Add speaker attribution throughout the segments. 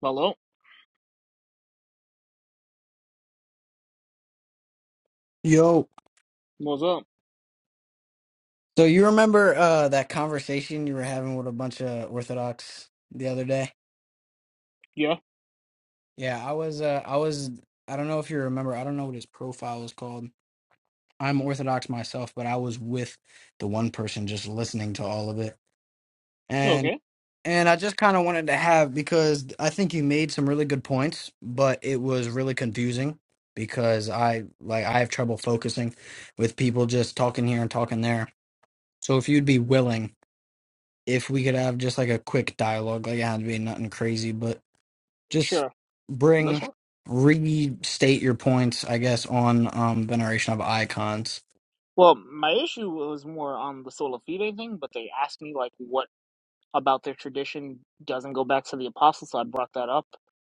Speaker 1: Hello,
Speaker 2: Yo,
Speaker 1: what's up?
Speaker 2: so you remember uh that conversation you were having with a bunch of Orthodox the other day?
Speaker 1: Yeah,
Speaker 2: Yeah, I was uh I was I don't know if you remember, I don't know what his profile was called. I'm Orthodox myself, but I was with the one person just listening to all of it. And
Speaker 1: okay,
Speaker 2: and I just kind of wanted to have because I think you made some really good points, but it was really confusing because I like I have trouble focusing with people just talking here and talking there. So if you'd be willing if we could have just like a quick dialogue, like it had to be nothing crazy, but just
Speaker 1: sure. This
Speaker 2: bring
Speaker 1: one.
Speaker 2: restate your points, I guess, on um veneration of icons.
Speaker 1: Well, my issue was more on the sola fide thing, but they asked me like what about their tradition doesn't go back to the apostles, so I brought that up,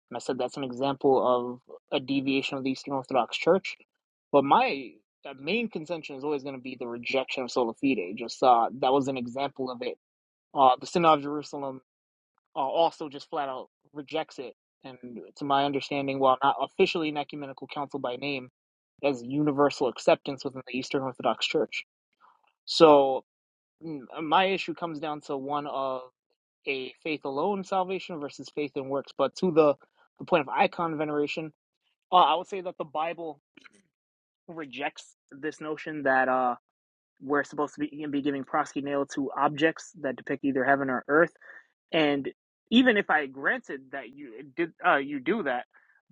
Speaker 1: and I said that's an example of a deviation of the Eastern Orthodox Church. But my uh, main contention is always going to be the rejection of sola fide. Just uh, that was an example of it. Uh, the Synod of Jerusalem uh, also just flat out rejects it. And to my understanding, while not officially an ecumenical council by name, has universal acceptance within the Eastern Orthodox Church. So mm, uh, my issue comes down to one of a faith alone salvation versus faith and works. But to the, the point of icon veneration, uh, I would say that the Bible rejects this notion that uh, we're supposed to be, be giving proskuneo to objects that depict either heaven or earth and even if I granted that you did, uh, you do that,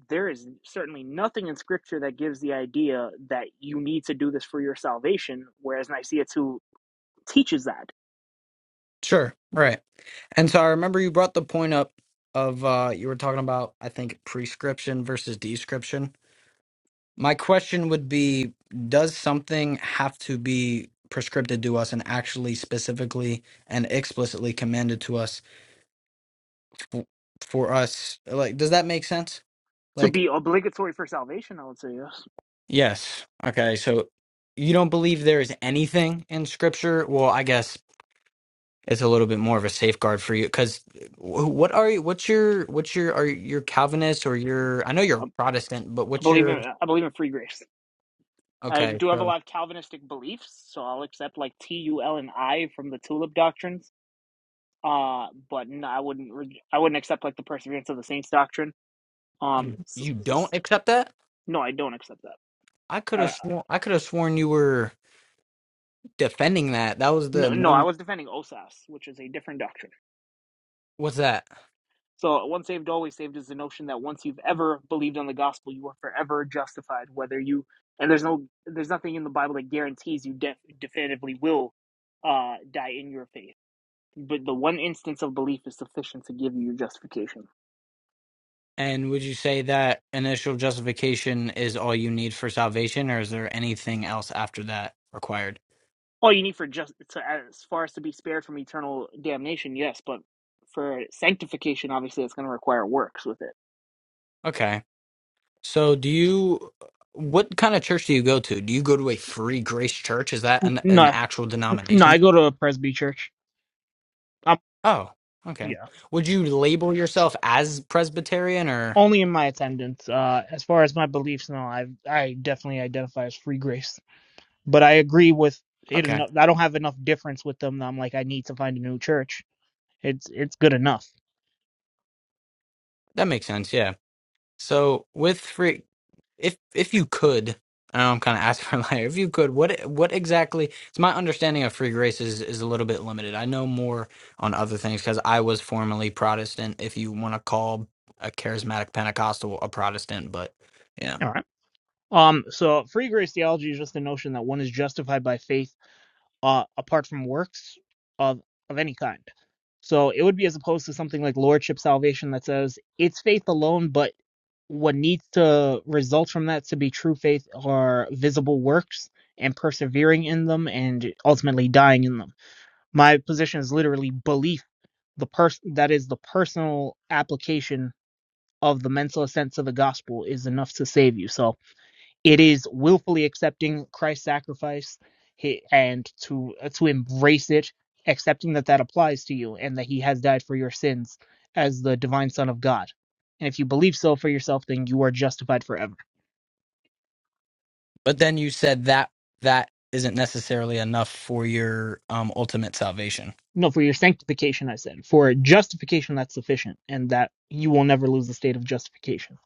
Speaker 1: there is certainly nothing in Scripture that gives the idea that you need to do this for your salvation. Whereas Nicaea two teaches that
Speaker 2: Sure. Right. And so I remember you brought the point up of uh you were talking about I think prescription versus description. My question would be does something have to be prescripted to us and actually specifically and explicitly commanded to us f- for us like does that make sense?
Speaker 1: to
Speaker 2: Like
Speaker 1: be obligatory for salvation. I would say yes.
Speaker 2: Yes. Okay. So you don't believe there is anything in scripture? Well, I guess it's a little bit more of a safeguard for you because what are you? What's your? What's your? Are you Calvinist or you're? I know you're a
Speaker 1: Um,
Speaker 2: Protestant, but
Speaker 1: I
Speaker 2: what's
Speaker 1: believe in
Speaker 2: your?
Speaker 1: I believe in free grace. I
Speaker 2: Okay,
Speaker 1: do have a
Speaker 2: so
Speaker 1: lot of Calvinistic beliefs, so I'll accept like T U L and I from the Tulip doctrines. Uh, but no, I wouldn't. Re- I wouldn't accept like the Perseverance of the Saints doctrine. Um,
Speaker 2: you
Speaker 1: s
Speaker 2: you don't
Speaker 1: s-
Speaker 2: accept that?
Speaker 1: no, I don't accept that.
Speaker 2: I could
Speaker 1: I,
Speaker 2: have sworn I could have sworn you were defending that. That was the
Speaker 1: No, no, I
Speaker 2: main.
Speaker 1: was defending OSAS, which is a different doctrine.
Speaker 2: What's that?
Speaker 1: So, once saved, always saved is the notion that once you've ever believed on the gospel, you are forever justified. Whether you and there's no, there's nothing in the Bible that guarantees you def- definitively will uh, die in your faith. But the one instance of belief is sufficient to give you your justification.
Speaker 2: And would you say that initial justification is all you need for salvation, or is there anything else after that required?
Speaker 1: All you need for just to, as far as to be spared from eternal damnation, yes, but for sanctification, obviously, it's going to require works with it.
Speaker 2: Okay. So, do you? What kind of church do you go to? Do you go to a Free Grace Church? Is that an an
Speaker 1: No,
Speaker 2: actual
Speaker 1: no, I
Speaker 2: denomination?
Speaker 1: go to a Presby church. Um,
Speaker 2: Oh,
Speaker 1: yeah.
Speaker 2: okay. Would you label yourself as Presbyterian or?
Speaker 1: Only in my attendance. Uh, as far as my beliefs, no, I I definitely identify as free grace, but I agree with it.
Speaker 2: Okay,
Speaker 1: eno- I don't have enough difference with them. That I'm like, I need to find a new church. It's it's good enough.
Speaker 2: that makes sense. Yeah. So with free, if if you could, I know I'm kind of asking for like, if you could, what what exactly? It's my understanding of free grace is is a little bit limited. I know more on other things because I was formerly Protestant. If you want to call a charismatic Pentecostal a Protestant, but. yeah.
Speaker 1: All right. Um, so free grace theology is just the notion that one is justified by faith uh, apart from works of of any kind. So it would be as opposed to something like lordship salvation that says it's faith alone, but what needs to result from that to be true faith are visible works and persevering in them and ultimately dying in them. My position is literally belief. The person that is the personal application of the mental assent to the gospel is enough to save you. So it is willfully accepting Christ's sacrifice and to uh, to embrace it, accepting that that applies to you and that He has died for your sins as the divine Son of God. And if you believe so for yourself, then you are justified forever.
Speaker 2: But then you said that that isn't necessarily enough for your um, ultimate salvation.
Speaker 1: No, for your sanctification, I said. For justification, that's sufficient, and that you will never lose the state of justification.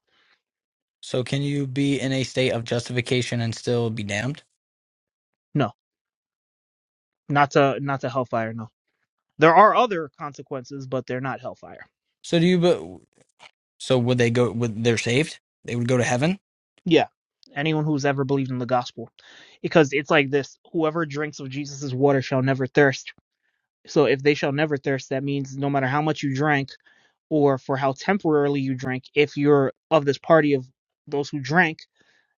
Speaker 2: So can you be in a state of justification and still be damned?
Speaker 1: No, not to not to hellfire. No, there are other consequences, but they're not hellfire.
Speaker 2: So do you? But so would they go? Would they're saved? They would go to heaven.
Speaker 1: Yeah. Anyone who's ever believed in the gospel. Because it's like this whoever drinks of Jesus' water shall never thirst. So if they shall never thirst, that means no matter how much you drank or for how temporarily you drank, if you're of this party of those who drank,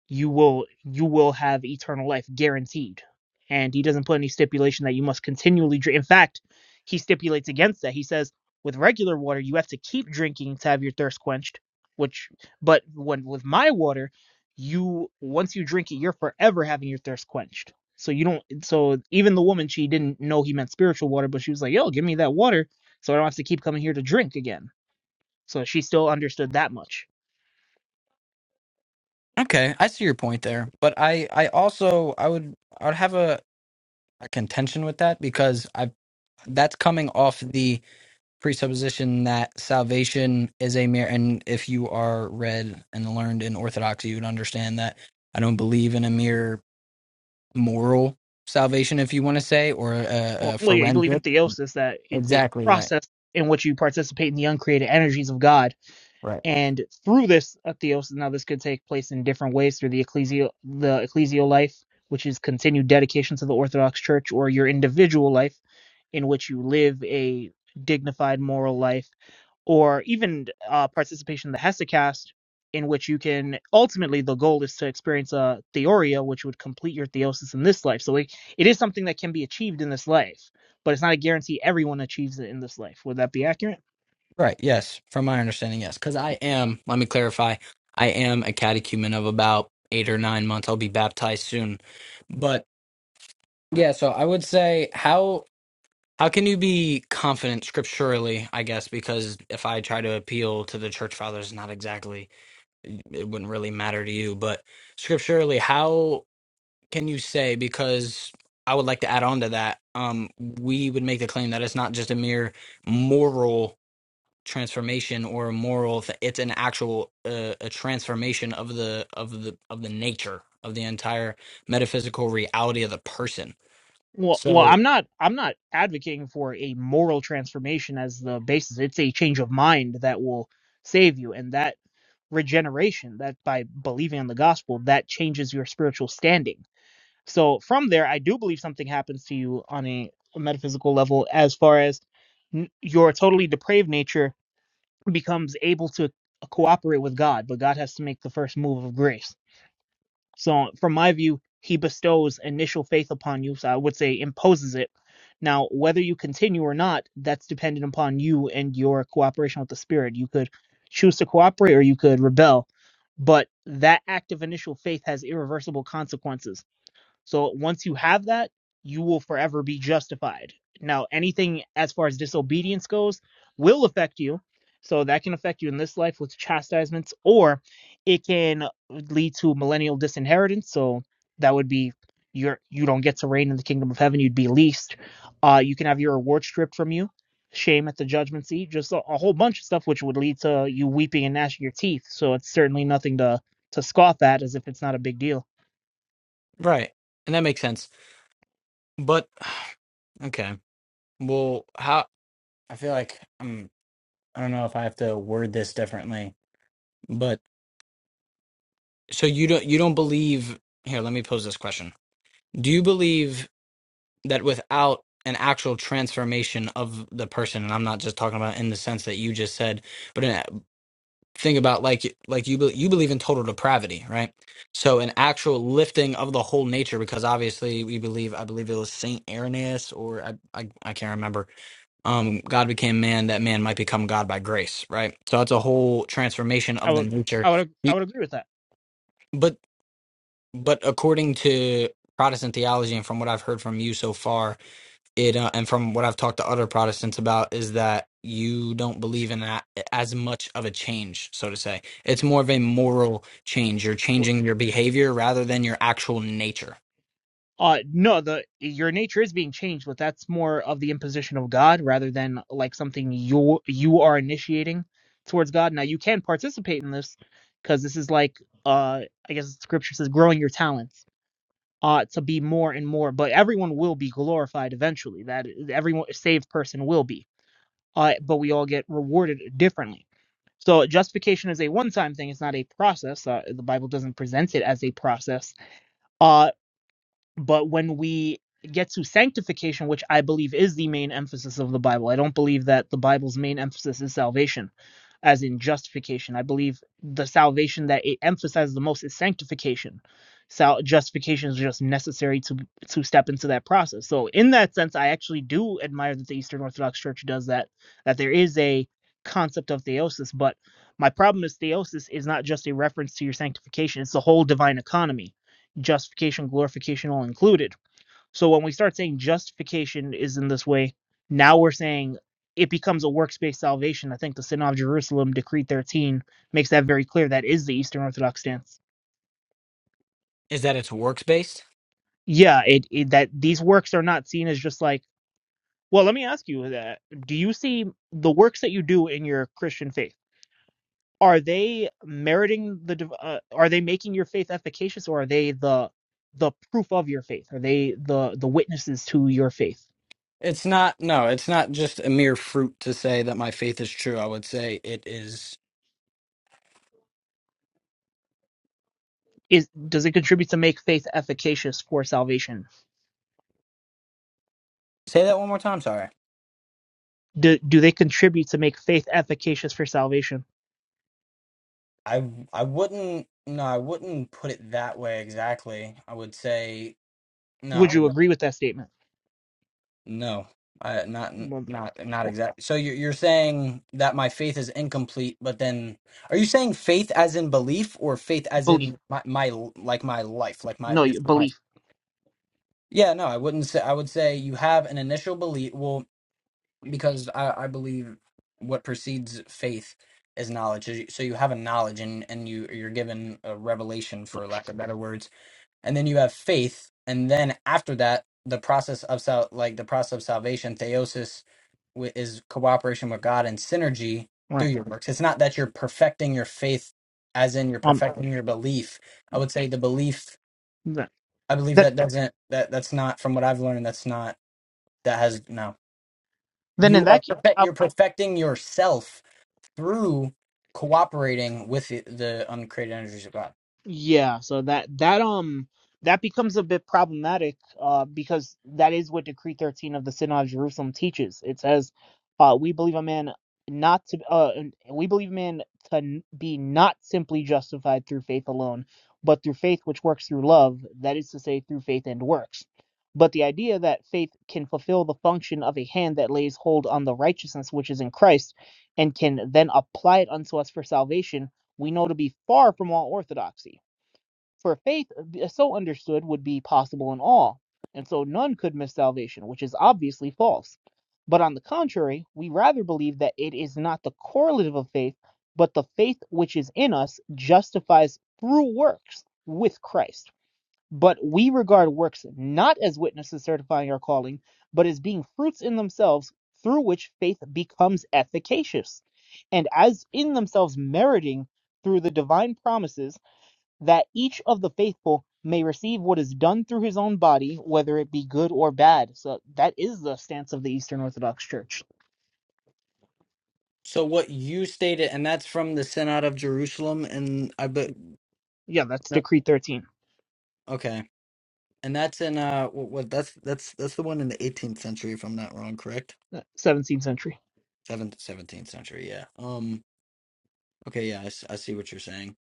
Speaker 1: you will you will have eternal life guaranteed and he doesn't put any stipulation that you must continually drink in fact he stipulates against that he says with regular water you have to keep drinking to have your thirst quenched which but when with my water you once you drink it you're forever having your thirst quenched so you don't so even the woman she didn't know he meant spiritual water but she was like yo give me that water so i don't have to keep coming here to drink again so she still understood that much
Speaker 2: Okay, I see your point there. But I, I also, I would, I would have a, a contention with that because I, that's coming off the presupposition that salvation is a mere. And if you are read and learned in Orthodoxy, you would understand that I don't believe in a mere moral salvation, if you want to say, or a,
Speaker 1: well,
Speaker 2: a
Speaker 1: well, yeah, you believe in
Speaker 2: forensic.
Speaker 1: theosis that it's a
Speaker 2: Exactly right.
Speaker 1: process in which you participate in the uncreated energies of God,
Speaker 2: Right.
Speaker 1: and through this uh, theosis, now this could take place in different ways through the ecclesial the ecclesial life, which is continued dedication to the Orthodox Church, or your individual life in which you live a dignified moral life, or even uh, participation in the Hesychast, in which you can ultimately the goal is to experience a theoria, which would complete your theosis in this life. So it, it is something that can be achieved in this life, but it's not a guarantee everyone achieves it in this life. Would that be accurate?
Speaker 2: Right. Yes. From my understanding, yes. Because I am, let me clarify, I am a catechumen of about eight or nine months. I'll be baptized soon. But yeah, so I would say, how. How can you be confident scripturally, I guess, because if I try to appeal to the church fathers, not exactly, it wouldn't really matter to you. But scripturally, how can you say because I would like to add on to that. Um, we would make the claim that it's not just a mere moral transformation or a moral; th- it's an actual uh, a transformation of the of the of the nature of the entire metaphysical reality of the person.
Speaker 1: Well, well,
Speaker 2: So
Speaker 1: I'm not. I'm not advocating for a moral transformation as the basis. It's a change of mind that will save you, and that regeneration, that by believing in the gospel, that changes your spiritual standing. So from there, I do believe something happens to you on a, metaphysical level, as far as n- your totally depraved nature becomes able to cooperate with God, but God has to make the first move of grace so, from my view, he bestows initial faith upon you. So, I would say imposes it. Now, whether you continue or not, that's dependent upon you and your cooperation with the Spirit. You could choose to cooperate or you could rebel, but that act of initial faith has irreversible consequences. So once you have that, you will forever be justified. Now, anything as far as disobedience goes will affect you. So that can affect you in this life with chastisements, or it can lead to millennial disinheritance. So that would be your you don't get to reign in the kingdom of heaven. You'd be leased. Uh, you can have your reward stripped from you. Shame at the judgment seat. Just a, a whole bunch of stuff which would lead to you weeping and gnashing your teeth. So it's certainly nothing to to scoff at, as if it's not a big deal.
Speaker 2: right, and that makes sense. But okay, well, how I feel like um, I don't know if I have to word this differently, but so you don't you don't believe. Here, let me pose this question. Do you believe that without an actual transformation of the person and i'm not just talking about in the sense that you just said but in, think about like like you be- you believe in total depravity right so an actual lifting of the whole nature because obviously we believe i believe it was saint irenaeus or i i, I can't remember um god became man that man might become god by grace right so it's a whole transformation
Speaker 1: I
Speaker 2: of the
Speaker 1: would,
Speaker 2: nature
Speaker 1: I would, I
Speaker 2: you,
Speaker 1: would agree with that.
Speaker 2: but but according to protestant theology and from what i've heard from you so far it uh, and from what I've talked to other Protestants about is that you don't believe in that as much of a change, so to say. It's more of a
Speaker 1: Um,
Speaker 2: moral change. You're
Speaker 1: wor-
Speaker 2: changing your behavior rather than your actual nature.
Speaker 1: Uh, no, the your nature is being changed, but that's more of the imposition of God rather than like something you you are initiating towards God. Now you can participate in this because this is like, uh, I guess Scripture says, growing your talents, uh, to be more and more. But everyone will be glorified eventually. That everyone saved person will be. uh, but we all get rewarded differently. So justification is a one-time thing; it's not a process. Uh, the Bible doesn't present it as a process. Uh, but when we get to sanctification, which I believe is the main emphasis of the Bible, I don't believe that the Bible's main emphasis is salvation as in justification. I believe the salvation that it emphasizes the most is sanctification. Sal- justification is just necessary to to step into that process. So in that sense, I actually do admire that the Eastern Orthodox Church does that. That there is a concept of theosis, but my problem is theosis is not just a reference to your sanctification; it's the whole divine economy, justification, glorification, all included so when we start saying justification is in this way, now we're saying it becomes a works-based salvation. I think the Synod of Jerusalem, Decree 13, makes that very clear. That is the Eastern Orthodox stance.
Speaker 2: Is that it's works based?
Speaker 1: Yeah, it, it that these works are not seen as just like. Well, let me ask you that: Do you see the works that you do in your Christian faith? Are they meriting the? div- Uh, are they making your faith efficacious, or are they the the proof of your faith? Are they the the witnesses to your faith?
Speaker 2: It's not. No, it's not just a mere fruit to say that my faith is true. I would say it is.
Speaker 1: is does it contribute to make faith efficacious for salvation?
Speaker 2: Say that one more time. Sorry.
Speaker 1: Do do they contribute to make faith efficacious for salvation?
Speaker 2: I I wouldn't. No, I wouldn't put it that way exactly. I would say
Speaker 1: Would
Speaker 2: no.
Speaker 1: you agree with that statement?
Speaker 2: No, I, not
Speaker 1: Well,
Speaker 2: not not
Speaker 1: well,
Speaker 2: exactly. So you're you're saying that my faith is incomplete, but then are you saying faith as in belief or faith as
Speaker 1: Belief.
Speaker 2: in my my like my life, like my
Speaker 1: No,
Speaker 2: this is my
Speaker 1: belief.
Speaker 2: yeah? No, I wouldn't say. I would say you have an initial belief. Well, because I I believe what precedes faith is knowledge. So you so you have a knowledge, and and you you're given a revelation,
Speaker 1: All
Speaker 2: for lack of better words and then you have faith and then after that the process of sal- like the process of salvation theosis wi- is cooperation with god and synergy through
Speaker 1: Right.
Speaker 2: your works it's not that you're perfecting your faith as in you're
Speaker 1: Um.
Speaker 2: perfecting your belief i would say the belief
Speaker 1: That,
Speaker 2: i believe
Speaker 1: that
Speaker 2: that doesn't that that's not from what i've learned that's not that has no
Speaker 1: then in
Speaker 2: you are
Speaker 1: that case,
Speaker 2: perfect
Speaker 1: I,
Speaker 2: you're perfecting yourself through cooperating with the, the uncreated energies of god
Speaker 1: Yeah, so that that um that becomes a bit problematic uh because that is what Decree 13 of the Synod of Jerusalem teaches. It says uh we believe a man not to uh and we believe a man to n- be not simply justified through faith alone, but through faith which works through love, that is to say through faith and works. But the idea that faith can fulfill the function of a hand that lays hold on the righteousness which is in Christ and can then apply it unto us for salvation we know to be far from all orthodoxy. For faith, uh, so understood, would be possible in all, and so none could miss salvation, which is obviously false. But on the contrary, we rather believe that it is not the correlative of faith, but the faith which is in us justifies through works with Christ. But we regard works not as witnesses certifying our calling, but as being fruits in themselves through which faith becomes efficacious, and as in themselves meriting through the divine promises that each of the faithful may receive what is done through his own body, whether it be good or bad. So that is the stance of the Eastern Orthodox Church.
Speaker 2: so what you stated, and that's from the Synod of Jerusalem, and I bet
Speaker 1: Yeah, that's
Speaker 2: No.
Speaker 1: Decree 13,
Speaker 2: Okay. And that's in uh what, what that's that's that's the one in the 18th century if I'm not wrong, correct?
Speaker 1: uh, 17th century.
Speaker 2: 7th 17th century, yeah. Um okay, yeah, I, s- I see what you're saying.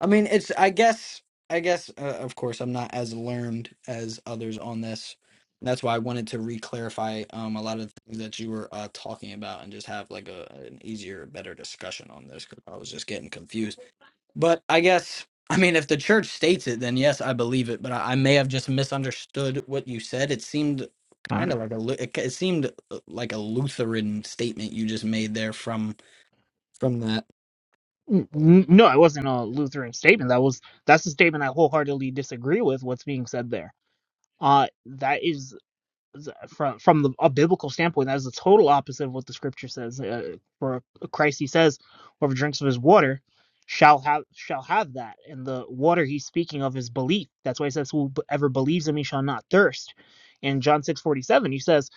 Speaker 2: I mean, it's I guess I guess uh, of course I'm not as learned as others on this. And that's why I wanted to re-clarify um a lot of the things that you were uh talking about and just have like a an easier better discussion on this cuz I was just getting confused. But I guess, I mean, if the church states it, then yes, I believe it. But I, I may have just misunderstood what you said. It seemed
Speaker 1: All
Speaker 2: kind
Speaker 1: right.
Speaker 2: of like a Lu- it, it seemed uh, like a Lutheran statement you just made there from from that.
Speaker 1: N- n- No, it wasn't a Lutheran statement. That was that's a statement I wholeheartedly disagree with. What's being said there? Uh, that is uh, from from the, a biblical standpoint, that is the total opposite of what the scripture says. Uh, for Christ, he says, "Whoever drinks of his water shall have shall have that." And the water he's speaking of is belief. That's why he says, "Whoever believes in me shall not thirst." In John six forty seven, he says,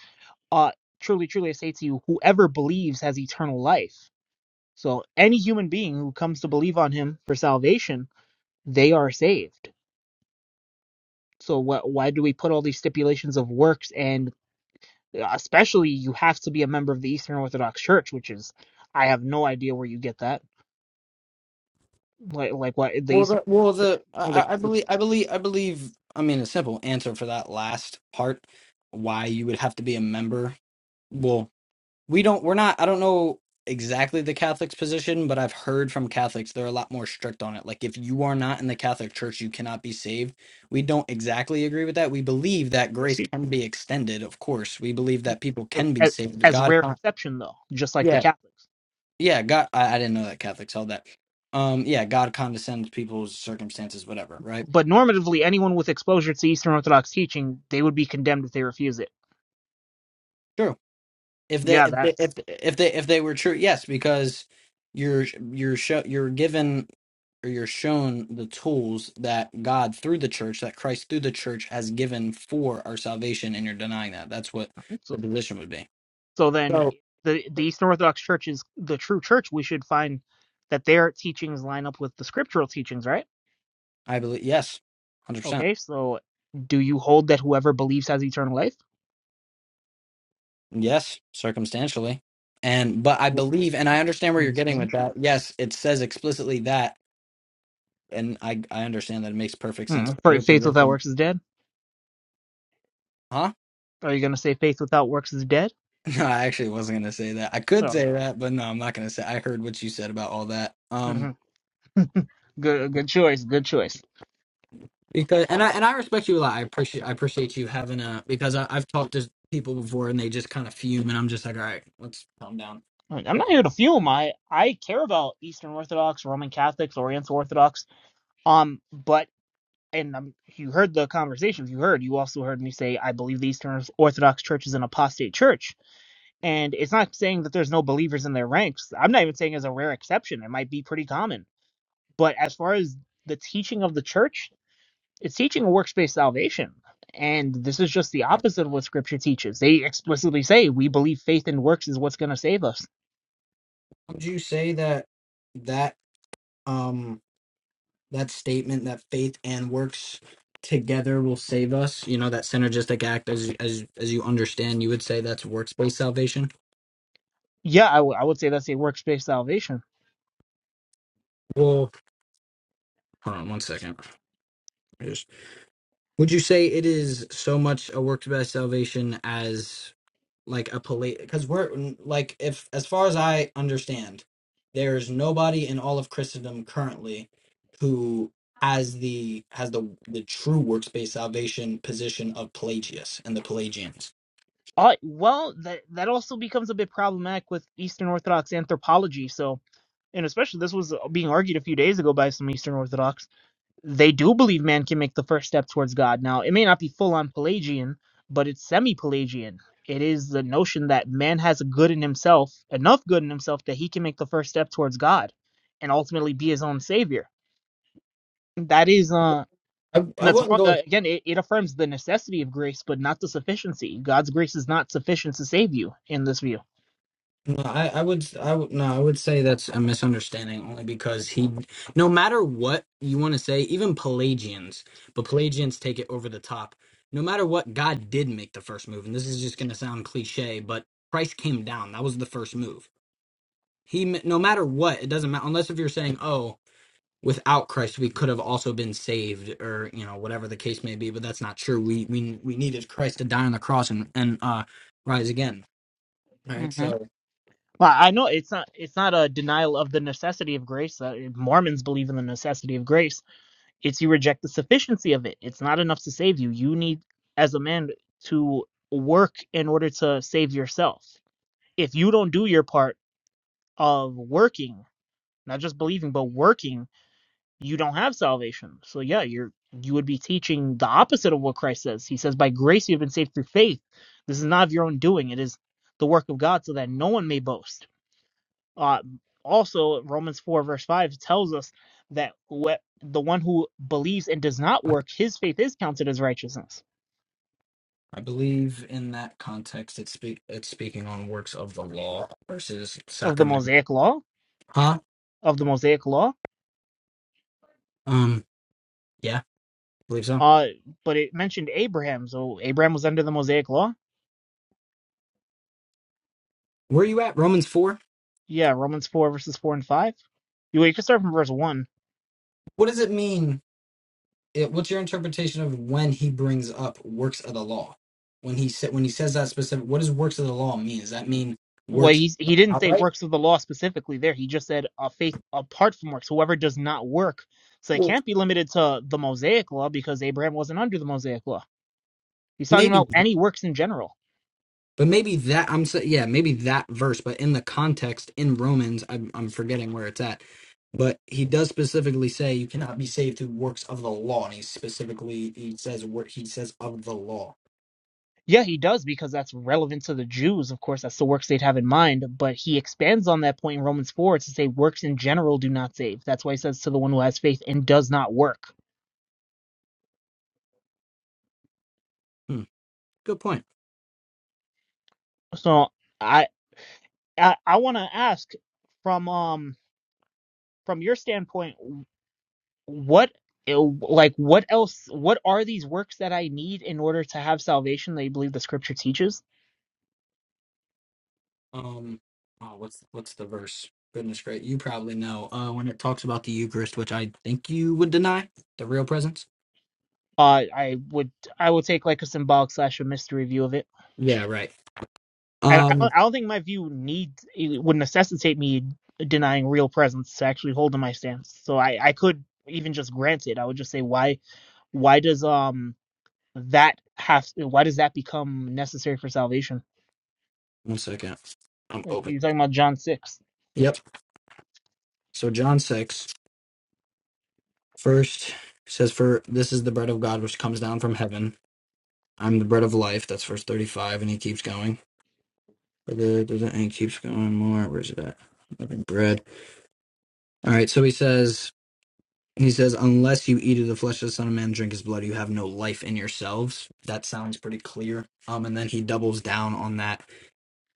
Speaker 1: "Uh, truly, truly, I say to you, whoever believes has eternal life." So any human being who comes to believe on him for salvation, they are saved. So wh- why do we put all these stipulations of works and uh, Especially, you have to be a member of the Eastern Orthodox Church, which is, I have no idea where you get that. Like, like what the
Speaker 2: Well,
Speaker 1: Eastern
Speaker 2: the, well,
Speaker 1: Orthodox Church?
Speaker 2: the I,
Speaker 1: No, they're
Speaker 2: I I
Speaker 1: explicit.
Speaker 2: believe I believe I believe. I mean, a simple answer for that last part, why you would have to be a member. we don't we're not i don't know exactly the catholic's position but i've heard from catholics they're a lot more strict on it like if you are not in the catholic church you cannot be saved we don't exactly agree with that we believe that grace can be extended of course we believe that people can be
Speaker 1: As,
Speaker 2: saved
Speaker 1: as
Speaker 2: god
Speaker 1: rare
Speaker 2: con-
Speaker 1: exception, though, just like the
Speaker 2: yeah
Speaker 1: Catholics.
Speaker 2: yeah god I, I didn't know that catholics held that um yeah god condescends people's circumstances whatever right
Speaker 1: But normatively, anyone with exposure to Eastern Orthodox teaching, they would be condemned if they refuse it.
Speaker 2: Sure, if they
Speaker 1: Yeah,
Speaker 2: if they, if
Speaker 1: that's
Speaker 2: if they if they were true yes because you're you're show, you're given or you're shown the tools that God through the church that Christ through the church has given for our salvation and you're denying that that's what the
Speaker 1: so.
Speaker 2: position would be
Speaker 1: So then,
Speaker 2: so
Speaker 1: the the Eastern Orthodox Church is the true church. We should find that their teachings line up with the scriptural teachings, right?
Speaker 2: I believe yes 100%
Speaker 1: Okay, so do you hold that whoever believes has eternal life?
Speaker 2: yes circumstantially and but I
Speaker 1: W-
Speaker 2: believe and I understand where you're getting with
Speaker 1: Circumstantial?
Speaker 2: that yes it says explicitly that and I I understand that it makes perfect
Speaker 1: Hmm.
Speaker 2: sense but
Speaker 1: For
Speaker 2: your
Speaker 1: faith without
Speaker 2: position
Speaker 1: works is dead.
Speaker 2: huh
Speaker 1: Are you gonna say faith without works is dead?
Speaker 2: No, I actually wasn't gonna say that. I could
Speaker 1: Oh,
Speaker 2: say that, but no, I'm not gonna say. I heard what you said about all that. Um,
Speaker 1: hmm good, good choice. Good choice.
Speaker 2: because and I and I respect you a lot. I appreciate I appreciate you having a because I, I've talked to people before and they just kind of fume, and I'm just like, all right, let's calm down.
Speaker 1: Like, I'm not here to fuel my. I care about Eastern Orthodox, Roman Catholics, Oriental Orthodox. Um, but and um, you heard the conversations. You heard. You also heard me say I believe the Eastern Orthodox Church is an apostate church, and it's not saying that there's no believers in their ranks. I'm not even saying it's a rare exception. It might be pretty common. But as far as the teaching of the church, It's teaching a works based salvation. And this is just the opposite of what scripture teaches. They explicitly say, we believe faith in works is what's going to save us.
Speaker 2: Would you say that that um that statement that faith and works together will save us? You know that synergistic act as as as you understand, you would say that's works based salvation.
Speaker 1: Yeah, I would would say that's a works based salvation.
Speaker 2: Well, hold on one second. Would you say it is so much a works based salvation as like a police? Because we're like, if as far as I understand, there is nobody in all of Christendom currently who has the has the the true works based salvation position of Pelagius and the Pelagians.
Speaker 1: Uh, well, that that also becomes a bit problematic with Eastern Orthodox anthropology. So, and especially this was being argued a few days ago by some Eastern Orthodox. they do believe man can make the first step towards God. Now, it may not be full on Pelagian, but it's semi Pelagian. It is the notion that man has a good in himself, enough good in himself that he can make the first step towards God and ultimately be his own savior. That is, uh,
Speaker 2: I, I
Speaker 1: that's
Speaker 2: wouldn't
Speaker 1: wrong.
Speaker 2: go
Speaker 1: Uh, again, it, it affirms the necessity of grace, but not the sufficiency. God's grace is not sufficient to save you in this view.
Speaker 2: No, I, I would I would no, I would say that's a misunderstanding only because he no matter what you want to say, even Pelagians, but Pelagians take it over the top. No matter what, God did make the first move, and this is just going to sound cliche, but Christ came down. That was the first move. He m- no matter what, it doesn't matter unless if you're saying, "Oh, without Christ we could have also been saved," or you know whatever the case may be. But that's not true. We we we needed Christ to die on the cross and and uh, rise again. Right.
Speaker 1: hmm
Speaker 2: so.
Speaker 1: Well, I know it's not it's not a denial of the necessity of grace. Uh, Mormons believe in the necessity of grace, It's you reject the sufficiency of it. It's not enough to save you. You need, as a man, to work in order to save yourself. If you don't do your part of working, not just believing, but working, you don't have salvation. So yeah, you're you would be teaching the opposite of what Christ says. He says, By grace you have been saved through faith. This is not of your own doing, it is the work of God, so that no one may boast uh, also, Romans 4, verse 5 tells us that whoe- the one who believes and does not work, his faith is counted as righteousness
Speaker 2: I believe in that context, it's speak it's speaking on works of the law versus
Speaker 1: of the
Speaker 2: sacrament.
Speaker 1: Mosaic law,
Speaker 2: Huh?
Speaker 1: of the Mosaic law.
Speaker 2: Um. Yeah, believe so.
Speaker 1: Uh, but it mentioned Abraham, so Abraham was under the Mosaic law.
Speaker 2: Where are you at? Romans four.
Speaker 1: Yeah, Romans 4, verses 4 and 5. You, well, you can start from verse 1.
Speaker 2: What does it mean? It, what's your interpretation of when he brings up works of the law? When he said when he says that specific, what does works of the law mean? Does that mean
Speaker 1: Well,
Speaker 2: works
Speaker 1: he's, he
Speaker 2: like
Speaker 1: didn't say
Speaker 2: outright?
Speaker 1: works of the law specifically there. He just said uh, faith apart from works. Whoever does not work. So it
Speaker 2: Well,
Speaker 1: can't be limited to the Mosaic law because Abraham wasn't under the Mosaic law. He's talking about
Speaker 2: maybe.
Speaker 1: any works in general
Speaker 2: But maybe that I'm so, yeah, maybe that verse, but in the context in Romans, I'm I'm forgetting where it's at. But he does specifically say you cannot be saved through works of the law, and he specifically he says what he says of the law.
Speaker 1: Yeah, he does because that's relevant to the Jews. Of course, that's the works they'd have in mind. But he expands on that point in Romans 4 to say works in general do not save. That's why he says to the one who has faith and does not work.
Speaker 2: Hmm, good point.
Speaker 1: So I I, I want to ask from um from your standpoint, what eh, like what else? What are these works that I need in order to have salvation? That you believe the Scripture teaches.
Speaker 2: Um, oh, what's what's the verse? Goodness, great, you probably know. Uh, when it talks about the Eucharist, which I think you would deny the real presence.
Speaker 1: Uh, I would I would take like a symbolic slash a mystery view of it.
Speaker 2: Yeah, right.
Speaker 1: I, I
Speaker 2: Um,
Speaker 1: don't, I don't think my view need it would necessitate me denying real presence to actually hold to my stance. So I, I could even just grant it. I would just say why why does um that have why does that become necessary for salvation?
Speaker 2: one second. I'm
Speaker 1: Like,
Speaker 2: open.
Speaker 1: You're talking about John six.
Speaker 2: Yep. So John six. First it says, "For this is the bread of God which comes down from heaven. I'm the bread of life." That's verse thirty-five, and he keeps going. For the does it- and he keeps going more. Where's it at? Living bread. All right. So he says, he says, "Unless you eat of the flesh of the Son of Man, and drink His blood, you have no life in yourselves." That sounds pretty clear. Um, and then he doubles down on that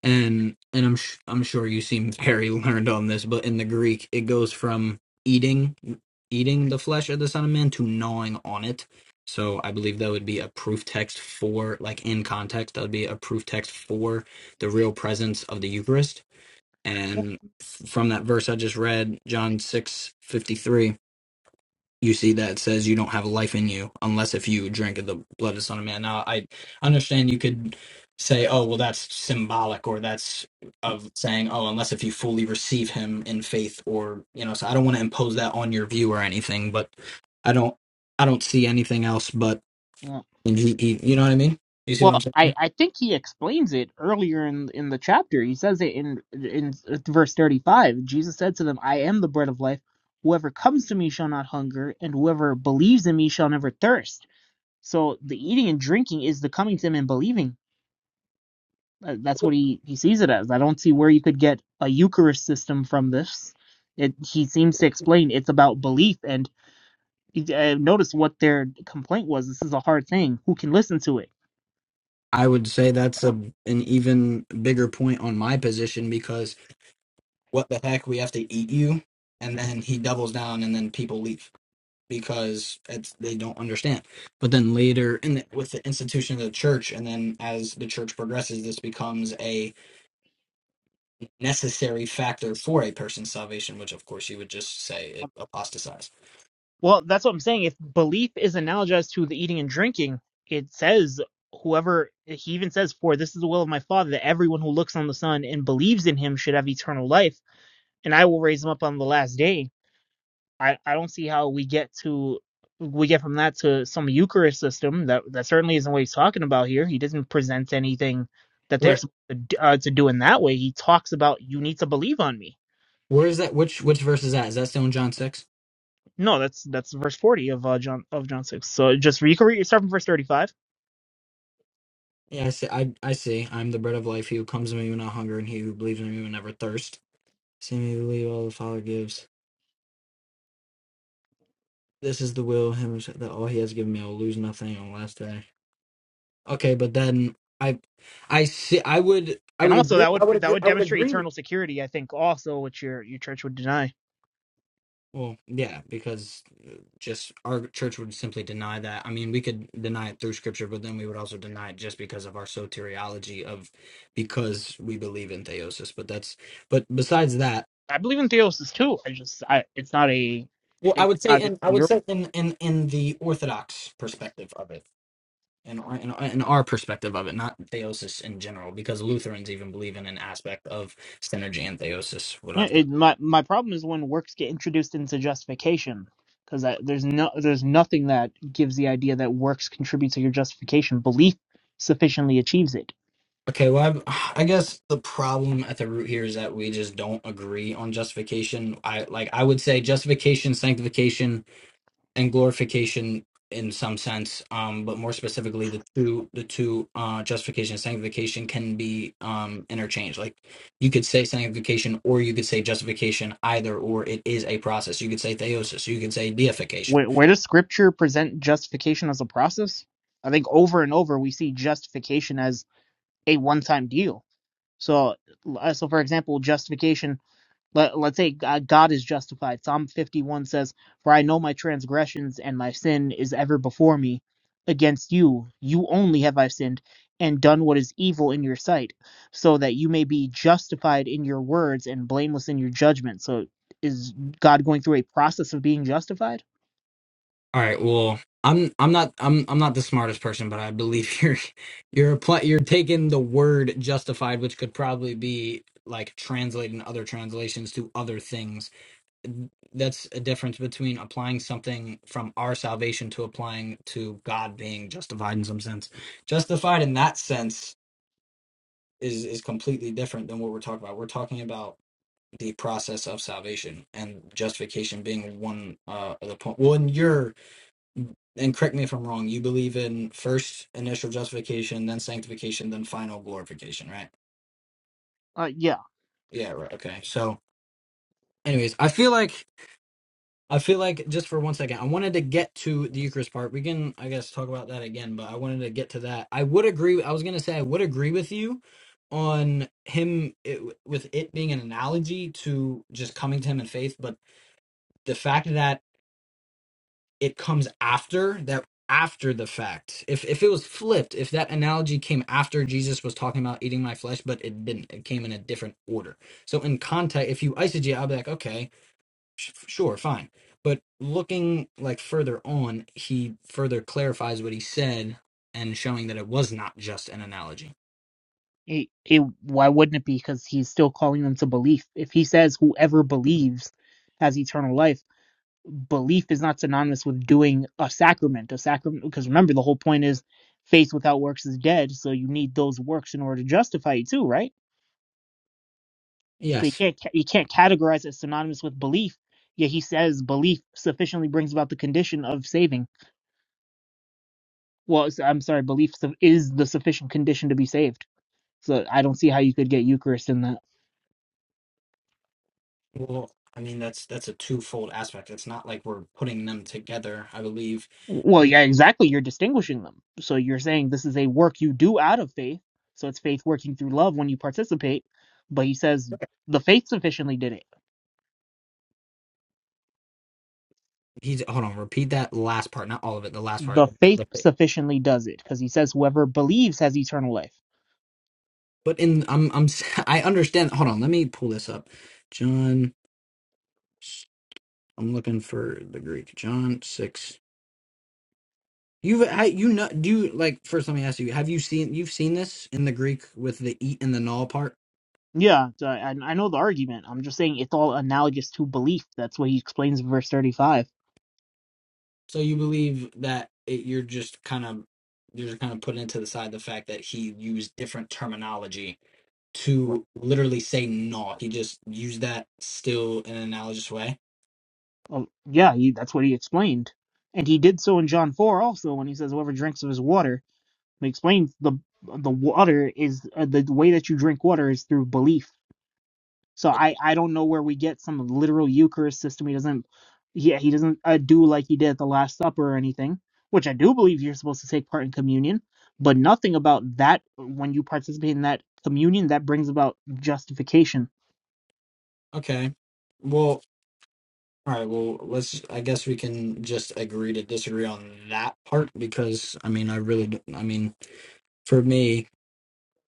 Speaker 2: and and I'm sh- I'm sure you seem very learned on this, but in the Greek it goes from eating eating the flesh of the Son of Man to gnawing on it. So I believe that would be a proof text for like in context that would be a proof text for the real presence of the Eucharist. And f- from that verse I just read, John six fifty three you see that says you don't have life in you unless if you drink of the blood of the Son of Man. Now, I understand you could say, oh, well, that's symbolic, or that's of saying, oh, unless if you fully receive Him in faith, or, you know, so I don't want to impose that on your view or anything, but I don't, I don't see anything else but,
Speaker 1: Yeah.
Speaker 2: and he, he, you know what I mean? You see what I'm
Speaker 1: Well, I,
Speaker 2: saying?
Speaker 1: I think he explains it earlier in in the chapter. He says it in in uh, verse thirty five. Jesus said to them, "I am the bread of life. Whoever comes to me shall not hunger, and whoever believes in me shall never thirst." So the eating and drinking is the coming to him and believing. Uh, That's what he, he sees it as. I don't see where you could get a Eucharist system from this. It, he seems to explain it's about belief. And uh, notice what their complaint was. This is a hard thing. Who can listen to it?
Speaker 2: I would say that's a, an even bigger point on my position because what the heck, we have to eat you. And then he doubles down and then people leave because it's they don't understand. But then later, in the, with the institution of the church, and then as the church progresses, this becomes a necessary factor for a person's salvation, which of course you would just say it apostatized.
Speaker 1: Well, that's what I'm saying. If belief is analogized to the eating and drinking, it says whoever he even says for this is the will of my father that everyone who looks on the son and believes in him should have eternal life and i will raise him up on the last day I, I don't see how we get to we get from that to some Eucharist system that that certainly isn't what he's talking about here. He doesn't present anything that they're
Speaker 2: Where
Speaker 1: supposed to, uh, to do in that way. He talks about you need to believe on me.
Speaker 2: where is that? Which which verse is that? Is that still in John six?
Speaker 1: No, that's that's verse forty of uh, John of John six. So just you can read start from verse thirty five,
Speaker 2: Yeah, I see. I, I see. I'm the bread of life. He who comes to me will not hunger, and he who believes in me will never thirst. See me believe all the Father gives. This is the will of him that all he has given me. I will lose nothing on the last day. Okay, but then I, I see. I would. I
Speaker 1: and
Speaker 2: would
Speaker 1: also
Speaker 2: agree.
Speaker 1: that would
Speaker 2: I would
Speaker 1: that
Speaker 2: agree.
Speaker 1: would
Speaker 2: I would
Speaker 1: demonstrate
Speaker 2: agree. with-
Speaker 1: eternal security. I think also which your your church would deny.
Speaker 2: Well, yeah, because uh, just our church would simply deny that. I mean, we could deny it through scripture, but then we would also deny it just because of our soteriology of because we believe in theosis. But that's. But besides that,
Speaker 1: I believe in theosis too. I just I it's not a
Speaker 2: well, I
Speaker 1: it's
Speaker 2: would say
Speaker 1: not in
Speaker 2: in I
Speaker 1: your
Speaker 2: would say in in in the orthodox perspective of it. In our, in, our- in our perspective of it, not theosis in general, because Lutherans even believe in an aspect of synergy and theosis,
Speaker 1: Yeah,
Speaker 2: whatever.
Speaker 1: it, my my problem is when works get introduced into justification because there's no there's nothing that gives the idea that works contribute to your justification. Belief sufficiently achieves it.
Speaker 2: Okay, well, I, I guess the problem at the root here is that we just don't agree on justification. I like I would say justification, sanctification, and glorification in some sense, um, but more specifically, the two the two uh, justification and sanctification can be um, interchanged. Like you could say sanctification, or you could say justification. Either or, it is a process. You could say theosis. You could say deification.
Speaker 1: Where, where does Scripture present justification as a process? I think over and over we see justification as a one time deal. So uh, so for example, justification Let, let's say uh, God is justified. Psalm 51 says, For I know my transgressions and my sin is ever before me. Against you, you only have I sinned and done what is evil in your sight, so that you may be justified in your words and blameless in your judgment. So is God going through a process of being justified?
Speaker 2: All right. Well, I'm I'm not I'm I'm not the smartest person, but I believe you're you're apply, you're taking the word justified, which could probably be like translated in other translations to other things. That's a difference between applying something from our salvation to applying to God being justified in some sense. Justified in that sense is is completely different than what we're talking about. We're talking about the process of salvation and justification being one uh, of the point. Well, in your and correct me if I'm wrong, you believe in first initial justification, then sanctification, then final glorification, right?
Speaker 1: Uh, yeah.
Speaker 2: Yeah, right. Okay. So, anyways, I feel like I feel like just for one second, I wanted to get to the Eucharist part. We can, I guess, talk about that again, but I wanted to get to that. I would agree. I was gonna say I would agree with you on him it, with it being an analogy to just coming to him in faith, but the fact that it comes after that after the fact if if it was flipped if that analogy came after jesus was talking about eating my flesh but it didn't it came in a different order so in context if you eisegete i'll be like okay sh- sure fine but looking like further on he further clarifies what he said and showing that it was not just an analogy
Speaker 1: It, it, why wouldn't it be? Because he's still calling them to belief. If he says whoever believes has eternal life, belief is not synonymous with doing a sacrament a sacrament because remember the whole point is faith without works is dead so you need those works in order to justify it too right so you
Speaker 2: yes
Speaker 1: can't you can't categorize it synonymous with belief yet he says belief sufficiently brings about the condition of saving well it's- i'm sorry belief su- is the sufficient condition to be saved so i don't see how you could get eucharist in that
Speaker 2: well i mean that's that's a twofold aspect it's not like we're putting them together i believe
Speaker 1: Well, yeah, exactly. You're distinguishing them. So you're saying this is a work you do out of faith. So it's faith working through love when you participate. But he says the faith sufficiently did it.
Speaker 2: he's hold on repeat that last part not all of it the last part
Speaker 1: The faith sufficiently does it because he says whoever believes has eternal life.
Speaker 2: But in I'm I'm s- I understand. Hold on, let me pull this up. John, s- I'm looking for the Greek. John six. You've I, you know do you like first? Let me ask you: Have you seen you've seen this in the Greek with the eat and the null part?
Speaker 1: Yeah, so I, I know the argument. I'm just saying it's all analogous to belief. That's what he explains in verse 35.
Speaker 2: So you believe that it, you're just kind of you're just kind of putting it to the side the fact that he used different terminology to literally say naught. He just used that still in an analogous way.
Speaker 1: Well, yeah, he, that's what he explained, and he did so in John four also when he says, "Whoever drinks of his water," he explains the the water is uh, the way that you drink water is through belief. So
Speaker 2: But
Speaker 1: I I don't know where we get some literal Eucharist system. He doesn't, yeah, he doesn't uh, do like he did at the Last Supper or anything, which I do believe you're supposed to take part in communion, but nothing about that when you participate in that communion that brings about justification.
Speaker 2: okay, well. All right, well, let's. I guess we can just agree to disagree on that part because I mean, I really, d- I mean, for me,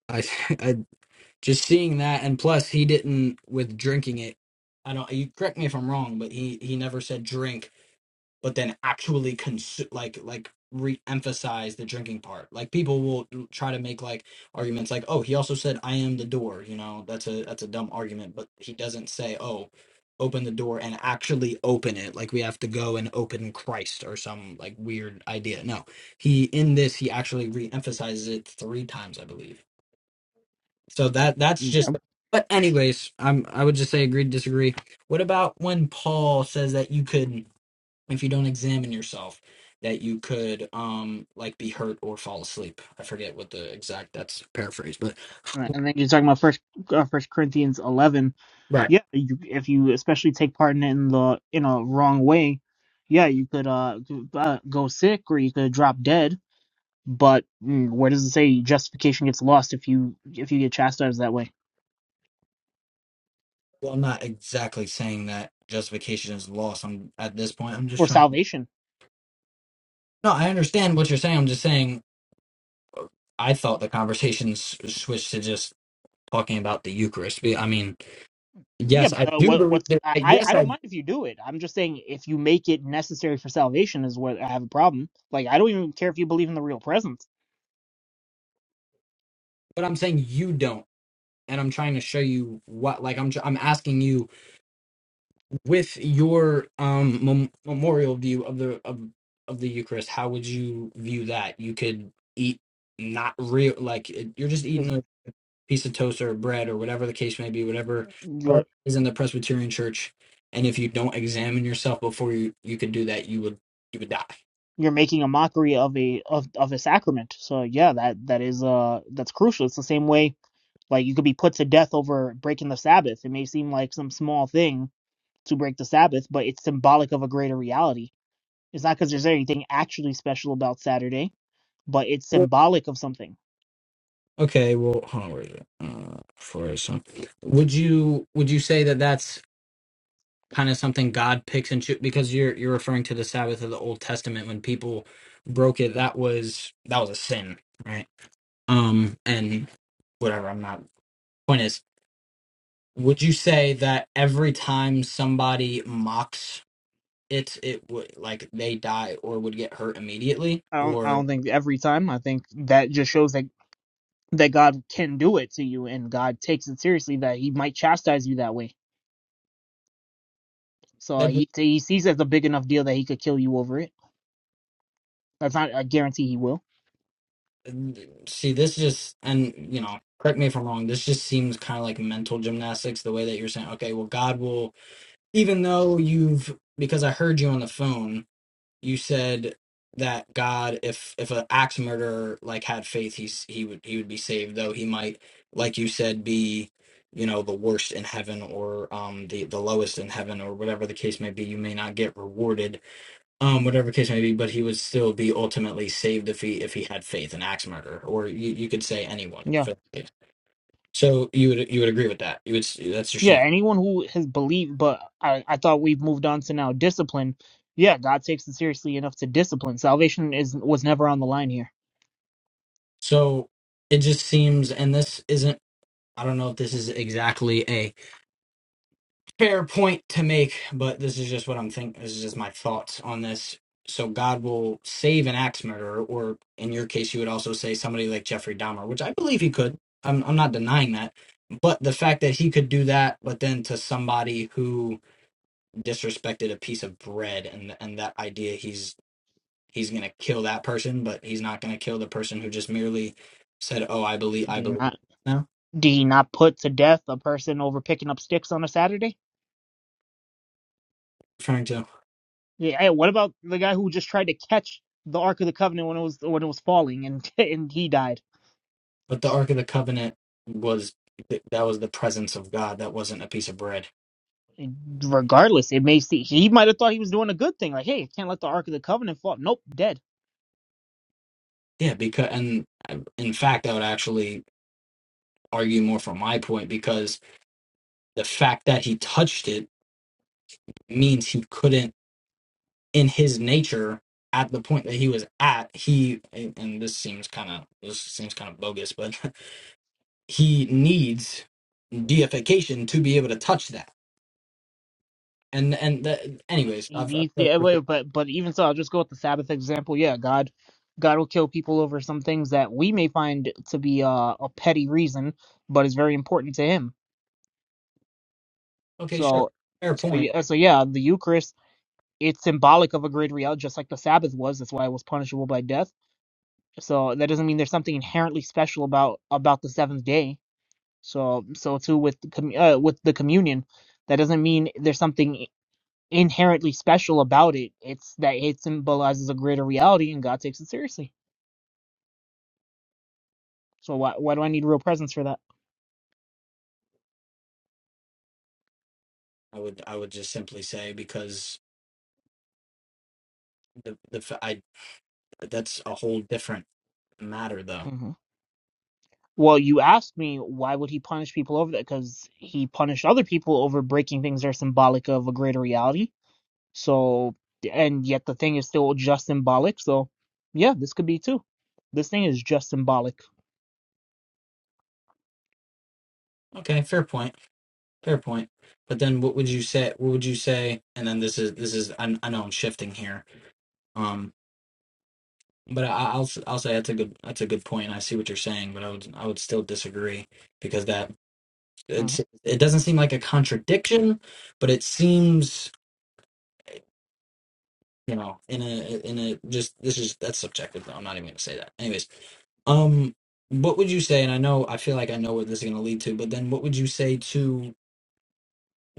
Speaker 2: I, I just seeing that, and plus, he didn't with drinking it. I don't. You correct me if I'm wrong, but he he never said drink but then actually consu- like like re-emphasize the drinking part like people will try to make like arguments like oh he also said i am the door you know that's a that's a dumb argument but he doesn't say oh open the door and actually open it like we have to go and open christ or some like weird idea no he in this he actually re-emphasizes it three times i believe so that that's just
Speaker 1: Yep.
Speaker 2: but anyways i'm i would just say agree to disagree what about when paul says that you could if you don't examine yourself that you could um like be hurt or fall asleep i forget what the exact that's paraphrase but
Speaker 1: And then you're talking about first uh, First Corinthians eleven
Speaker 2: right
Speaker 1: yeah, you, if you especially take part in it in the in a wrong way, yeah, you could uh, g- uh go sick or you could drop dead. But mm, where does it say justification gets lost if you if you get chastised that way?
Speaker 2: well i'm not exactly saying that justification is lost i'm at this point i'm just
Speaker 1: Or
Speaker 2: trying
Speaker 1: salvation?
Speaker 2: no i understand what you're saying i'm just saying i thought the conversation s- switched to just talking about the eucharist Be- i mean
Speaker 1: Yeah,
Speaker 2: yes i
Speaker 1: but uh,
Speaker 2: do
Speaker 1: what
Speaker 2: believe
Speaker 1: what's
Speaker 2: that
Speaker 1: I I I
Speaker 2: yes
Speaker 1: don't
Speaker 2: i
Speaker 1: mind if you do it. I'm just saying if you make it necessary for salvation is what I have a problem. Like I don't even care if you believe in the real presence.
Speaker 2: but i'm saying you don't and i'm trying to show you what like i'm tr- i'm asking you with your um mem- memorial view of the of of the Eucharist, how would you view that? You could eat not real like it, you're just
Speaker 1: 'cause
Speaker 2: eating a piece of toast or bread or whatever the case may be, whatever however
Speaker 1: You're
Speaker 2: it is in the Presbyterian Church. And if you don't examine yourself before you you could do that, you would you would die.
Speaker 1: you're making a mockery of a of of a sacrament. So yeah, that that is uh that's crucial. It's the same way like you could be put to death over breaking the Sabbath. It may seem like some small thing to break the Sabbath, but it's symbolic of a greater reality. It's not because there's anything actually special about Saturday, but it's symbolic of something.
Speaker 2: Okay, well, hold on, where is it? Uh, for some, would you would you say that that's kind of something God picks and choose because you're you're referring to the Sabbath of the Old Testament when people broke it that was that was a sin right um and whatever I'm not point is would you say that every time somebody mocks it it would like they die or would get hurt immediately
Speaker 1: I don't I
Speaker 2: or
Speaker 1: don't think every time. I think that just shows that that God can do it to you, and God takes it seriously that He might chastise you that way. So uh,
Speaker 2: that
Speaker 1: he he sees it as a big enough deal that He could kill you over it. That's not a guarantee He will.
Speaker 2: see this just and you know correct me if I'm wrong this just seems kind of like mental gymnastics the way that you're saying okay well God will even though you've because I heard you on the phone you said that God, if if an axe murderer like had faith, he's he would he would be saved, though he might, like you said, be you know the worst in heaven or um the the lowest in heaven or whatever the case may be. You may not get rewarded, um whatever the case may be, but he would still be ultimately saved if he if he had faith. An axe murderer, or you you could say anyone.
Speaker 1: Yeah,
Speaker 2: for that. So you would you would agree with that? You would s- that's your
Speaker 1: yeah.
Speaker 2: saying.
Speaker 1: Anyone who has believed, but I I thought we've moved on to now discipline. Yeah, God takes it seriously enough to discipline. Salvation is was never on the line here.
Speaker 2: So it just seems, and this isn't. I don't know if this is exactly a fair point to make, but this is just what I'm thinking. This is just my thoughts on this. So God will save an axe murderer, or in your case, you would also say somebody like Jeffrey Dahmer, which I believe he could. I'm I'm not denying that, but the fact that he could do that, but then to somebody who disrespected a piece of bread, and and that idea he's he's gonna kill that person, but he's not gonna kill the person who just merely said, "Oh, I believe
Speaker 1: Do
Speaker 2: I
Speaker 1: he
Speaker 2: believe."
Speaker 1: not?
Speaker 2: No,
Speaker 1: Did he not put to death a person over picking up sticks on a Saturday?
Speaker 2: referring to.
Speaker 1: Yeah. Hey, what about the guy who just tried to catch the Ark of the Covenant when it was when it was falling and and he died?
Speaker 2: But the Ark of the Covenant was that was the presence of God. That wasn't a piece of bread.
Speaker 1: And regardless, it may see he might have thought he was doing a good thing. Like, hey, I can't let the Ark of the Covenant fall. Nope, dead.
Speaker 2: Yeah, because and uh, in fact, I would actually argue more from my point because the fact that he touched it means he couldn't, in his nature, at the point that he was at, he and and this seems kind of this seems kind of bogus, but he needs deification to be able to touch that. And and the, anyways,
Speaker 1: He
Speaker 2: I've,
Speaker 1: needs
Speaker 2: I've
Speaker 1: yeah, wait, but but even so, I'll just go with the Sabbath example. Yeah, God, God will kill people over some things that we may find to be uh, a petty reason, but it's very important to Him.
Speaker 2: okay, sure,
Speaker 1: So,
Speaker 2: fair
Speaker 1: so
Speaker 2: point.
Speaker 1: yeah, so yeah, the Eucharist it's symbolic of a great reality, just like the Sabbath was. That's why it was punishable by death So that doesn't mean there's something inherently special about about the seventh day. So so too with uh, with the communion, that doesn't mean there's something inherently special about it. It's that it symbolizes a greater reality, and God takes it seriously. So why why do I need real presence for that?
Speaker 2: I would I would just simply say because the the f- I that's a whole different matter though.
Speaker 1: hmm Well, you asked me why would he punish people over that? Because he punished other people over breaking things that are symbolic of a greater reality. So, and yet the thing is still just symbolic. So, yeah, this could be too. This thing is just symbolic.
Speaker 2: Okay, fair point. Fair point. But then what would you say what would you say and then this is this is I I know I'm shifting here. Um but I, I'll s- I'll say that's a good that's a good point. I see what you're saying, but I would I would still disagree because that
Speaker 1: hmm
Speaker 2: it's it doesn't seem like a contradiction, but it seems you know in a in a just this is that's subjective though. I'm not even gonna say that. Anyways, Um, what would you say? And I know, I feel like I know where this is going to lead to, but then what would you say to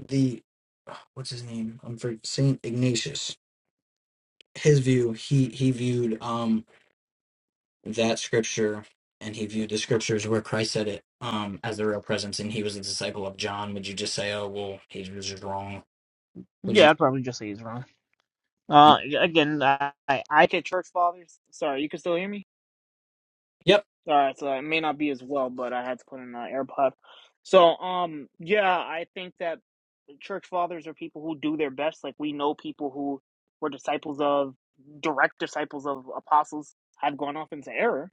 Speaker 2: the what's his name? I'm for Saint Ignatius. His view, he he viewed um that scripture, and he viewed the scriptures where Christ said it um as the real presence, and he was a disciple of John. Would you just say, oh well, he was just wrong? Would you?
Speaker 1: Yeah, I'd probably just say he's wrong.
Speaker 2: you
Speaker 1: Uh, again, I I I get church fathers. Sorry, you can still hear me.
Speaker 2: yep.
Speaker 1: All right, so it may not be as well, but I had to put in an AirPod. So, um, yeah, I think that. church fathers are people who do their best. Like we know people who were disciples of direct disciples of apostles have gone off into error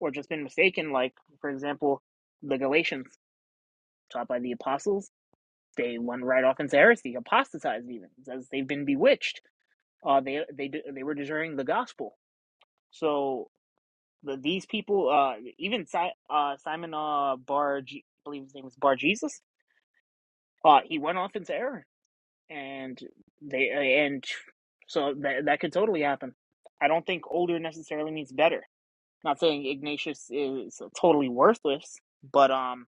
Speaker 1: or just been mistaken. Like for example, the Galatians taught by the apostles, they went right off into heresy, apostatized even as they've been bewitched. Uh, they they they were deserting the gospel. So the, these people, uh, even si- uh, Simon uh, Bar, I believe his name was Bar Jesus, uh, he went off into error and they uh, and so that that could totally happen. I don't think older necessarily means better. Not saying Ignatius is totally worthless, but um,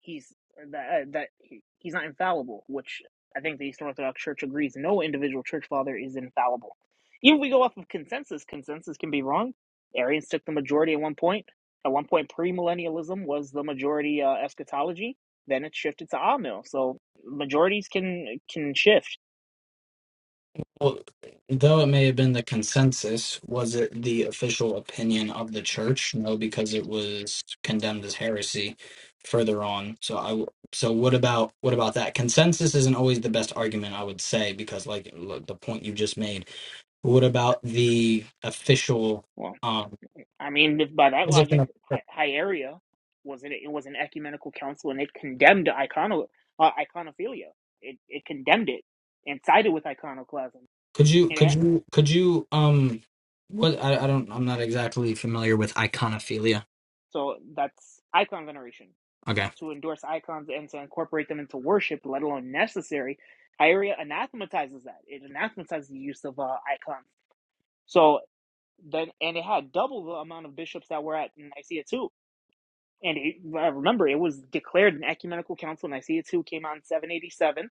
Speaker 1: he's uh, that uh, that he's not infallible, which I think the Eastern Orthodox Church agrees. No individual church father is infallible. Even if we go off of consensus, consensus can be wrong. Arians took the majority at one point. At one point, premillennialism was the majority uh, eschatology. Then it shifted to Amil. So majorities can can shift
Speaker 2: Well, though it may have been the consensus, was it the official opinion of the church? No, because it was condemned as heresy further on. So I w- so what about what about that? Consensus isn't always the best argument, I would say, because like look, the point you just made. What about the official
Speaker 1: Well,
Speaker 2: um
Speaker 1: I mean, if by that
Speaker 2: position
Speaker 1: logic,
Speaker 2: of the
Speaker 1: Hi-
Speaker 2: church?
Speaker 1: Hieria was it? It was an ecumenical council, and it condemned icono uh, iconophilia. It it condemned it and sided with iconoclasm.
Speaker 2: Could you
Speaker 1: And
Speaker 2: could
Speaker 1: it,
Speaker 2: you could you um what I, I don't I'm not exactly familiar with iconophilia.
Speaker 1: so that's icon veneration
Speaker 2: Okay.
Speaker 1: to endorse icons and to incorporate them into worship, let alone necessary. Hieria anathematizes that. It anathematizes the use of uh, icons. So then, and it had double the amount of bishops that were at Nicaea too and it, remember it was declared an ecumenical council in Nicaea 2 came out in 787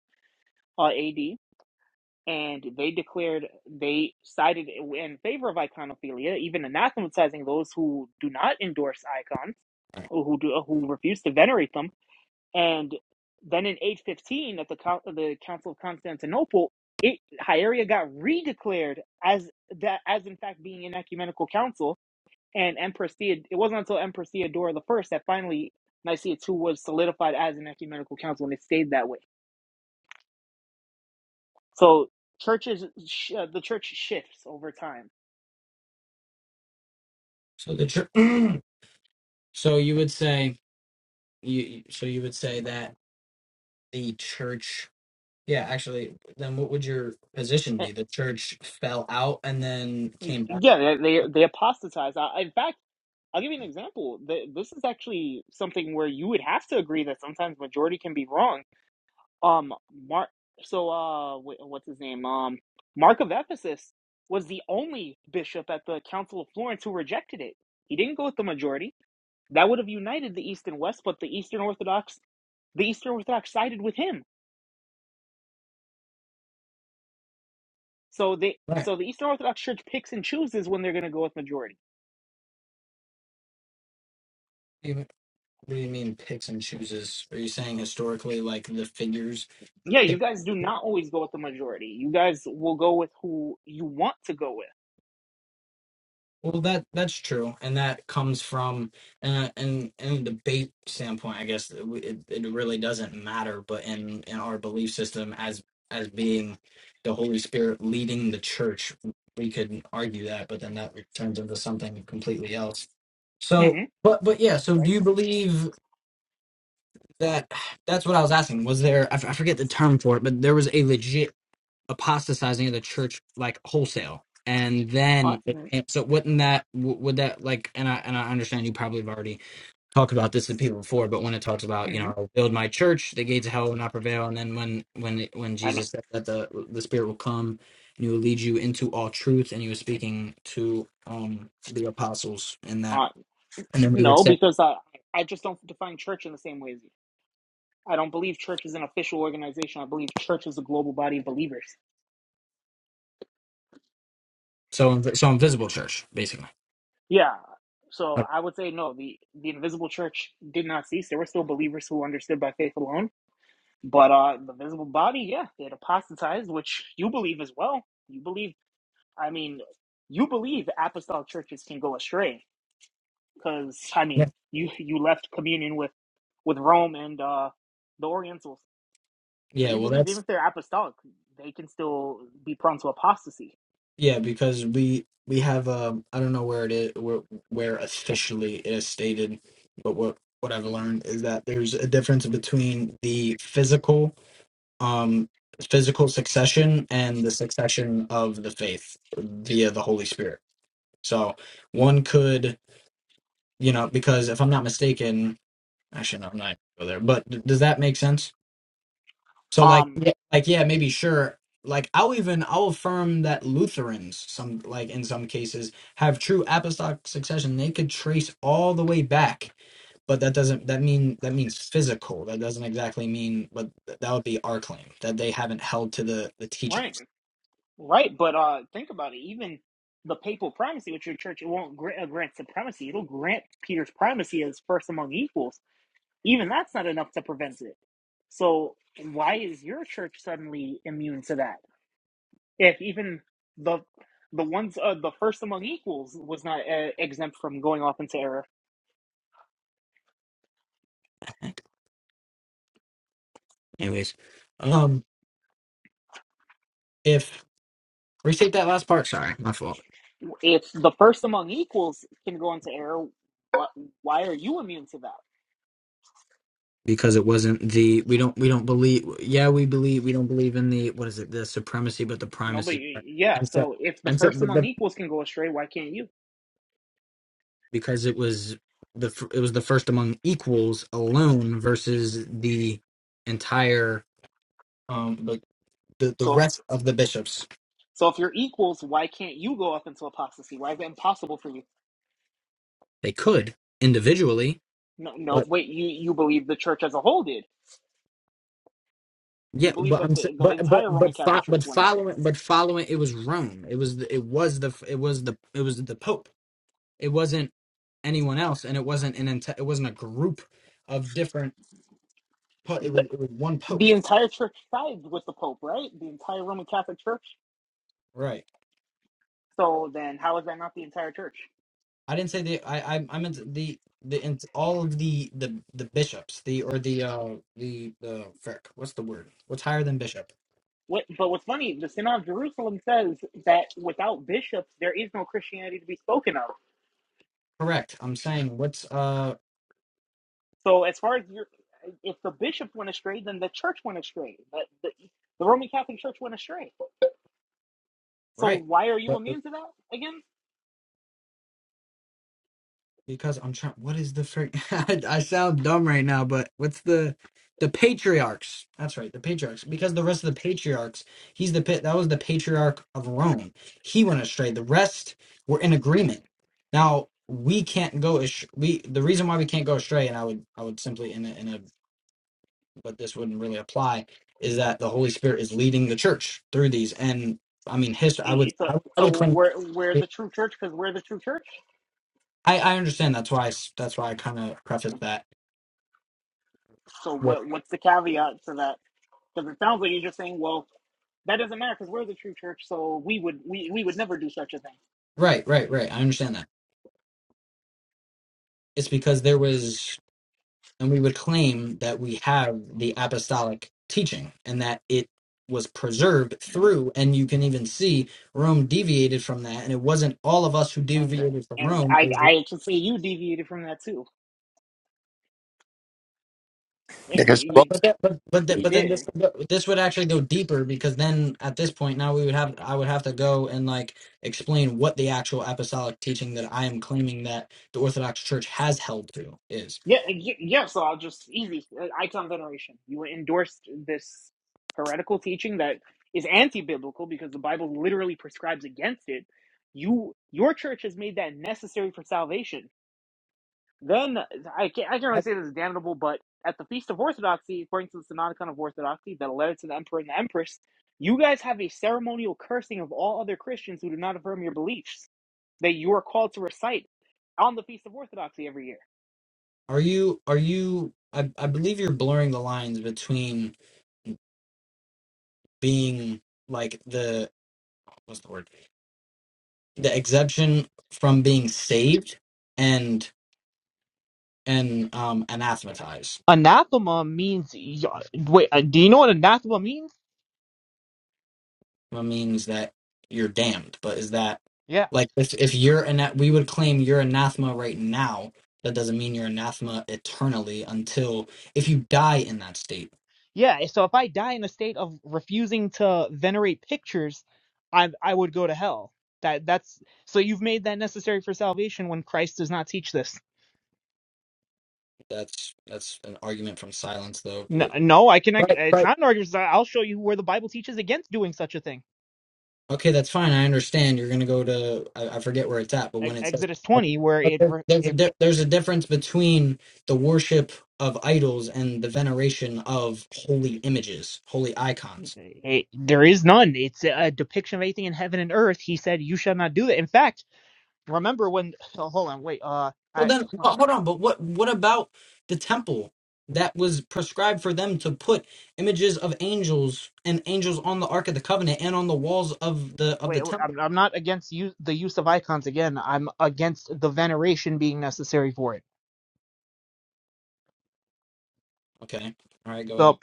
Speaker 1: uh, AD and they declared they sided in favor of iconophilia even anathematizing those who do not endorse icons or who do, who refuse to venerate them and then in 815 at the the council of Constantinople it Hieria got redeclared as that as in fact being an ecumenical council and Empress Theod- it wasn't until Empress Theodora the First that finally Nicaea II was solidified as an ecumenical council, and it stayed that way. So churches, sh- uh, the church shifts over time.
Speaker 2: So the church so you would say You so you would say that the church, yeah, actually, then what would your position
Speaker 1: And
Speaker 2: be? The church fell out and then came back.
Speaker 1: yeah, they they they apostatize. I, in fact, I'll give you an example. The, this is actually something where you would have to agree that sometimes majority can be wrong. Um, Mark. So uh, wh- what's his name? Um, Mark of Ephesus was the only bishop at the Council of Florence who rejected it. He didn't go with the majority That would have united the East and West, but the Eastern Orthodox the Eastern Orthodox sided with him. So they
Speaker 2: Right.
Speaker 1: so the Eastern Orthodox Church picks and chooses when they're going to go with majority.
Speaker 2: You- What do you mean picks and chooses? Are you saying historically, like the figures
Speaker 1: Yeah, you
Speaker 2: pick?
Speaker 1: guys do not always go with the majority. You guys will go with who you want to go
Speaker 2: Well, that that's true, and that comes from uh, and and the debate standpoint. I guess it, it it really doesn't matter, but in in our belief system, as as being the Holy Spirit leading the church, we could argue that, but then that turns into something completely else.
Speaker 1: with.
Speaker 2: So,
Speaker 1: hmm
Speaker 2: but but yeah. So, do
Speaker 1: Right?
Speaker 2: you believe that? That's what I was asking. Was there? I f- I forget the term for it, but there was a legit apostatizing of the church like wholesale and
Speaker 1: Uh,
Speaker 2: then and so wouldn't that w- would that like and i and i understand you probably have already talked about this with people before but when it talks about you know
Speaker 1: mm-hmm.
Speaker 2: I'll build my church the gates of hell will not prevail and then when when when
Speaker 1: I don't.
Speaker 2: jesus said that the the spirit will come and he will lead you into all truth and he was speaking to um the apostles in that
Speaker 1: Uh,
Speaker 2: and then we would
Speaker 1: no,
Speaker 2: say
Speaker 1: because I I just don't define church in the same way as you. I don't believe church is an official organization. I believe church is a global body of believers.
Speaker 2: so inv- so invisible church basically
Speaker 1: Yeah. So
Speaker 2: Okay.
Speaker 1: I would say no, the the invisible church did not cease. There were still believers who understood by faith alone. But uh the visible body, yeah, it apostatized, which you believe as well. You believe I mean, you believe apostolic churches can go astray because I
Speaker 2: yeah
Speaker 1: mean, you you left communion with with Rome and uh the Orientals. So
Speaker 2: yeah
Speaker 1: you
Speaker 2: well
Speaker 1: believe
Speaker 2: that's
Speaker 1: even if they're apostolic, they can still be prone to apostasy.
Speaker 2: Yeah, because we we have um I don't know where it is where where officially it is stated, but what what I've learned is that there's a difference between the physical um physical succession and the succession of the faith via the Holy Spirit. So one could, you know, because if I'm not mistaken, actually no, I'm not gonna go there, but d- does that make sense? So like
Speaker 1: Um
Speaker 2: yeah, like yeah, maybe sure. Like I'll even I'll affirm that Lutherans some like in some cases have true apostolic succession. They could trace all the way back, but that doesn't that mean that means physical. That doesn't exactly mean what that would be our claim that they haven't held to the the
Speaker 1: right.
Speaker 2: teachings.
Speaker 1: Right, but uh, think about it. Even the papal primacy with your church, it won't grant, uh, grant supremacy. It'll grant Peter's primacy as first among equals. Even that's not enough to prevent it. So why is your church suddenly immune to that? If even the the ones uh, the first among equals was not uh, exempt from going off into error.
Speaker 2: Anyways, um, if restate that last part. Sorry, my fault.
Speaker 1: If the first among equals can go into error, why, why are you immune to that?
Speaker 2: because it wasn't the we don't we don't believe yeah we believe we don't believe in the what is it the supremacy but the
Speaker 1: No, but
Speaker 2: primacy right?
Speaker 1: yeah.
Speaker 2: and so
Speaker 1: So if the
Speaker 2: and so
Speaker 1: first
Speaker 2: but
Speaker 1: among
Speaker 2: the,
Speaker 1: equals can go astray, why can't you?
Speaker 2: because it was the fir- it was the first among equals alone versus the entire um like the, the
Speaker 1: So.
Speaker 2: rest of the bishops
Speaker 1: So if you're equals, why can't you go up into apostasy? Why is it impossible for you?
Speaker 2: they could individually
Speaker 1: No, no.
Speaker 2: but
Speaker 1: Wait, you you believe the church as a whole did. You
Speaker 2: yeah
Speaker 1: believe
Speaker 2: but
Speaker 1: that
Speaker 2: I'm sa-
Speaker 1: the, the
Speaker 2: but but
Speaker 1: entire Roman
Speaker 2: but
Speaker 1: Catholic
Speaker 2: fo-
Speaker 1: Church
Speaker 2: but
Speaker 1: went astray.
Speaker 2: following but following it was Rome it was the, it was the it was the it was the Pope It wasn't anyone else, and it wasn't an ent- it wasn't a group of different. po- It was
Speaker 1: The,
Speaker 2: it was one pope,
Speaker 1: the entire church sides with the Pope, right? The entire Roman Catholic Church.
Speaker 2: right?
Speaker 1: So then, how is that not the entire church?
Speaker 2: I didn't say the I I, I meant the the ent- all of the the the bishops the or the uh the the frick what's the word what's higher than bishop
Speaker 1: What, but what's funny, the Synod of Jerusalem says that without bishops, there is no Christianity to be spoken of.
Speaker 2: correct i'm saying what's uh
Speaker 1: So as far as you're, if the bishop went astray, then the church went astray. The, the, the Roman Catholic Church went astray. So
Speaker 2: right
Speaker 1: why are you immune to that again?
Speaker 2: Because I'm trying. What is the frick? I, I sound dumb right now, but what's the the patriarchs? That's right, the patriarchs. Because the rest of the patriarchs, he's the pit. That was the patriarch of Rome. He went astray. The rest were in agreement. Now we can't go. As, we the reason why we can't go astray, and I would I would simply in a, in a but this wouldn't really apply is that the Holy Spirit is leading the church through these. And I mean, history. I would
Speaker 1: It's a,
Speaker 2: I, would- I
Speaker 1: so
Speaker 2: would claim.
Speaker 1: we're we're the true church because we're the true church.
Speaker 2: I I understand. That's why I s that's why I kind of preface that
Speaker 1: So
Speaker 2: with.
Speaker 1: what what's the caveat to that? Because it sounds like you're just saying, well, that doesn't matter because we're the true church, so we would we, we would never do such a thing.
Speaker 2: Right, right, right. I understand that. It's because there was, and we would claim that we have the apostolic teaching and that it was preserved through, and you can even see Rome deviated from that, and it wasn't all of us who
Speaker 1: And uh,
Speaker 2: deviated from
Speaker 1: and
Speaker 2: Rome. It
Speaker 1: I
Speaker 2: was-
Speaker 1: I can see you deviated from that too, and you
Speaker 3: Because. roast
Speaker 1: you,
Speaker 2: but that, but but, that,
Speaker 1: you
Speaker 2: but then
Speaker 1: did.
Speaker 2: this this would actually go deeper because then at this point now we would have I would have to go and like explain what the actual apostolic teaching that I am claiming that the Orthodox Church has held to is.
Speaker 1: Yeah, y- yeah. So I'll just easy uh, icon veneration. You endorsed this heretical teaching that is anti-biblical because the Bible literally prescribes against it. You, your church has made that necessary for salvation. Then I can't, I can't really say this is damnable, but at the Feast of Orthodoxy, according to the Synodicon of Orthodoxy, that led to the Emperor and the Empress, you guys have a ceremonial cursing of all other Christians who do not affirm your beliefs that you are called to recite on the Feast of Orthodoxy every year.
Speaker 2: Are you are you I, I believe you're blurring the lines between being like the what's the word? The exemption from being saved and and um anathematized.
Speaker 1: Anathema means. y- Wait, uh, do you know what anathema means?
Speaker 2: That means that you're damned. But is that
Speaker 1: Yeah.
Speaker 2: like if if you're ana- we would claim you're anathema right now, that doesn't mean you're anathema eternally until if you die in that state.
Speaker 1: Yeah. So if I die in a state of refusing to venerate pictures, I I would go to hell. That that's so you've made that necessary for salvation when Christ does not teach this.
Speaker 2: That's that's an argument from silence though.
Speaker 1: No, no, I can. It's
Speaker 2: Right.
Speaker 1: not an argument. so I'll show you where the Bible teaches against doing such a thing.
Speaker 2: Okay, that's fine. I understand. You're going to go to I, I forget where it's at, but
Speaker 1: E-
Speaker 2: when it says
Speaker 1: Exodus twenty, where
Speaker 2: but
Speaker 1: it,
Speaker 2: there,
Speaker 1: re-
Speaker 2: there's a
Speaker 1: it,
Speaker 2: di- there's a difference between the worship of idols and the veneration of holy images, holy icons.
Speaker 1: it there is none. It's a depiction of anything in heaven and earth. He said, "You shall not do that." In fact, remember when? Oh, hold on, wait. Uh,
Speaker 2: So
Speaker 1: I
Speaker 2: then,
Speaker 1: huh.
Speaker 2: well, hold on. But what what about the temple that was prescribed for them to put images of angels and angels on the Ark of the Covenant and on the walls of the of the
Speaker 1: Wait,
Speaker 2: temple?
Speaker 1: I'm I'm not against use, the use of icons again. I'm against the veneration being necessary for it.
Speaker 2: Okay, all right, go ahead.
Speaker 1: So,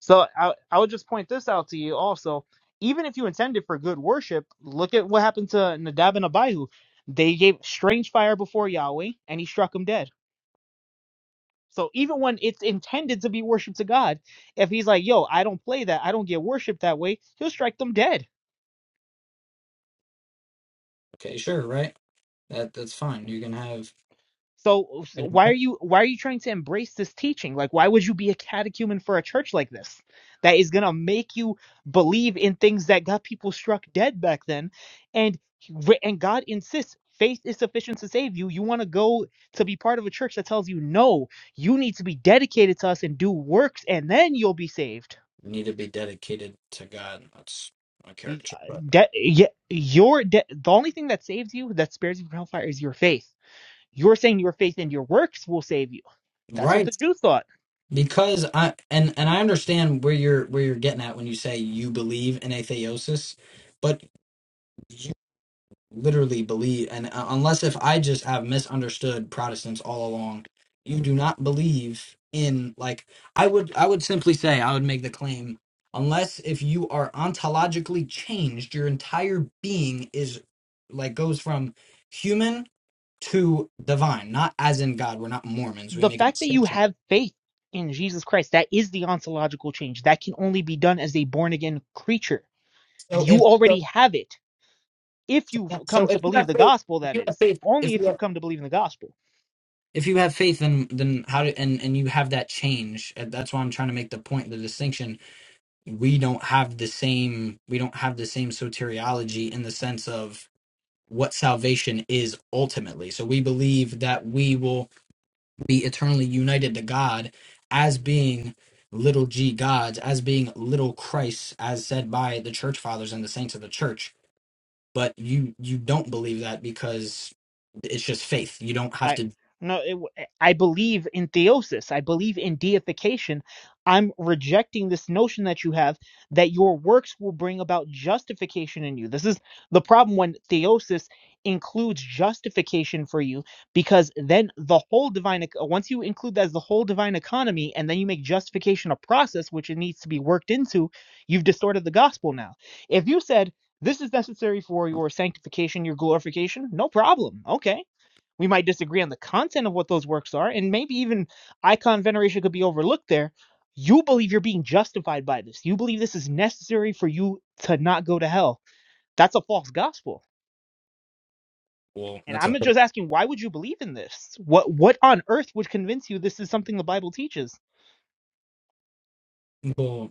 Speaker 1: so I I would just point this out to you also. Even if you intended for good worship, look at what happened to Nadab and Abihu. They gave strange fire before Yahweh, and he struck them dead. So even when it's intended to be worship to God, if he's like, "Yo, I don't play that. I don't get worship that way," he'll strike them dead.
Speaker 2: Okay, sure, right. That that's fine. You can have.
Speaker 1: So, so why are you why are you trying to embrace this teaching? Like why would you be a catechumen for a church like this that is going to make you believe in things that got people struck dead back then and re- and God insists faith is sufficient to save you. You want to go to be part of a church that tells you no, you need to be dedicated to us and do works and then you'll be saved.
Speaker 2: need to be dedicated to God. That's my
Speaker 1: Y-
Speaker 2: character.
Speaker 1: uh,
Speaker 2: But
Speaker 1: De- y- your de- the only thing that saves you that spares you from hellfire is your faith. You're saying your faith and your works will save you. That's what the
Speaker 2: right,
Speaker 1: Jews thought.
Speaker 2: because I and and I understand where you're where you're getting at when you say you believe in atheosis, but you literally believe, and uh, unless if I just have misunderstood Protestants all along, you do not believe in like I would I would simply say I would make the claim. Unless if you are ontologically changed, your entire being is like goes from human to divine, not as in God. We're not Mormons. We
Speaker 1: the
Speaker 2: make a
Speaker 1: fact that you
Speaker 2: distinction.
Speaker 1: have faith in Jesus Christ, that is the ontological change. That can only be done as a born again creature.
Speaker 2: So
Speaker 1: You
Speaker 2: if
Speaker 1: already
Speaker 2: so,
Speaker 1: have it if you've
Speaker 2: so so
Speaker 1: come to
Speaker 2: if you
Speaker 1: believe
Speaker 2: have
Speaker 1: the
Speaker 2: faith,
Speaker 1: gospel,
Speaker 2: if
Speaker 1: that
Speaker 2: you have
Speaker 1: is.
Speaker 2: faith,
Speaker 1: Only
Speaker 2: if you
Speaker 1: if you've
Speaker 2: have,
Speaker 1: come to believe in the gospel.
Speaker 2: if you have faith, then then how do and and you have that change? And That's why I'm trying to make the point, the distinction. We don't have the same. We don't have the same soteriology in the sense of what salvation is ultimately. So we believe that we will be eternally united to God as being little g gods, as being little Christ, as said by the church fathers and the saints of the church. But you you don't believe that because it's just faith. You don't have
Speaker 1: I
Speaker 2: to.
Speaker 1: no, it, w- I believe in theosis. I believe in deification. I'm rejecting this notion that you have that your works will bring about justification in you. This is the problem when theosis includes justification for you, because then the whole divine ec- once you include that as the whole divine economy, and then you make justification a process which it needs to be worked into, you've distorted the gospel. Now, if you said this is necessary for your sanctification, your glorification, no problem. Okay we might disagree on the content of what those works are, and maybe even icon veneration could be overlooked there. You believe you're being justified by this. You believe this is necessary for you to not go to hell. That's a false gospel.
Speaker 2: Well,
Speaker 1: And
Speaker 2: that's a
Speaker 1: I'm just asking, why would you believe in this? What what on earth would convince you this is something the Bible teaches?
Speaker 2: well.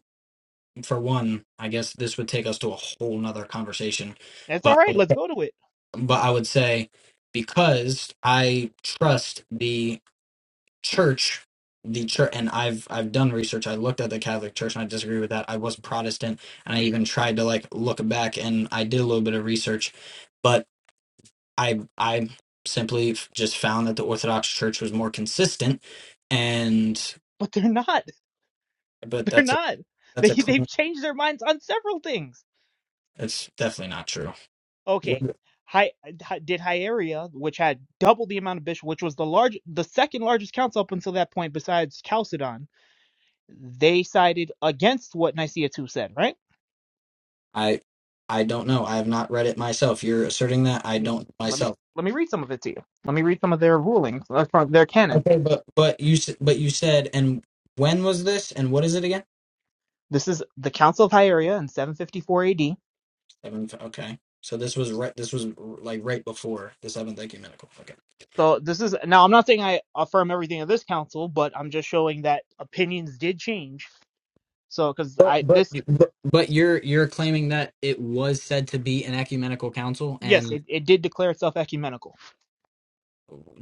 Speaker 2: For one, I guess this would take us to a whole nother conversation.
Speaker 1: That's all
Speaker 2: But
Speaker 1: right. Let's go to it.
Speaker 2: but I would say because I trust the church the church and i've i've done research i looked at the catholic church and i disagree with that i was protestant and i even tried to like look back and i did a little bit of research but i i simply f- just found that the orthodox church was more consistent and
Speaker 1: But they're not.
Speaker 2: but
Speaker 1: They're
Speaker 2: that's a
Speaker 1: not.
Speaker 2: that's
Speaker 1: They
Speaker 2: a
Speaker 1: they've
Speaker 2: claim
Speaker 1: changed their minds on several things
Speaker 2: it's definitely not true
Speaker 1: Okay.
Speaker 2: What-
Speaker 1: Hi, hi- did Hieria, which had double the amount of bishops, which was the large, the second largest council up until that point, besides Chalcedon, they sided against what Nicaea two said, right?
Speaker 2: i i don't know i have not read it myself you're asserting that i
Speaker 1: Let me
Speaker 2: don't
Speaker 1: let me
Speaker 2: myself
Speaker 1: let me read some of it to you. Let me read some of their rulings uh, from their canons.
Speaker 2: okay but but you s- but you said and when was this and what is it again
Speaker 1: This is the Council of Hieria in 754 AD.
Speaker 2: Seventh. Okay. So this was right. This was like right before the seventh ecumenical. Okay.
Speaker 1: So this is now I'm not saying I affirm everything of this council, but I'm just showing that opinions did change. So because
Speaker 2: But
Speaker 1: I
Speaker 2: but
Speaker 1: this
Speaker 2: but But you're you're claiming that it was said to be an ecumenical council
Speaker 1: yes,
Speaker 2: and
Speaker 1: it, it did declare itself ecumenical.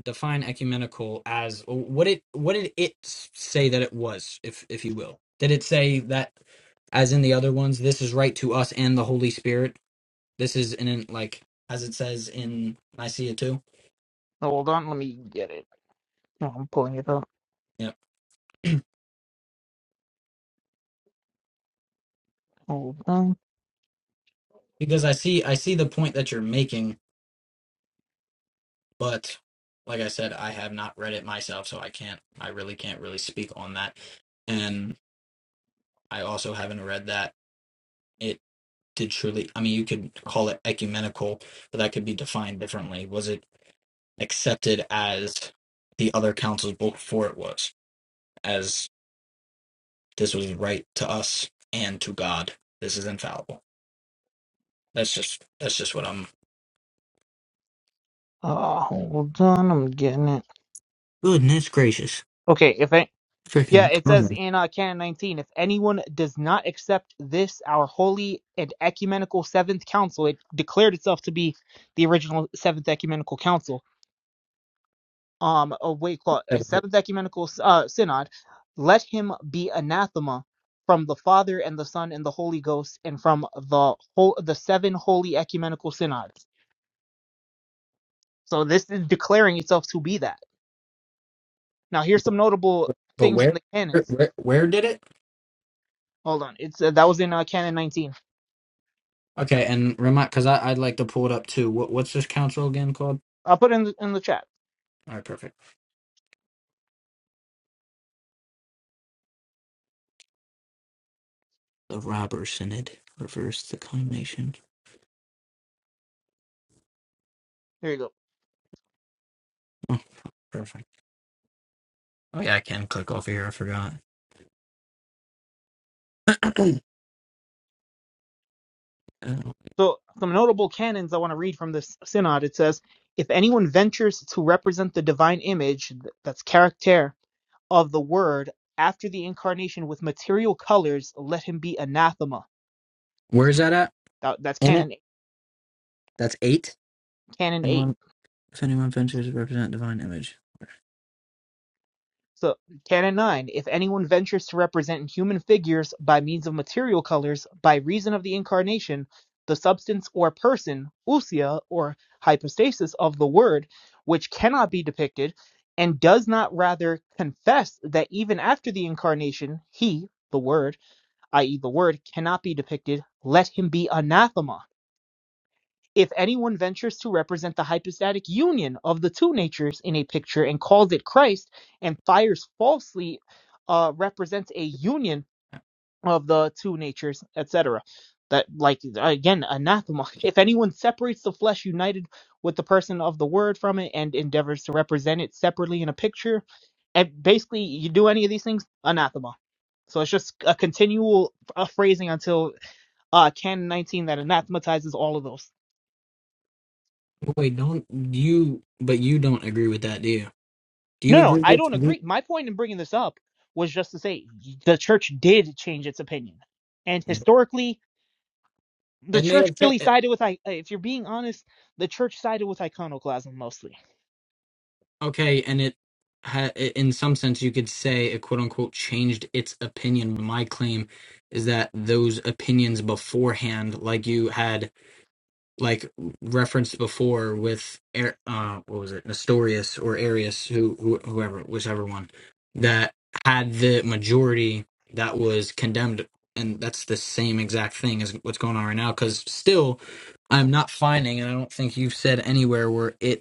Speaker 2: define ecumenical as what it what did it say that it was, if if you will. Did it say that as in the other ones, this is right to us and the Holy Spirit? This is in an- like as it says in Nicaea too.
Speaker 1: So Hold on, let me get it. No, I'm pulling it up.
Speaker 2: Yeah.
Speaker 1: Hold on.
Speaker 2: Because I see I see the point that you're making But like I said, I have not read it myself, so I can't. I really can't really speak on that. And I also haven't read that it did truly. I mean, you could call it ecumenical, but that could be defined differently. Was it accepted as the other councils before it was, as this was right to us and to God? This is infallible. That's just that's just what I'm.
Speaker 1: Uh, hold on. I'm getting it.
Speaker 2: Goodness gracious.
Speaker 1: Okay, if I yeah,
Speaker 2: Freaking
Speaker 1: it says
Speaker 2: common.
Speaker 1: in uh, Canon 19, if anyone does not accept this, our holy and ecumenical seventh council, it declared itself to be the original seventh ecumenical council. Um, oh wait, call it, uh, seventh ecumenical uh, synod. Let him be anathema from the Father and the Son and the Holy Ghost, and from the whole the seven holy ecumenical synods. So this is declaring itself to be that. Now here's some notable
Speaker 2: But
Speaker 1: things in
Speaker 2: where
Speaker 1: the canons.
Speaker 2: where where did it?
Speaker 1: Hold on, it's uh, that was in uh, canon 19.
Speaker 2: Okay, and remind because I I'd like to pull it up too. What what's this council again called?
Speaker 1: I'll put it in the, in the chat.
Speaker 2: All right, perfect. The robber synod reversed the condemnation.
Speaker 1: There you go.
Speaker 2: Oh, perfect. Oh yeah, I can click over here. I forgot. Uh,
Speaker 1: So some notable canons I want to read from this synod. It says, if anyone ventures to represent the divine image, th- that's character of the word after the incarnation with material colors, let him be anathema.
Speaker 2: Where is that at?
Speaker 1: That, that's
Speaker 2: In it.
Speaker 1: canon
Speaker 2: That's eight.
Speaker 1: canon 8.
Speaker 2: Anyone, if anyone ventures to represent divine image.
Speaker 1: So, Canon 9, if anyone ventures to represent human figures by means of material colors, by reason of the incarnation, the substance or person, ousia, or hypostasis of the word, which cannot be depicted, and does not rather confess that even after the incarnation, he, the word, i.e., the word, cannot be depicted, let him be anathema if anyone ventures to represent the hypostatic union of the two natures in a picture and calls it Christ, and fires falsely uh, represents a union of the two natures, et cetera, That, like, again, anathema. If anyone separates the flesh united with the person of the word from it and endeavors to represent it separately in a picture, and basically, you do any of these things, anathema. So it's just a continual uh, phrasing until uh, Canon 19 that anathematizes all of those.
Speaker 2: Wait, don't you? But you don't agree with that, do you? Do you
Speaker 1: No, no,
Speaker 2: agree
Speaker 1: I
Speaker 2: with?
Speaker 1: don't agree. My point in bringing this up was just to say the church did change its opinion, and historically, the
Speaker 2: It may
Speaker 1: church
Speaker 2: have.
Speaker 1: really sided with. I, if you're being honest, the church sided with iconoclasm mostly.
Speaker 2: Okay, and it, ha- in some sense, you could say it quote unquote changed its opinion. My claim is that those opinions beforehand, like you had like referenced before with Ar- uh, what was it, Nestorius or Arius, who, who whoever, whichever one, that had the majority that was condemned, and that's the same exact thing as what's going on right now. Because still, I'm not finding, and I don't think you've said anywhere where it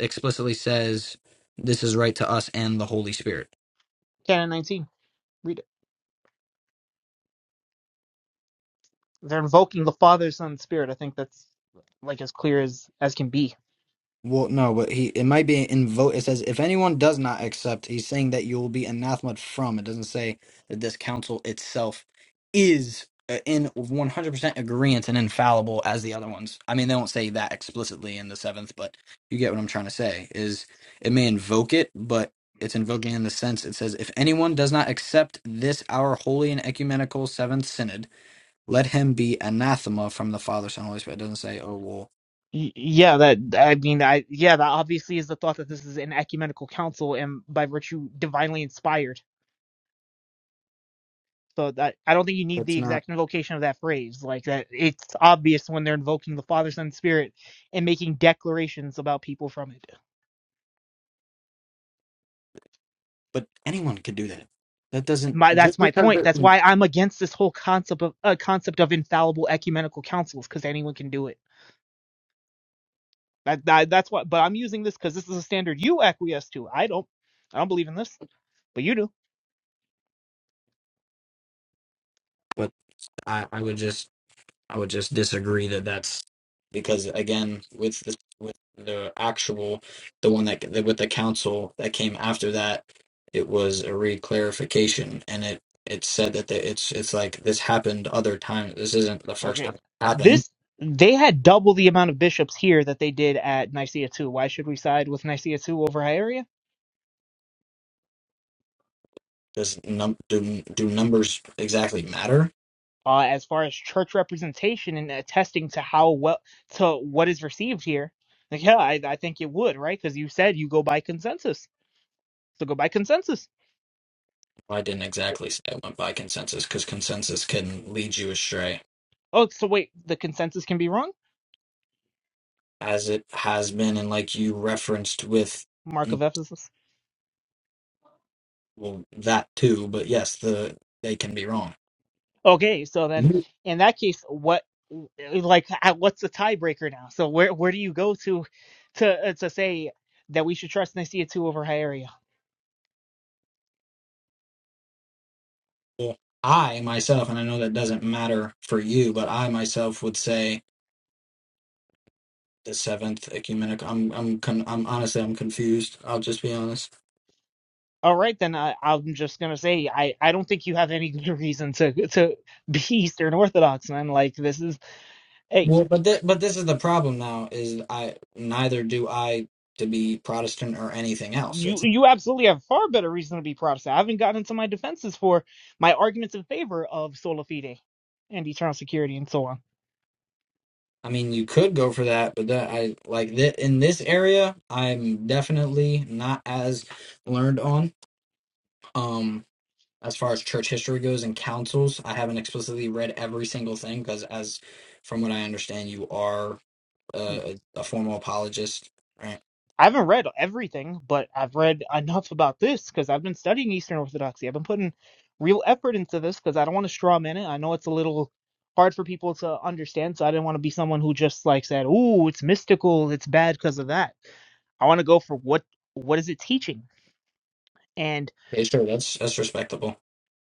Speaker 2: explicitly says this is right to us and the Holy Spirit.
Speaker 1: Canon 19, read it. They're invoking the Father, Son, Spirit. I think that's like as clear as as can be.
Speaker 2: Well, no, but he it might be invoke. It says if anyone does not accept, he's saying that you will be anathema from. It doesn't say that this council itself is uh, in 100% agreement and infallible as the other ones. I mean, they don't say that explicitly in the seventh, but you get what I'm trying to say. Is it may invoke it, but it's invoking in the sense it says if anyone does not accept this our holy and ecumenical seventh synod Let him be anathema from the Father, Son, Holy Spirit. It doesn't say, oh, well,
Speaker 1: Y- Yeah, that I mean, I yeah, that obviously is the thought that this is an ecumenical council and by virtue divinely inspired. So that I don't think you need
Speaker 2: that's
Speaker 1: the
Speaker 2: not.
Speaker 1: exact invocation of that phrase. Like that, it's obvious when they're invoking the Father, Son, Spirit, and making declarations about people from it.
Speaker 2: But anyone could do that. That doesn't
Speaker 1: My that's
Speaker 2: just
Speaker 1: my
Speaker 2: because
Speaker 1: point.
Speaker 2: they're.
Speaker 1: That's
Speaker 2: mm,
Speaker 1: why I'm against this whole concept of uh, concept of infallible ecumenical councils because anyone can do it. That, that that's what. But I'm using this because this is a standard you acquiesce to. I don't. I don't believe in this, but you do.
Speaker 2: But I, I would just, I would just disagree that that's because again, with the with the actual, the one that the, with the council that came after that, it was a re-clarification, and it it said that the, it's it's like this happened other times. This isn't the first
Speaker 1: Okay.
Speaker 2: time it happened.
Speaker 1: This they had double the amount of bishops here that they did at Nicaea two. Why should we side with Nicaea two over Hieria?
Speaker 2: Does num do do numbers exactly matter?
Speaker 1: uh, as far as church representation and attesting to how well to what is received here. Like, yeah, I, I think it would, right? Because you said you go by consensus, so go by consensus.
Speaker 2: I didn't exactly say I went by consensus because consensus can lead you astray,
Speaker 1: Oh, so wait, the consensus can be wrong.
Speaker 2: as it has been, and like you referenced with
Speaker 1: Mark
Speaker 2: mm,
Speaker 1: of Ephesus.
Speaker 2: well that too. But yes, the they can be wrong.
Speaker 1: Okay, so then
Speaker 2: You-
Speaker 1: in that case, what like uh, what's the tiebreaker now? So where where do you go to to uh, to say that we should trust Nicaea two over Hieraea?
Speaker 2: Well, I myself, and I know that doesn't matter for you, but I myself would say the seventh ecumenical. I'm I'm con- I'm honestly I'm confused. I'll just be honest.
Speaker 1: All right, then I, I'm just gonna say I, I don't think you have any good reason to to be Eastern Orthodox, man. Like this is hey,
Speaker 2: Well, but th- but this is the problem now. Is I neither do I to be Protestant or anything else.
Speaker 1: you you absolutely have far better reason to be Protestant. I haven't gotten into my defenses for my arguments in favor of sola fide and eternal security and so on.
Speaker 2: I mean, you could go for that, but that I like that in this area, I'm definitely not as learned on. Um, as far as church history goes and councils, I haven't explicitly read every single thing because, as from what I understand, you are uh, a, a formal apologist, right?
Speaker 1: I haven't read everything, but I've read enough about this because I've been studying Eastern Orthodoxy. I've been putting real effort into this because I don't want to straw man it. I know it's a little hard for people to understand, so I didn't want to be someone who just like said, "Ooh, it's mystical, it's bad because of that." I want to go for what what is it teaching? And
Speaker 2: Okay, sure, that's that's respectable.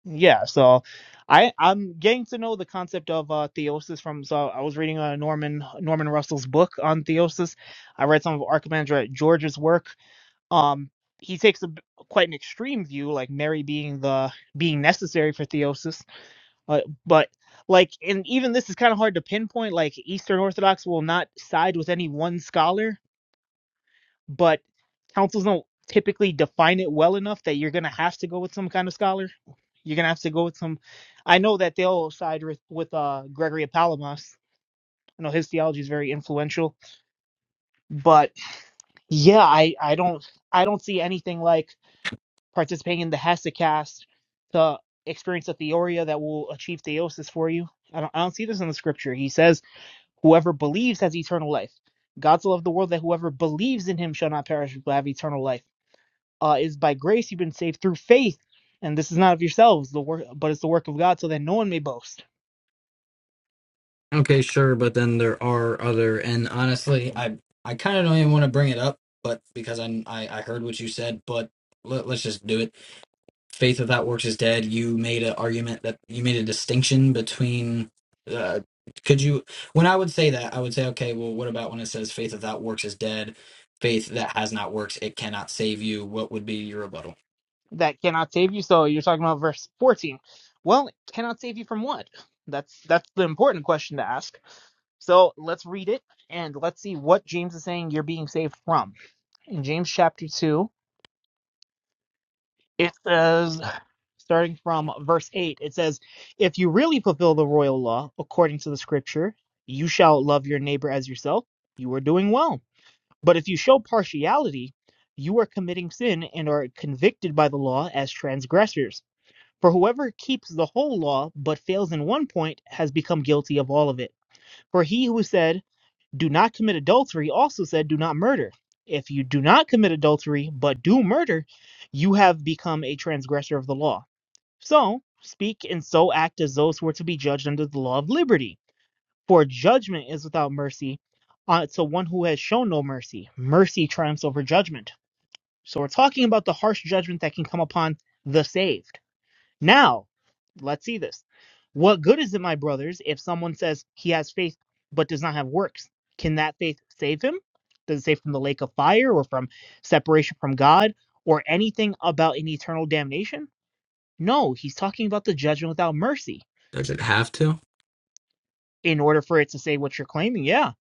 Speaker 1: yeah, so I I'm getting to know the concept of uh, theosis from. So I was reading uh, Norman Norman Russell's book on theosis. I read some of Archimandrite George's work um he takes a quite an extreme view like mary being the being necessary for theosis uh, but like and even this is kind of hard to pinpoint like eastern orthodox will not side with any one scholar but councils don't typically define it well enough that you're gonna have to go with some kind of scholar you're gonna have to go with some i know that they'll side with with uh gregory of palamas i know his theology is very influential but yeah i i don't i don't see anything like participating in the Hesychast to experience a theoria that will achieve theosis for you. I don't, I don't see this in the scripture. He says, whoever believes has eternal life. God so loved the world that whoever believes in him shall not perish but have eternal life. Uh, is by grace you've been saved through faith, and this is not of yourselves, the work, but it's the work of God, so that no one may boast.
Speaker 2: Okay, sure, but then there are other, and honestly, I I kind of don't even want to bring it up, but because I I, I heard what you said, but let, let's just do it faith without works is dead you made an argument that you made a distinction between uh, could you when i would say that i would say okay well what about when it says faith without works is dead faith that has not works it cannot save you what would be your rebuttal
Speaker 1: That cannot save you. So you're talking about verse 14. Well, it cannot save you from what? That's that's the important question to ask So let's read it and let's see what James is saying you're being saved from. In James chapter 2, it says, starting from verse 8, it says, If you really fulfill the royal law according to the scripture, you shall love your neighbor as yourself, you are doing well. But if you show partiality, you are committing sin and are convicted by the law as transgressors. For whoever keeps the whole law but fails in one point has become guilty of all of it. For he who said, do not commit adultery also said do not murder. If you do not commit adultery but do murder, you have become a transgressor of the law. So speak and so act as those who are to be judged under the law of liberty. For judgment is without mercy uh, to one who has shown no mercy. Mercy triumphs over judgment. So we're talking about the harsh judgment that can come upon the saved. Now, let's see this. What good is it, my brothers, if someone says he has faith but does not have works? Can that faith save him? Does it save from the lake of fire or from separation from God or anything about an eternal damnation? No, he's talking about the judgment without mercy.
Speaker 2: Does it have to?
Speaker 1: In order for it to say what you're claiming, yeah.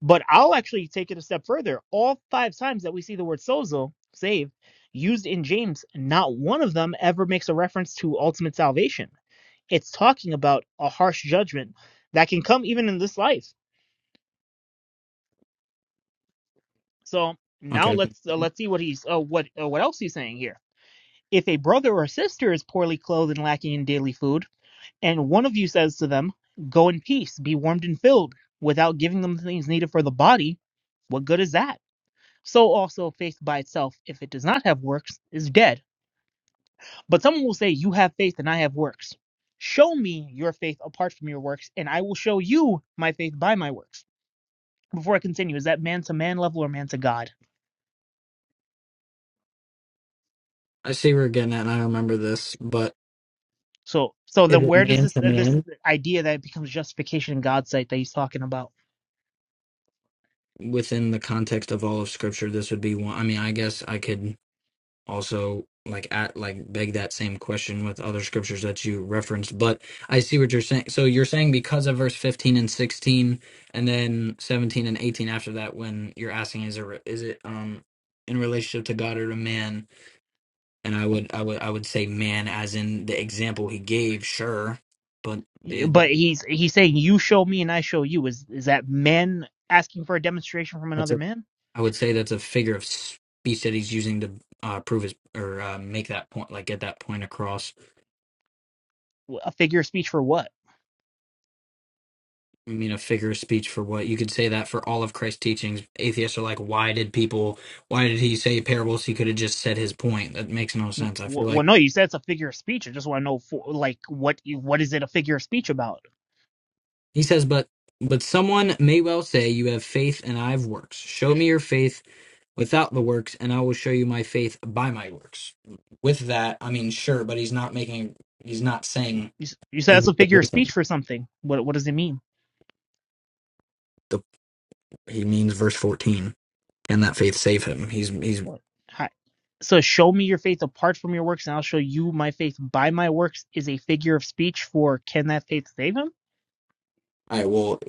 Speaker 1: But I'll actually take it a step further. All five times that we see the word sozo, save, used in James, not one of them ever makes a reference to ultimate salvation It's talking about a harsh judgment that can come even in this life. So now
Speaker 2: Okay.
Speaker 1: let's uh, let's see what he's uh, what uh, what else he's saying here. If a brother or sister is poorly clothed and lacking in daily food, and one of you says to them, "Go in peace, be warmed and filled," without giving them the things needed for the body, what good is that? So also faith by itself, if it does not have works, is dead. But someone will say, "You have faith and I have works." Show me your faith apart from your works, and I will show you my faith by my works. before I continue, is that man to man level or man to God?
Speaker 2: I see where we're getting at, and I remember this, but
Speaker 1: So, so
Speaker 2: is
Speaker 1: then
Speaker 2: it
Speaker 1: where does
Speaker 2: man
Speaker 1: this
Speaker 2: to
Speaker 1: uh, this
Speaker 2: man?
Speaker 1: idea that it becomes justification in God's sight that he's talking about?
Speaker 2: Within the context of all of Scripture, this would be one. I mean, I guess I could. also like at like beg that same question with other scriptures that you referenced but i see what you're saying so you're saying because of verse 15 and 16 and then 17 and 18 after that when you're asking is it is it um in relationship to god or to man and i would i would i would say man as in the example he gave sure but
Speaker 1: Yeah,
Speaker 2: it,
Speaker 1: But he's he's saying you show me and I show you. Is is that man asking for a demonstration from
Speaker 2: that's
Speaker 1: another
Speaker 2: a
Speaker 1: man?
Speaker 2: i would say that's a figure of speech that he's using to uh prove his or uh, make that point like get that point across
Speaker 1: A figure of speech for what?
Speaker 2: I mean, a figure of speech for what you could say that for all of Christ's teachings. Atheists are like, why did people, why did he say parables? He could have just said his point. That makes no sense. I feel
Speaker 1: Well,
Speaker 2: like
Speaker 1: well, no, you said it's a figure of speech. I just want to know, for, like, what what is it a figure of speech about?
Speaker 2: he says, but but someone may well say, you have faith and I have works. Show me your faith without the works, and I will show you my faith by my works. With that, I mean, sure, but he's not making, he's not
Speaker 1: You,
Speaker 2: saying.
Speaker 1: you said it's
Speaker 2: The,
Speaker 1: a figure of speech for something. What what does it mean?
Speaker 2: he means verse fourteen. Can that faith save him? He's he's.
Speaker 1: What? Hi. So show me your faith apart from your works, and I'll show you my faith by my works is a figure of speech for can that faith save him?
Speaker 2: All right. Well,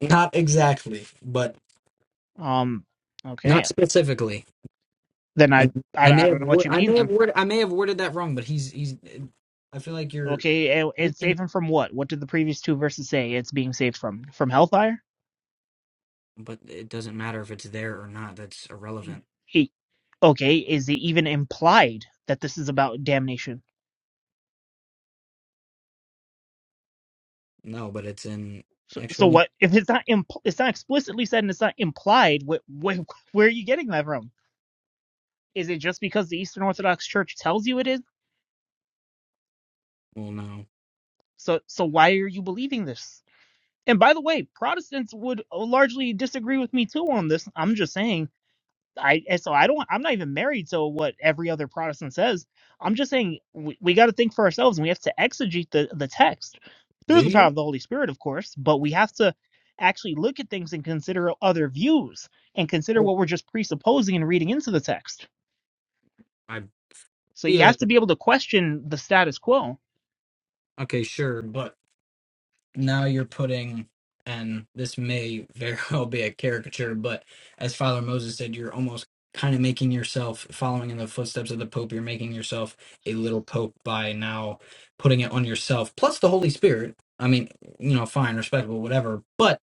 Speaker 2: not exactly, but
Speaker 1: Um,
Speaker 2: Not
Speaker 1: okay.
Speaker 2: specifically.
Speaker 1: Then I,
Speaker 2: And
Speaker 1: I,
Speaker 2: I may
Speaker 1: I don't
Speaker 2: have
Speaker 1: know what
Speaker 2: word,
Speaker 1: you
Speaker 2: I
Speaker 1: mean
Speaker 2: may have
Speaker 1: then.
Speaker 2: word, I may have worded that wrong, but he's he's. I feel like you're.
Speaker 1: Okay, and, and save him from what? What did the previous two verses say it's being saved from? From hellfire?
Speaker 2: But it doesn't matter if it's there or not. That's
Speaker 1: He-
Speaker 2: irrelevant.
Speaker 1: okay, is it even implied that this is about damnation?
Speaker 2: No, but it's in.
Speaker 1: So, so
Speaker 2: Actually,
Speaker 1: what if it's not impl- it's not explicitly said and it's not implied? Wh- wh- where are you getting that from? Is it just because the Eastern Orthodox Church tells you it is?
Speaker 2: well, no.
Speaker 1: So so why are you believing this? And by the way, Protestants would uh, largely disagree with me too on this. I'm just saying I and so I don't I'm not even married to what every other Protestant says. I'm just saying we, we got to think for ourselves and we have to exegete the the text
Speaker 2: Do
Speaker 1: through the power
Speaker 2: you?
Speaker 1: of the Holy Spirit, of course, but we have to actually look at things and consider other views and consider
Speaker 2: I
Speaker 1: what we're just presupposing and reading into the text.
Speaker 2: I
Speaker 1: So you
Speaker 2: feel
Speaker 1: have
Speaker 2: like
Speaker 1: to be able to question the status quo.
Speaker 2: okay, sure, but. now you're putting and this may very well be a caricature but as father moses said you're almost kind of making yourself following in the footsteps of the pope you're making yourself a little pope by now putting it on yourself plus the holy spirit i mean you know fine respectable whatever but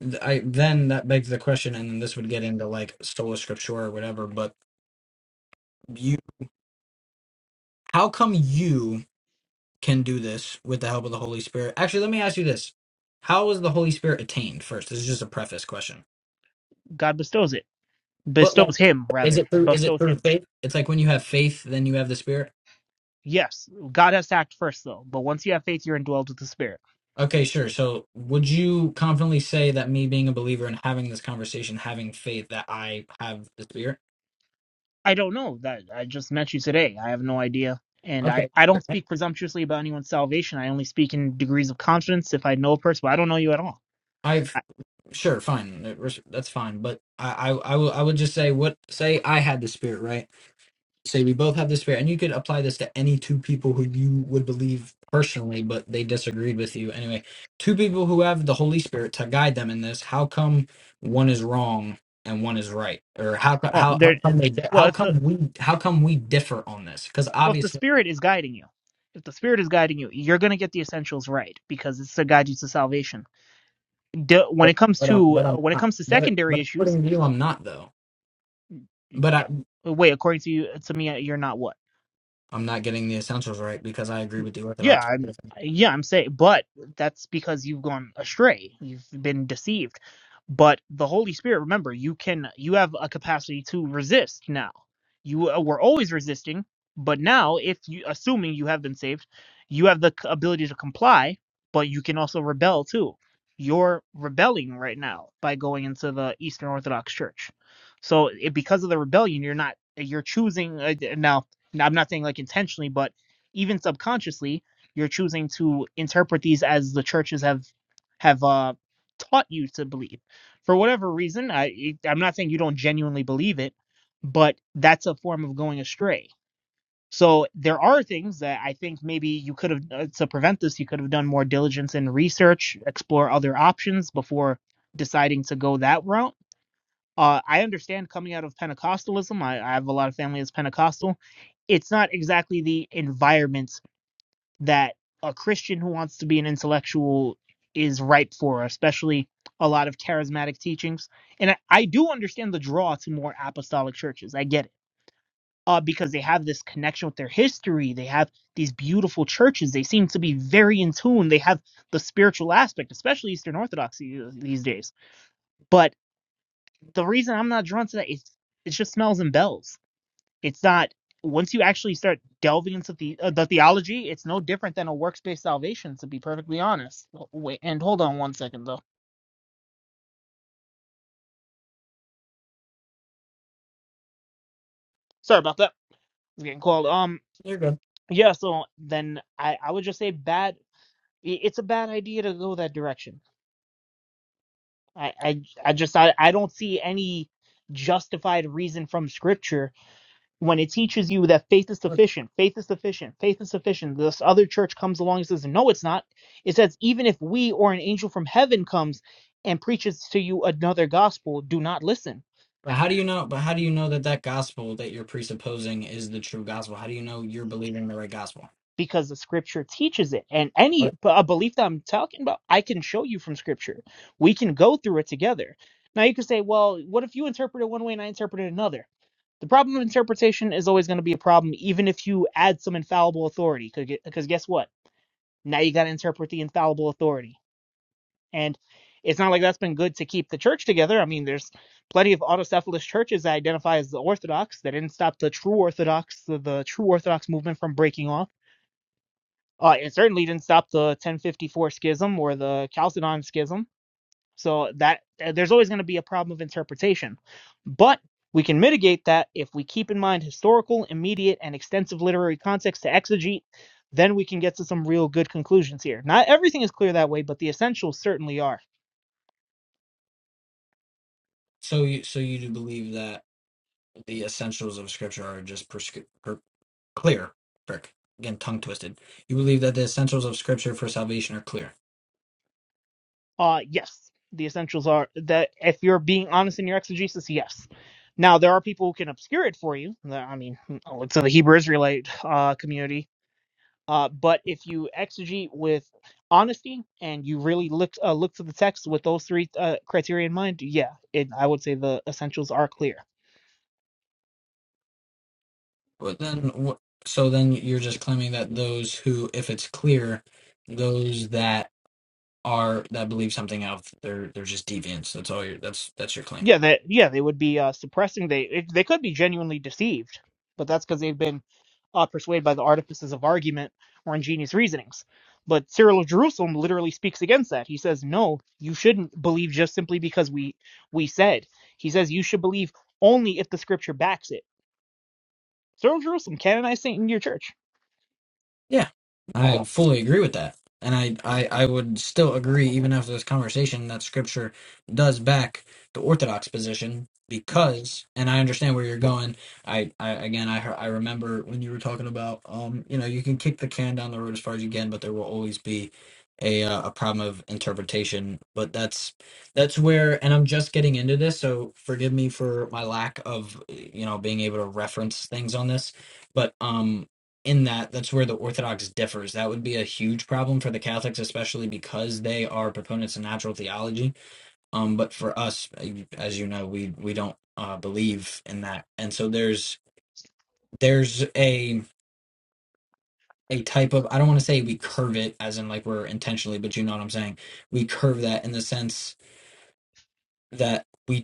Speaker 2: th- i then that begs the question and then this would get into like sola scriptura or whatever but you how come you can do this with the help of the Holy Spirit. Actually, let me ask you this: How was the Holy Spirit attained? First, this is just a preface question.
Speaker 1: God bestows it.
Speaker 2: But like,
Speaker 1: Bestows him
Speaker 2: is
Speaker 1: rather.
Speaker 2: it through is it
Speaker 1: Bestows
Speaker 2: through
Speaker 1: him.
Speaker 2: faith? It's like when you have faith, then you have the Spirit.
Speaker 1: Yes, God has to act first, though. But once you have faith, you're indwelled with the Spirit.
Speaker 2: Okay, sure. So, would you confidently say that me being a believer and having this conversation, having faith, that I have the Spirit?
Speaker 1: I don't know that I just met you today. I have no idea, and I
Speaker 2: Okay,
Speaker 1: I
Speaker 2: sure.
Speaker 1: don't speak presumptuously about anyone's salvation. I only speak in degrees of confidence if I know a person, but I don't know you at all.
Speaker 2: I've
Speaker 1: I,
Speaker 2: sure, fine. That's fine. But I, I, I will, I would just say what say I had the Spirit, right? say we both have this fear, and you could apply this to any two people who you would believe personally, but they disagreed with you anyway. Two people who have the Holy Spirit to guide them in this. How come one is wrong and one is right, or how co-
Speaker 1: well,
Speaker 2: how how
Speaker 1: there.
Speaker 2: come they di-
Speaker 1: Well,
Speaker 2: how
Speaker 1: if the
Speaker 2: come we how come we differ on this? Because
Speaker 1: well, if the
Speaker 2: obviously,
Speaker 1: Spirit is guiding you, if the Spirit is guiding you, you're gonna get the essentials right because it's to guide you to salvation. D- when
Speaker 2: but,
Speaker 1: it comes
Speaker 2: but I'm
Speaker 1: to
Speaker 2: but I'm
Speaker 1: when it
Speaker 2: not.
Speaker 1: comes to
Speaker 2: But
Speaker 1: secondary
Speaker 2: but
Speaker 1: issues,
Speaker 2: according to you, I'm not though. But I
Speaker 1: wait, according to you, to me, you're not what.
Speaker 2: I'm not getting the essentials right because I agree with the
Speaker 1: Yeah,
Speaker 2: Orthodox.
Speaker 1: I'm,
Speaker 2: position.
Speaker 1: yeah, I'm saying, but that's because you've gone astray. You've been deceived. But the Holy Spirit, remember, you can, you have a capacity to resist now. You uh, were always resisting, but now, if you, assuming you have been saved, you have the c- ability to comply, but you can also rebel too. You're rebelling right now by going into the Eastern Orthodox Church. So, it, because of the rebellion, you're not, you're choosing uh, now. Now, I'm not saying like intentionally, but even subconsciously you're choosing to interpret these as the churches have have uh, taught you to believe for whatever reason i i'm not saying you don't genuinely believe it but that's a form of going astray so there are things that i think maybe you could have uh, to prevent this you could have done more diligence in research explore other options before deciding to go that route uh, i understand coming out of pentecostalism I, I have a lot of family that's pentecostal it's not exactly the environment that a Christian who wants to be an intellectual is ripe for, especially a lot of charismatic teachings. And I, I do understand the draw to more apostolic churches. I get it. Uh, because they have this connection with their history. They have these beautiful churches. They seem to be very in tune. They have the spiritual aspect, especially Eastern Orthodoxy uh, these days. But the reason I'm not drawn to that is it just smells and bells it's not once you actually start delving into the uh, the theology, it's no different than a works based salvation. To be perfectly honest. Oh, Wait, and hold on one second though. Sorry about that. It's getting called. Um,
Speaker 2: You're good.
Speaker 1: yeah. So then I I would just say bad. i- It's a bad idea to go that direction. I I I just I, I don't see any justified reason from scripture when it teaches you that faith is sufficient, faith is sufficient, faith is sufficient, this other church comes along and says, No, it's not. It says, Even if we or an angel from heaven comes and preaches to you another gospel, do not listen
Speaker 2: But how do you know? But how do you know that that gospel that you're presupposing is the true gospel? How do you know you're believing the right gospel?
Speaker 1: because the scripture teaches it. And any
Speaker 2: But
Speaker 1: a belief that I'm talking about, I can show you from scripture. We can go through it together. Now you could say, Well, what if you interpret it one way and I interpret it another? The problem of interpretation is always going to be a problem, even if you add some infallible authority. Because guess what? Now you got to interpret the infallible authority. And it's not like that's been good to keep the church together. I mean, there's plenty of autocephalous churches that identify as the Orthodox that didn't stop the true Orthodox, the, the true Orthodox movement from breaking off. Uh, it certainly didn't stop the 1054 schism or the Chalcedon schism so that uh, there's always going to be a problem of interpretation. But we can mitigate that if we keep in mind historical, immediate, and extensive literary context to exegete. Then we can get to some real good conclusions here. Not everything is clear that way, but the essentials certainly are.
Speaker 2: so you so you do believe that the essentials of Scripture are just prescri- per, clear. Frick, again, tongue twisted. You believe that the essentials of Scripture for salvation are clear.
Speaker 1: Uh, yes, the essentials are that if you're being honest in your exegesis, yes. Now there are people who can obscure it for you. the- I mean, oh, it's in the Hebrew Israelite uh, community. Uh, but if you exegete with honesty and you really look uh, look to the text with those three uh, criteria in mind, yeah, it, I would say the essentials are clear.
Speaker 2: But then, what? So then you're just claiming that those who, if it's clear, those that are that believe something else, they're they're just deviants. That's all. Your, that's that's your claim.
Speaker 1: Yeah, that yeah, they would be uh, suppressing. They it, they could be genuinely deceived, but that's because they've been uh, persuaded by the artifices of argument or ingenious reasonings. But Cyril of Jerusalem literally speaks against that. He says, "No, you shouldn't believe just simply because we we said." He says you should believe only if the Scripture backs it. Cyril of Jerusalem canonized Saint in your church
Speaker 2: Yeah, I fully agree with that. And I, I, I would still agree, even after this conversation, that scripture does back the Orthodox position because, and I understand where you're going. I, I again, I, hear- I remember when you were talking about, um, you know, you can kick the can down the road as far as you can, but there will always be a, uh, a problem of interpretation. But that's, that's where, and I'm just getting into this, so forgive me for my lack of, you know, being able to reference things on this. But, um, in that that's where the Orthodox differs. That would be a huge problem for the Catholics, especially because they are proponents of natural theology. Um, but for us, uh, as you know, we we don't uh, believe in that, and so there's there's a a type of I don't want to say we curve it as in like we're intentionally, but you know what I'm saying. We curve that in the sense that. we.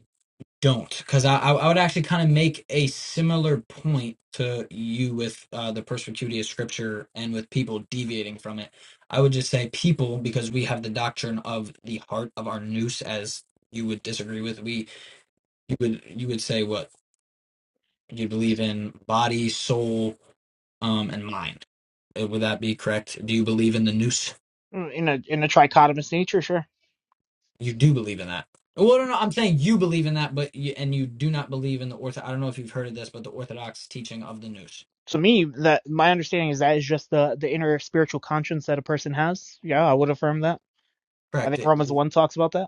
Speaker 2: don't because I, I I would actually kind of make a similar point to you with uh, the perspicuity of scripture and with people deviating from it. I would just say people because we have the doctrine of the heart of our nous. as you would disagree with we you would you would say what you believe in body soul um and mind Uh, would that be correct do you believe in the nous?
Speaker 1: Mm, in a in a trichotomous nature, sure. sure.
Speaker 2: you do believe in that well no no I'm saying you believe in that but you, and you do not believe in the ortho I don't know if you've heard of this but the orthodox teaching of the nous.
Speaker 1: To me, that my understanding is that is just the the inner spiritual conscience that a person has. Yeah, I would affirm that. I
Speaker 2: Correct.
Speaker 1: think
Speaker 2: It,
Speaker 1: Romans one talks about that.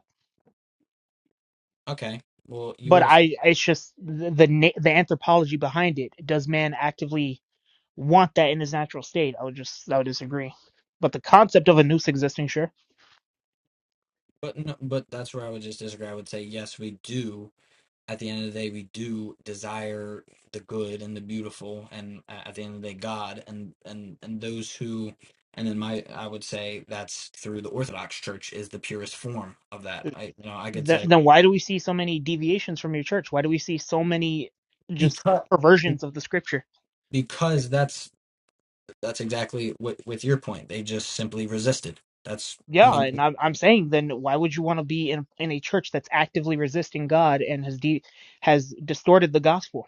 Speaker 2: okay. Well, you
Speaker 1: But
Speaker 2: would have,
Speaker 1: I, it's just the the, the anthropology behind it. Does man actively want that in his natural state? I would just, I would disagree. But the concept of a noose existing, sure.
Speaker 2: but no, but that's where I would just disagree. I would say yes, we do. At the end of the day, we do desire the good and the beautiful, and a- at the end of the day, God and and and those who, and then my, I would say that's through the Orthodox Church is the purest form of that. I you know I could
Speaker 1: Th-
Speaker 2: say
Speaker 1: then why do we see so many deviations from your church? Why do we see so many just
Speaker 2: because
Speaker 1: perversions of the scripture?
Speaker 2: because that's that's exactly what with your point. They just simply resisted. That's I
Speaker 1: Yeah,
Speaker 2: mean,
Speaker 1: and I'm I'm saying then why would you want to be in in a church that's actively resisting God and has de- has distorted the gospel?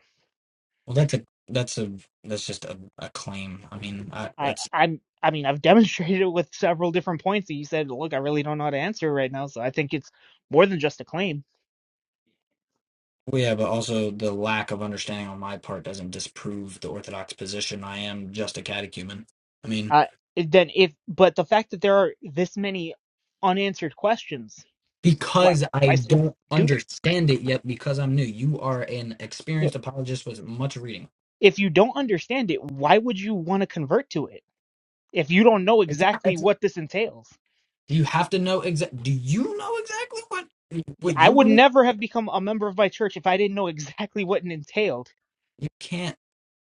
Speaker 2: well, that's a that's a that's just a, a claim. I mean, I,
Speaker 1: I
Speaker 2: that's
Speaker 1: I'm I mean I've demonstrated it with several different points that you said. Look, I really don't know how to answer right now, so I think it's more than just a claim.
Speaker 2: Well, yeah, but also the lack of understanding on my part doesn't disprove the orthodox position. I am just a catechumen. I mean,
Speaker 1: Uh, it- then if but the fact that there are this many unanswered questions, why
Speaker 2: because I
Speaker 1: why still
Speaker 2: don't
Speaker 1: do this?
Speaker 2: understand it yet, because I'm new. You are an experienced apologist with much reading.
Speaker 1: if you don't understand it, why would you want to convert to it if you don't know
Speaker 2: It's not.
Speaker 1: exactly
Speaker 2: It's,
Speaker 1: what this entails?
Speaker 2: you have to know exact. Do you know exactly what
Speaker 1: Y-
Speaker 2: what
Speaker 1: I
Speaker 2: you
Speaker 1: would
Speaker 2: believe?
Speaker 1: never have become a member of my church if I didn't know exactly what it entailed.
Speaker 2: You can't.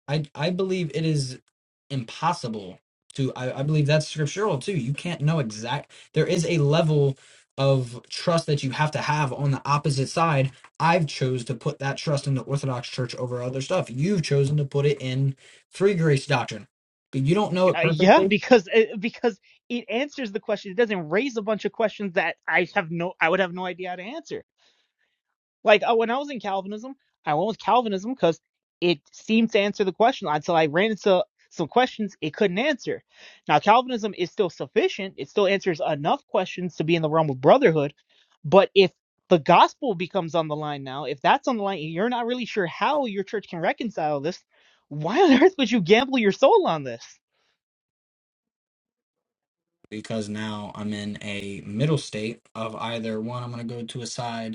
Speaker 2: I I believe it is impossible to I, I believe that's scriptural too. You can't know exact there is a level of trust that you have to have on the opposite side. I've chose to put that trust in the Orthodox Church over other stuff. You've chosen to put it in free grace doctrine. But you don't know it
Speaker 1: Uh, yeah,
Speaker 2: perfectly
Speaker 1: because uh, because it answers the question. It doesn't raise a bunch of questions that I have no I would have no idea how to answer. Like uh, when I was in Calvinism, I went with Calvinism because it seemed to answer the question until I ran into some questions it couldn't answer. Now, Calvinism is still sufficient, it still answers enough questions to be in the realm of brotherhood. But if the gospel becomes on the line now, if that's on the line and you're not really sure how your church can reconcile this, why on earth would you gamble your soul on this?
Speaker 2: because now I'm in a middle state of either one I'm gonna go to a side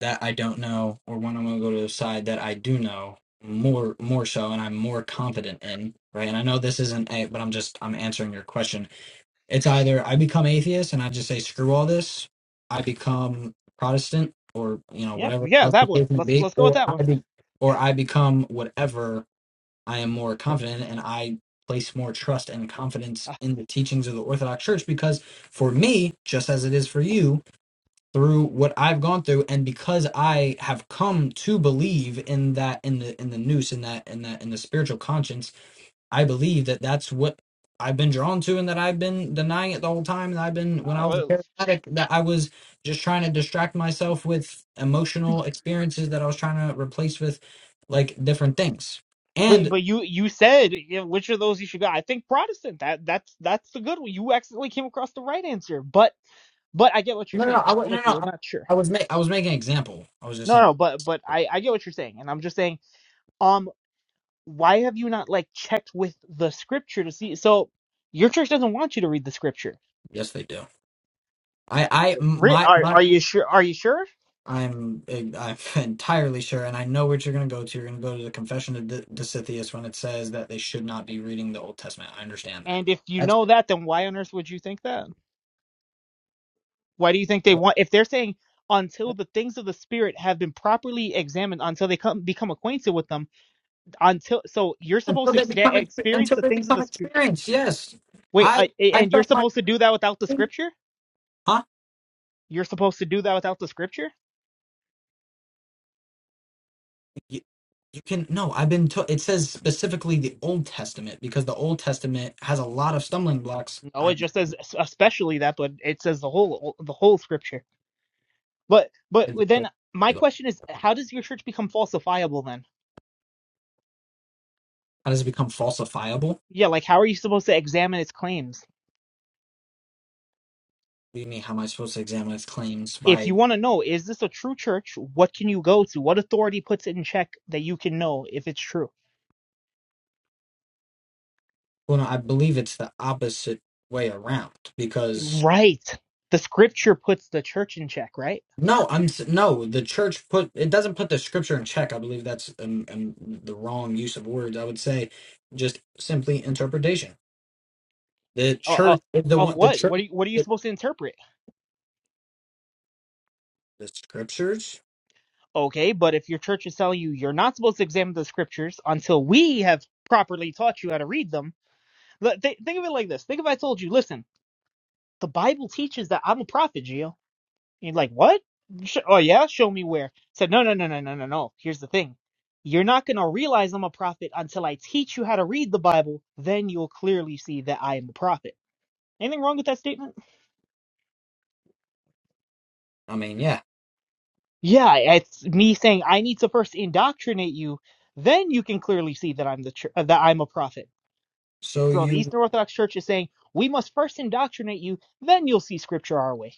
Speaker 2: that I don't know or when I'm going to go to the side that I do know more more so and I'm more confident in right and I know this isn't a but I'm just I'm answering your question it's either I become atheist and I just say screw all this I become Protestant or you know
Speaker 1: Yeah,
Speaker 2: whatever
Speaker 1: yeah,
Speaker 2: else the
Speaker 1: that one.
Speaker 2: case may
Speaker 1: Let's
Speaker 2: be
Speaker 1: let's go with
Speaker 2: or
Speaker 1: that
Speaker 2: I
Speaker 1: one.
Speaker 2: be or I become whatever I am more confident in, and I place more trust and confidence
Speaker 1: Uh,
Speaker 2: in the teachings of the Orthodox Church because for me just as it is for you through what I've gone through and because I have come to believe in that in the in the noose in that in that in the spiritual conscience I believe that that's what I've been drawn to and that I've been denying it the whole time and I've been when I was
Speaker 1: no,
Speaker 2: a paramedic that I was just trying to distract myself with emotional experiences that I was trying to replace with like different things
Speaker 1: But
Speaker 2: and
Speaker 1: but you you said you know, which of those you should go. I think Protestant. That that's that's the good one. You accidentally came across the right answer. But but I get what you're
Speaker 2: no no
Speaker 1: saying.
Speaker 2: I wa-
Speaker 1: Look,
Speaker 2: no
Speaker 1: you're
Speaker 2: no
Speaker 1: not sure.
Speaker 2: I was ma- I was making an example I was just
Speaker 1: No
Speaker 2: saying
Speaker 1: no. But but I I get what you're saying, and I'm just saying. Um, why have you not like checked with the scripture to see? So your church doesn't want you to read the scripture.
Speaker 2: yes they do I I
Speaker 1: Re-
Speaker 2: my
Speaker 1: Are
Speaker 2: my
Speaker 1: are you sure? Are you sure?
Speaker 2: I'm e, I'm entirely sure, and I know what you're going to go to. You're going to go to the Confession of D- Disitheus when it says that they should not be reading the Old Testament. I understand that.
Speaker 1: And if you
Speaker 2: That's
Speaker 1: know that, then why on earth would you think that? Why do you think they want? If they're saying until the things of the spirit have been properly examined, until they come become acquainted with them until so you're supposed
Speaker 2: until
Speaker 1: to
Speaker 2: they
Speaker 1: ex-
Speaker 2: become exp-
Speaker 1: experience
Speaker 2: until
Speaker 1: the
Speaker 2: they
Speaker 1: things of
Speaker 2: become
Speaker 1: the spirit.
Speaker 2: experienced. Yes,
Speaker 1: Wait,
Speaker 2: I
Speaker 1: I, a-
Speaker 2: I
Speaker 1: and you're
Speaker 2: trust my
Speaker 1: supposed to do that without the scripture?
Speaker 2: huh.
Speaker 1: You're supposed to do that without the scripture?
Speaker 2: You, you can no. I've been to, it says specifically the Old Testament because the Old Testament has a lot of stumbling blocks.
Speaker 1: No, it
Speaker 2: I
Speaker 1: just says es- especially that, but it says the whole the whole scripture. But but
Speaker 2: how
Speaker 1: then my question is, how does your church become falsifiable then?
Speaker 2: does it become falsifiable? What
Speaker 1: Yeah, like how are you supposed to examine its claims?
Speaker 2: do you mean? How am I supposed to examine its claims
Speaker 1: If
Speaker 2: by?
Speaker 1: you want to know, is this a true church? What can you go to? What authority puts it in check that you can know if it's true?
Speaker 2: Well, no, I believe it's the opposite way around because
Speaker 1: Right. The scripture puts the church in check, right?
Speaker 2: no, I'm s- no. The church put it doesn't put the scripture in check. I believe that's um, um, the wrong use of words. I would say just simply interpretation. The
Speaker 1: Uh, uh,
Speaker 2: church, is the
Speaker 1: of
Speaker 2: one, the
Speaker 1: what?
Speaker 2: church,
Speaker 1: What are you, what are you
Speaker 2: the,
Speaker 1: supposed to interpret?
Speaker 2: the scriptures.
Speaker 1: Okay, but if your church is telling you you're not supposed to examine the scriptures until we have properly taught you how to read them, let- th- think of it like this. Think if I told you, listen, the Bible teaches that I'm a prophet, Gio. And you're like, what? Sh- oh yeah, show me where. I said, no, no, no, no, no, no, no. Here's the thing. You're not going to realize I'm a prophet until I teach you how to read the Bible. Then you'll clearly see that I am a prophet. Anything wrong with that statement?
Speaker 2: I mean, yeah.
Speaker 1: Yeah, it's me saying I need to first indoctrinate you, then you can clearly see that I'm the chur- uh, that I'm a prophet.
Speaker 2: So
Speaker 1: So the
Speaker 2: you,
Speaker 1: Eastern Orthodox Church is saying we must first indoctrinate you, then you'll see Scripture our way.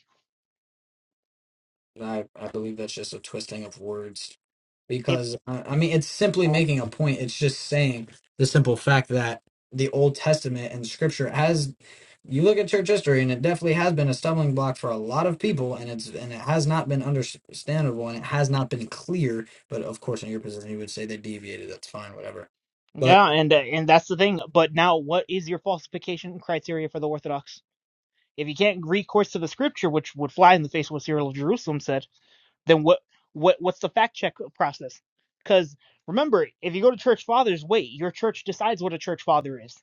Speaker 2: I, I believe that's just a twisting of words
Speaker 1: If
Speaker 2: because I I mean it's simply making a point. It's just saying the simple fact that the Old Testament and Scripture has. You look at church history, and it definitely has been a stumbling block for a lot of people, and it's and it has not been understandable, and it has not been clear. But of course, in your position, you would say they deviated. That's fine, whatever. But
Speaker 1: yeah, and uh, and that's the thing. But now, what is your falsification criteria for the Orthodox? If you can't recourse to the Scripture, which would fly in the face of what Cyril of Jerusalem said, then what what what's the fact check process? Because remember, if you go to Church Fathers, wait, your church decides what a Church Father is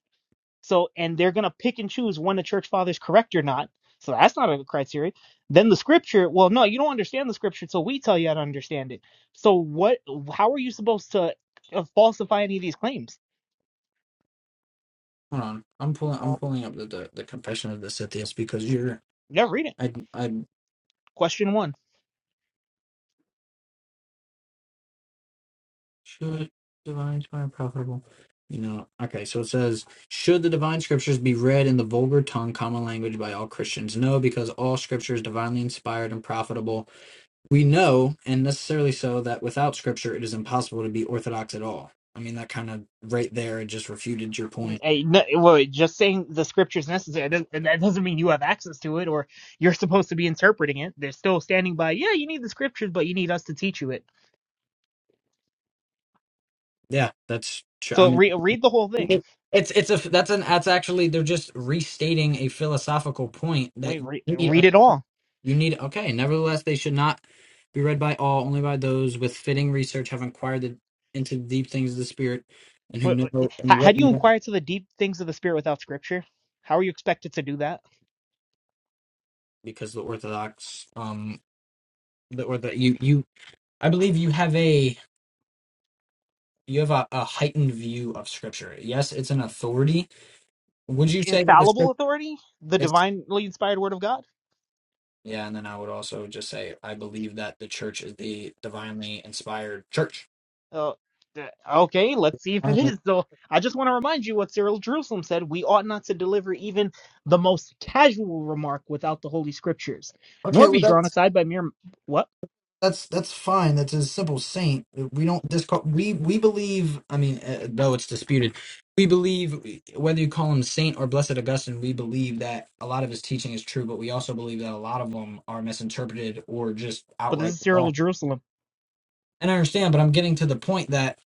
Speaker 1: So, and they're going to pick and choose when the church fathers correct or not. So that's not a criteria. Then the scripture, well, no, you don't understand the scripture until we tell you how to understand it. So what, how are you supposed to uh, falsify any of these claims?
Speaker 2: hold on, I'm pulling I'm pulling up the the, the confession of the Scythians because you're
Speaker 1: Never read it.
Speaker 2: I, I
Speaker 1: Question one.
Speaker 2: Should divine scripture be profitable? You know, okay, so it says, should the divine scriptures be read in the vulgar tongue, common language by all Christians? No, because all scripture is divinely inspired and profitable. We know, and necessarily so, that without scripture it is impossible to be orthodox at all. I mean, that kind of right there it just refuted your point.
Speaker 1: Hey, no, well, just saying the scripture is necessary, that and that doesn't mean you have access to it or you're supposed to be interpreting it. They're still standing by, yeah, you need the scriptures, but you need us to teach you it.
Speaker 2: Yeah, that's true. I
Speaker 1: So
Speaker 2: mean,
Speaker 1: re- read the whole thing.
Speaker 2: it- it's it's a that's an that's actually they're just restating a philosophical point that
Speaker 1: Wait,
Speaker 2: you
Speaker 1: re-
Speaker 2: need
Speaker 1: read it all
Speaker 2: You need okay. Nevertheless, they should not be read by all, only by those with fitting research have inquired the, into the deep things of the spirit, and who
Speaker 1: What, what-
Speaker 2: know
Speaker 1: how,
Speaker 2: and
Speaker 1: how
Speaker 2: what
Speaker 1: do you
Speaker 2: know.
Speaker 1: inquire to the deep things of the spirit without scripture? How are you expected to do that?
Speaker 2: Because the Orthodox, um, the or the you you, I believe you have a you have a, a heightened view of Scripture. Yes, it's an authority. Would you say that the
Speaker 1: Infallible
Speaker 2: Scripture?
Speaker 1: authority, the
Speaker 2: It's
Speaker 1: divinely inspired word of God.
Speaker 2: yeah, and then I would also just say I believe that the Church is the divinely inspired Church.
Speaker 1: Uh, d- okay, let's see if it
Speaker 2: Um,
Speaker 1: is. So I just want to remind you what Cyril of Jerusalem said: we ought not to deliver even the most casual remark without the holy scriptures,
Speaker 2: Okay,
Speaker 1: nor
Speaker 2: well
Speaker 1: be
Speaker 2: that's
Speaker 1: drawn aside by mere what.
Speaker 2: that's that's fine. That's a simple saint. We don't discall. We we believe. I mean, uh, though it's disputed, we believe whether you call him saint or blessed Augustine. We believe that a lot of his teaching is true, but we also believe that a lot of them are misinterpreted or just
Speaker 1: But this
Speaker 2: outright
Speaker 1: is Cyril
Speaker 2: wrong.
Speaker 1: of Jerusalem.
Speaker 2: And I understand, but I'm getting to the point that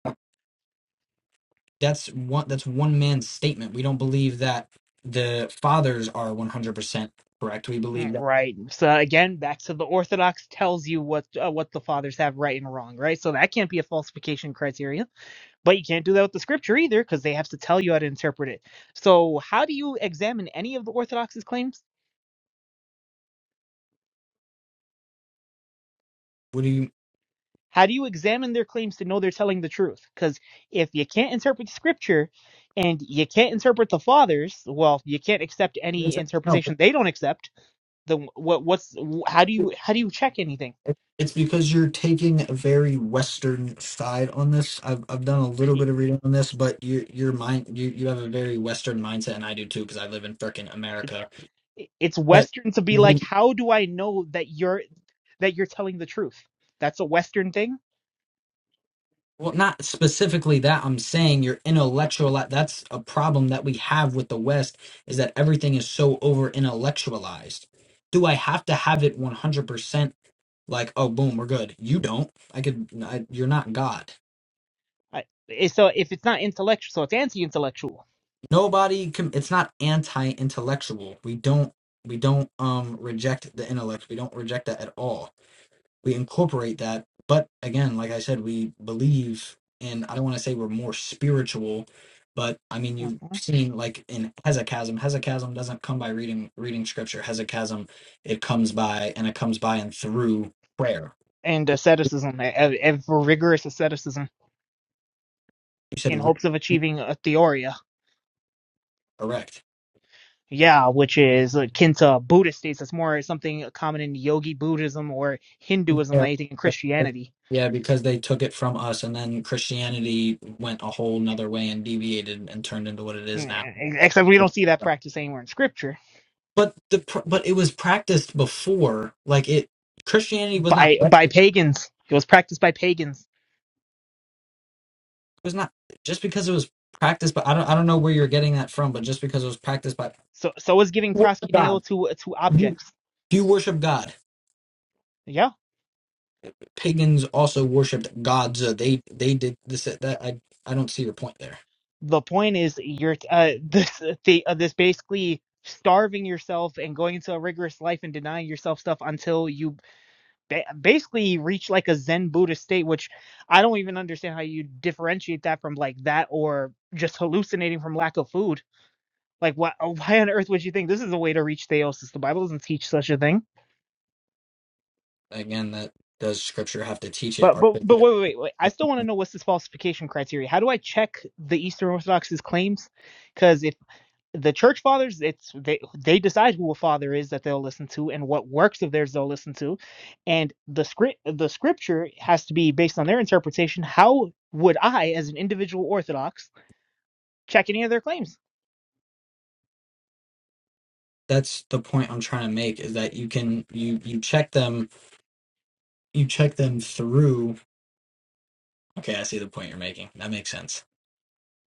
Speaker 2: that's one that's one man's statement. We don't believe that the fathers are 100 percent correct. We
Speaker 1: Mm,
Speaker 2: believe that.
Speaker 1: Right. So again, back to the Orthodox tells you what uh, what the fathers have right and wrong, right? So that can't be a falsification criteria But you can't do that with the scripture either because they have to tell you how to interpret it. So, how do you examine any of the Orthodox's claims?
Speaker 2: What do
Speaker 1: How do you examine their claims to know they're telling the truth? Because if you can't interpret the scripture and you can't interpret the fathers, well, you can't accept any interpretation they don't accept. Then what? What's how do
Speaker 2: you?
Speaker 1: you how do you check anything?
Speaker 2: It's because you're taking a very Western side on this. I've I've done a little
Speaker 1: It-
Speaker 2: bit of reading on this, but you your mind you you have a very Western mindset, and I do too because I live in frickin'
Speaker 1: It's
Speaker 2: America.
Speaker 1: it's
Speaker 2: But
Speaker 1: Western to be like,
Speaker 2: the
Speaker 1: how do I know that you're that you're telling the truth? That's a Western thing.
Speaker 2: well, not specifically that. I'm saying your intellectual. That's a problem that we have with the West is that everything is so over intellectualized. Do I have to have it 100 percent? Like oh boom, we're good. You don't. I could. I, you're not God.
Speaker 1: I- eh, So if it's not intellectual, so it's anti-intellectual
Speaker 2: nobody com- it's not anti-intellectual we don't we don't um reject the intellect we don't reject that at all we incorporate that but again like i said we believe and i don't want to say we're more spiritual but i mean you've
Speaker 1: Mhm.
Speaker 2: seen like in hesychasm hesychasm doesn't come by reading reading scripture hesychasm it comes by and it comes by and through prayer
Speaker 1: and asceticism, a, a a rigorous asceticism,
Speaker 2: you
Speaker 1: in
Speaker 2: said
Speaker 1: hopes of achieving a theoria.
Speaker 2: erect
Speaker 1: Yeah, which is akin to Buddhist states. That's more something common in Yogi Buddhism or Hinduism
Speaker 2: Yeah,
Speaker 1: than anything in
Speaker 2: yeah, because
Speaker 1: Christianity.
Speaker 2: yeah, because they took it from us, and then Christianity went a whole nother way and deviated and turned into what it is now.
Speaker 1: Mm, Except we don't see that
Speaker 2: Yeah.
Speaker 1: practice anywhere in Scripture.
Speaker 2: But the pr- but it was practiced before, like it Christianity was not
Speaker 1: By
Speaker 2: it
Speaker 1: by pagans, it was practiced by pagans.
Speaker 2: was not just because it was practiced. But I don't I don't know where you're getting that from. But just because it was practiced by
Speaker 1: So so is giving
Speaker 2: worship
Speaker 1: proskuneo
Speaker 2: God,
Speaker 1: to to
Speaker 2: you
Speaker 1: objects.
Speaker 2: you worship God.
Speaker 1: Yeah,
Speaker 2: Pagans also worshipped gods. Uh, they they did this that I I don't see your point there.
Speaker 1: the point is you're uh, this the, uh, this basically starving yourself and going into a rigorous life and denying yourself stuff until you ba- basically reach like a Zen Buddhist state, which I don't even understand how you differentiate that from like that or just hallucinating from lack of food. Like, why, oh, why on earth would you think this is a way to reach theosis? The Bible doesn't teach such a thing.
Speaker 2: Again, that does Scripture have to teach it?
Speaker 1: But but but wait wait wait. wait. I still want to know what's this falsification criteria? How do I check the Eastern Orthodox's claims? Because if the church fathers it's they they decide who a father is that they'll listen to and what works of theirs they'll listen to and the script the scripture has to be based on their interpretation how would i as an individual orthodox check any of their claims
Speaker 2: that's the point I'm trying to make is that you can you you check them you check them through. Okay, I see the point you're making. That makes sense,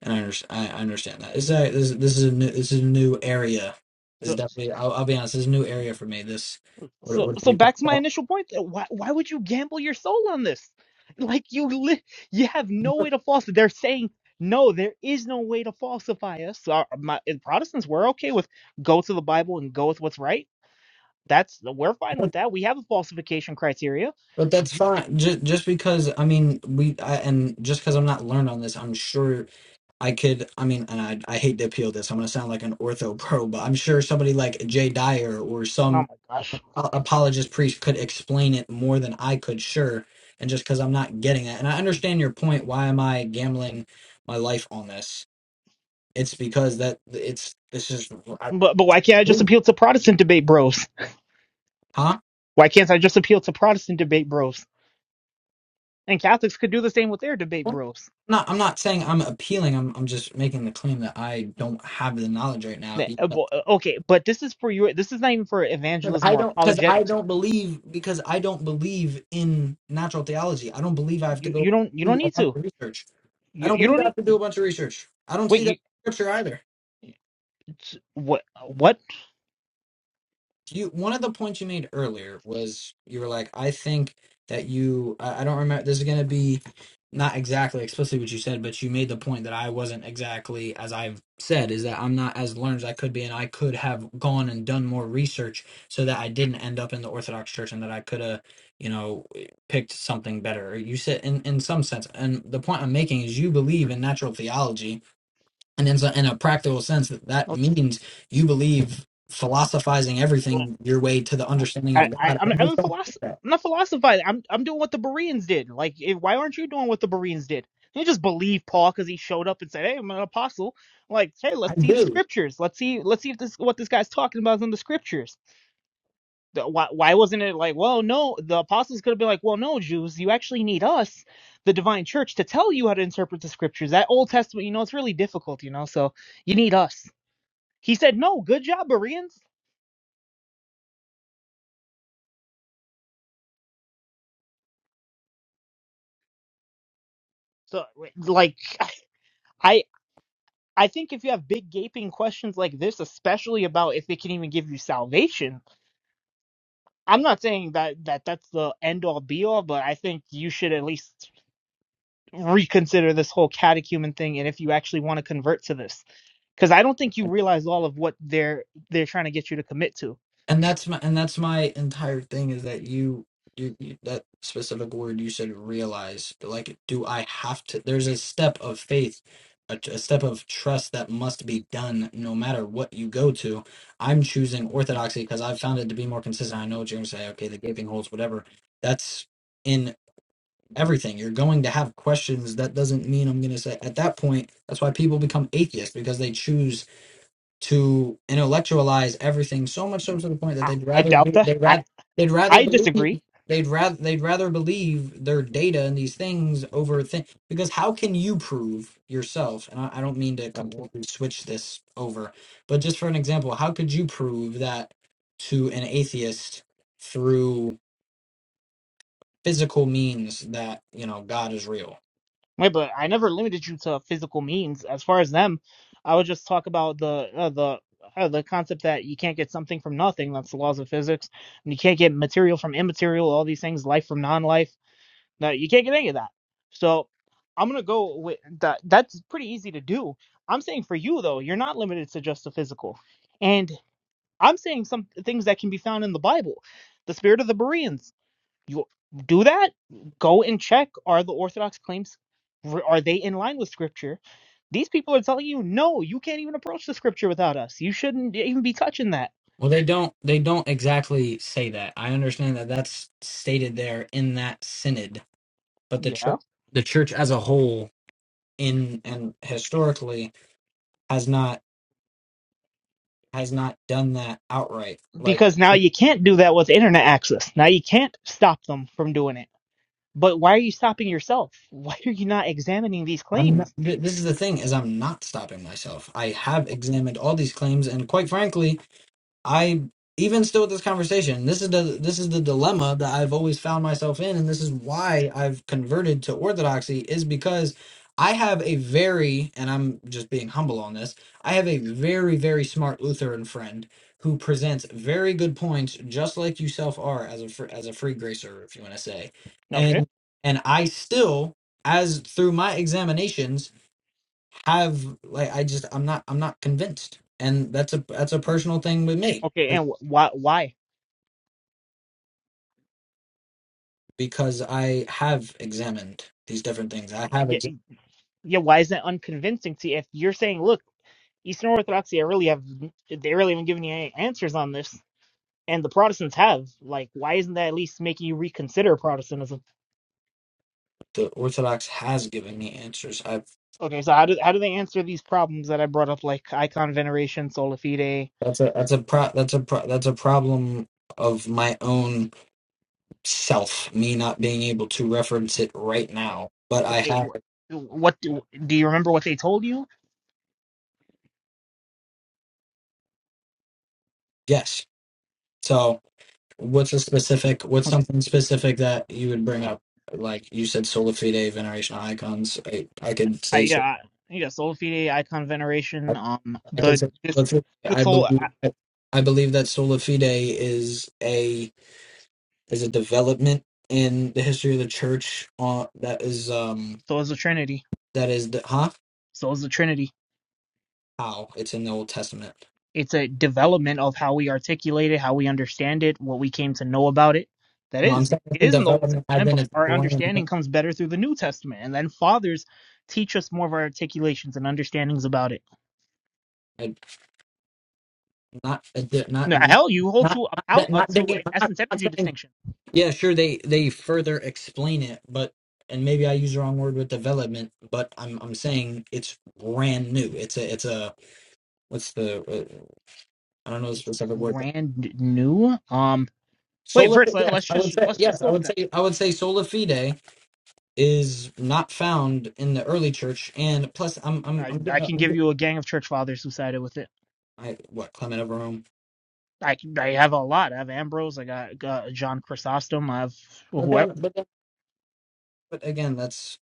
Speaker 2: and I, under, I understand that. Is that this this is a new this is a new area. This is
Speaker 1: so
Speaker 2: definitely. I'll, I'll be honest. This is a new area for me. This what
Speaker 1: so
Speaker 2: what
Speaker 1: so
Speaker 2: you
Speaker 1: back to my
Speaker 2: but,
Speaker 1: initial point uh, why, why would you gamble your soul on this like you li- you have no way to falsify they're saying no there is no way to falsify us Our, my, protestants were okay with go to the bible and go with what's right That's we're fine with that. We have a falsification criteria.
Speaker 2: but
Speaker 1: You,
Speaker 2: that's fine. Just just because I mean we I, and just because I'm not learned on this, I'm sure I could. I mean, and I I hate to appeal this. I'm gonna sound like an ortho pro, but I'm sure somebody like Jay Dyer or
Speaker 1: oh my
Speaker 2: some
Speaker 1: gosh.
Speaker 2: a- apologist priest could explain it more than I could, sure. And just because I'm not getting it, and I understand your point, why am I gambling my life on this? It's because that it's this is I,
Speaker 1: But but why can't I just appeal to Protestant debate bros?
Speaker 2: huh?
Speaker 1: Why can't I just appeal to Protestant debate bros? And Catholics could do the same with their debate
Speaker 2: I'm
Speaker 1: bros.
Speaker 2: not I'm not saying I'm appealing. I'm I'm just making the claim that I don't have the knowledge right now.
Speaker 1: The-
Speaker 2: He-
Speaker 1: uh, bo- uh, Okay, but this is for you. This is not even for
Speaker 2: 'cause
Speaker 1: evangelism
Speaker 2: I
Speaker 1: or
Speaker 2: don't because I
Speaker 1: apologetics.
Speaker 2: don't believe because I don't believe in natural theology. I don't believe I have to
Speaker 1: You
Speaker 2: go
Speaker 1: you don't you don't
Speaker 2: do a
Speaker 1: need
Speaker 2: bunch
Speaker 1: to.
Speaker 2: of research. I
Speaker 1: You
Speaker 2: don't
Speaker 1: you
Speaker 2: believe
Speaker 1: don't
Speaker 2: I
Speaker 1: need.
Speaker 2: have to do a bunch of research. I don't
Speaker 1: Wait,
Speaker 2: see that
Speaker 1: you
Speaker 2: in scripture either.
Speaker 1: it's- what what?
Speaker 2: you one of the points you made earlier was you were like i think that you i, I don't remember this is going to be not exactly explicitly what you said but you made the point that i wasn't exactly as i've said is that i'm not as learned as i could be and i could have gone and done more research so that i didn't end up in the orthodox church and that i could have you know picked something better you said in in some sense and the point i'm making is you believe in natural theology and in, so- in a practical sense that that means you believe philosophizing everything your way to the
Speaker 1: I,
Speaker 2: understanding of
Speaker 1: I
Speaker 2: god
Speaker 1: I'm
Speaker 2: i
Speaker 1: I'm, a
Speaker 2: just don't
Speaker 1: philosoph-
Speaker 2: think that
Speaker 1: I'm not philosophizing. I'm I'm doing what the Bereans did. Like, eh, why aren't you doing what the Bereans did? You just believe Paul because he showed up and said, "Hey, I'm an apostle." Like, hey, let's
Speaker 2: i
Speaker 1: see the
Speaker 2: do
Speaker 1: scriptures. Let's see let's see if this what this guy's talking about is in the scriptures. The- Why why wasn't it like, well, no, the apostles could have been like, well, no, Jews, you actually need us, the divine church, to tell you how to interpret the scriptures. That Old Testament, you know, it's really difficult, you know, so you need us. He said, no, good job, Bereans. So, like. I think if you have big gaping questions like this, especially about if they can even give you salvation, I'm not saying that, that that's the end all be all, but I think you should at least reconsider this whole catechumen thing and if you actually want to convert to this. Because I don't think you realize all of what they're they're trying to get you to commit to.
Speaker 2: and that's my and that's my entire thing is that you you, you that specific word you said realize like do i have to there's a step of faith a, a step of trust that must be done no matter what you go to i'm choosing orthodoxy because i've found it to be more consistent i know what you're going to say okay the gaping holes whatever that's in. everything. You're going to have questions. That doesn't mean I'm going to say at that point. That's why people become atheists because they choose to intellectualize everything so much so
Speaker 1: Mm.
Speaker 2: to the point that
Speaker 1: I,
Speaker 2: they'd
Speaker 1: I
Speaker 2: rather
Speaker 1: doubt
Speaker 2: be,
Speaker 1: that.
Speaker 2: they'd
Speaker 1: I,
Speaker 2: rather they'd rather
Speaker 1: I
Speaker 2: believe
Speaker 1: disagree.
Speaker 2: they'd rather they'd rather believe their data and these things over thing because how can you prove yourself? And I, I don't mean to
Speaker 1: But
Speaker 2: completely switch this over, but just for an example, how could you prove that to an atheist through physical means that you know God is real?
Speaker 1: Wait, but I never limited you to physical means. As far as them, I would just talk about the uh, the uh, the concept that you can't get something from nothing. That's the laws of physics. And you can't get material from immaterial. All these things, life from non-life. No, you can't get any of that. So I'm gonna go with that. That's pretty easy to do. I'm saying for you though, you're not limited to just the physical. And I'm saying some things that can be found in the Bible, the spirit of the Bereans you do that go and check are the orthodox claims are they in line with scripture these people are telling you no you can't even approach the scripture without us you shouldn't e, even be touching that
Speaker 2: Well, they don't they don't exactly say that. I understand that that's stated there in that synod, but the
Speaker 1: yeah
Speaker 2: church the church as a whole in and historically has not has not done that outright. Like
Speaker 1: because now
Speaker 2: it's-
Speaker 1: you can't do that with internet access now you can't stop them from doing it but why are you stopping yourself why are you not examining these
Speaker 2: I'm not,
Speaker 1: claims
Speaker 2: th- this is the thing is I'm not stopping myself. I have examined all these claims and quite frankly I even still with this conversation, this is the this is the dilemma that I've always found myself in, and this is why I've converted to Orthodoxy is because I have a very and I'm just being humble on this. I have a very very smart Lutheran friend who presents very good points, just like yourself are as a fr- as a free gracer, if you want to say,
Speaker 1: okay
Speaker 2: and and I still as through my examinations have like I just I'm not I'm not convinced, and that's a that's a personal thing with me
Speaker 1: okay and wh- why why
Speaker 2: because I have examined these different things. I have
Speaker 1: yeah,
Speaker 2: examined
Speaker 1: yeah why is that unconvincing to you if you're saying look eastern orthodoxy i really have they really haven't given you any answers on this and the Protestants have. Like, why isn't that at least making you reconsider Protestantism?
Speaker 2: the Orthodox has given me answers. I've
Speaker 1: Okay, so how do how do they answer these problems that I brought up, like icon veneration, sola fide?
Speaker 2: that's a that's a pro that's a pro that's a problem of my own self, me not being able to reference it right now. But I
Speaker 1: Okay,
Speaker 2: have
Speaker 1: wh- what do, do you remember what they told you?
Speaker 2: yes. So what's a specific what's
Speaker 1: Okay,
Speaker 2: something specific that you would bring up? Like you said, sola fide, veneration of icons. I, I could
Speaker 1: I
Speaker 2: say so,
Speaker 1: yeah I- yeah sola fide, icon
Speaker 2: I,
Speaker 1: veneration, um
Speaker 2: I could
Speaker 1: the
Speaker 2: say
Speaker 1: this
Speaker 2: sola fide.
Speaker 1: this
Speaker 2: I
Speaker 1: whole
Speaker 2: believe I believe that sola fide is a There's a development in the history of the church uh, that is um
Speaker 1: so is the Trinity,
Speaker 2: that is the huh
Speaker 1: so is the Trinity.
Speaker 2: how it's in the Old Testament.
Speaker 1: It's a development of how we articulate it, how we understand it, what we came to know about it. That
Speaker 2: No, I'm
Speaker 1: is, it
Speaker 2: saying it's a
Speaker 1: is in the Old
Speaker 2: development as
Speaker 1: Testament,
Speaker 2: in
Speaker 1: but
Speaker 2: it's
Speaker 1: our
Speaker 2: brand
Speaker 1: understanding
Speaker 2: new.
Speaker 1: comes better through the New Testament. And then fathers teach us more of our articulations and understandings about it.
Speaker 2: I- Not a di- not
Speaker 1: No,
Speaker 2: not
Speaker 1: hell, you hold to a
Speaker 2: not that
Speaker 1: uh,
Speaker 2: not
Speaker 1: to
Speaker 2: digging.
Speaker 1: an
Speaker 2: I'm not,
Speaker 1: essence
Speaker 2: not
Speaker 1: energy
Speaker 2: saying
Speaker 1: distinction.
Speaker 2: yeah. Sure, they they further explain it, but and maybe I use the wrong word with development, but I'm I'm saying it's brand new. It's a it's a what's the uh, I don't know the
Speaker 1: It's
Speaker 2: specific word. But
Speaker 1: brand new. Um, wait,
Speaker 2: Sola
Speaker 1: first let,
Speaker 2: yes,
Speaker 1: let's
Speaker 2: I
Speaker 1: just
Speaker 2: would say
Speaker 1: let's just
Speaker 2: yes, I
Speaker 1: go with
Speaker 2: would
Speaker 1: that.
Speaker 2: say I would say sola fide is not found in the early church, and plus, I'm I'm
Speaker 1: I
Speaker 2: I'm
Speaker 1: I
Speaker 2: getting,
Speaker 1: can
Speaker 2: I'm
Speaker 1: give
Speaker 2: getting
Speaker 1: you a gang of church fathers who sided with it.
Speaker 2: I, what Clement of Rome.
Speaker 1: I I have a lot. I have Ambrose. I got, got John Chrysostom. I have
Speaker 2: But
Speaker 1: whoever.
Speaker 2: then, but then, but again, that's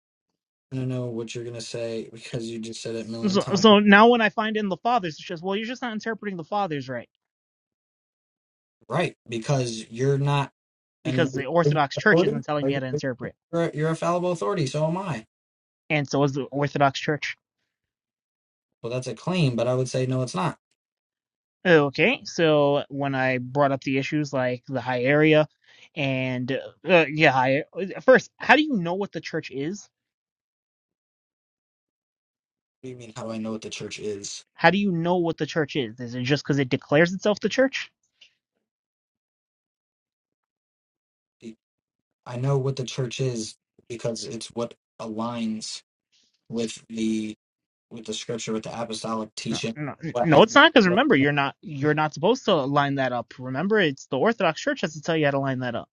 Speaker 2: I don't know what you're gonna say because you just said it a million
Speaker 1: So,
Speaker 2: times,
Speaker 1: so now when I find in the fathers, it's just well, you're just not interpreting the fathers right
Speaker 2: right? Because you're not an
Speaker 1: because
Speaker 2: are
Speaker 1: the
Speaker 2: you an
Speaker 1: Orthodox Church
Speaker 2: authority.
Speaker 1: isn't telling
Speaker 2: Are
Speaker 1: me how
Speaker 2: you,
Speaker 1: to interpret,
Speaker 2: you're a, you're a fallible authority. So am I.
Speaker 1: and so is the Orthodox Church.
Speaker 2: Well, that's a claim, but I would say no, it's not. What
Speaker 1: Okay, so when I brought up the issues like the high and uh, yeah, high, first, how do you know what the church is?
Speaker 2: do you mean? How do I know what the church is?
Speaker 1: How do you know what the church is? Is it just because it declares itself the church?
Speaker 2: I know what the church is because it's what aligns with the with the scripture, with the apostolic
Speaker 1: No,
Speaker 2: teaching.
Speaker 1: no,
Speaker 2: What
Speaker 1: no,
Speaker 2: has
Speaker 1: it's
Speaker 2: been,
Speaker 1: not. Because
Speaker 2: what, has
Speaker 1: remember,
Speaker 2: been-
Speaker 1: you're not you're not supposed to line that up. Remember, it's the Orthodox Church has to tell you how to line that up.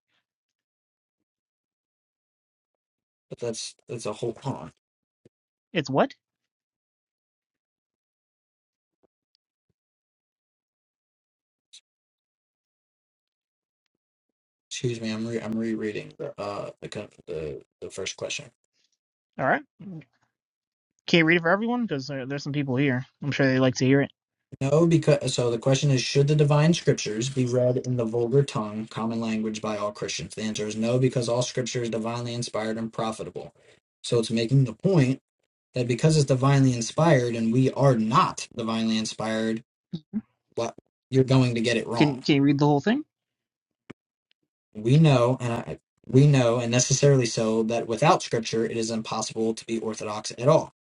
Speaker 2: but that's that's a whole hold on.
Speaker 1: It's what?
Speaker 2: Excuse me, I'm re, I'm rereading the uh the co- the the first question.
Speaker 1: All right. Can you read it for everyone? Because there, there's some people here. I'm sure they like to hear it.
Speaker 2: No, because so the question is, should the divine scriptures be read in the vulgar tongue, common language, by all Christians? The answer is no, because all scripture is divinely inspired and profitable. So it's making the point that because it's divinely inspired and we are not divinely inspired, what you're going to get it wrong
Speaker 1: Can Can you read the whole thing?
Speaker 2: we know and I, we know and necessarily so that without scripture it is impossible to be orthodox at all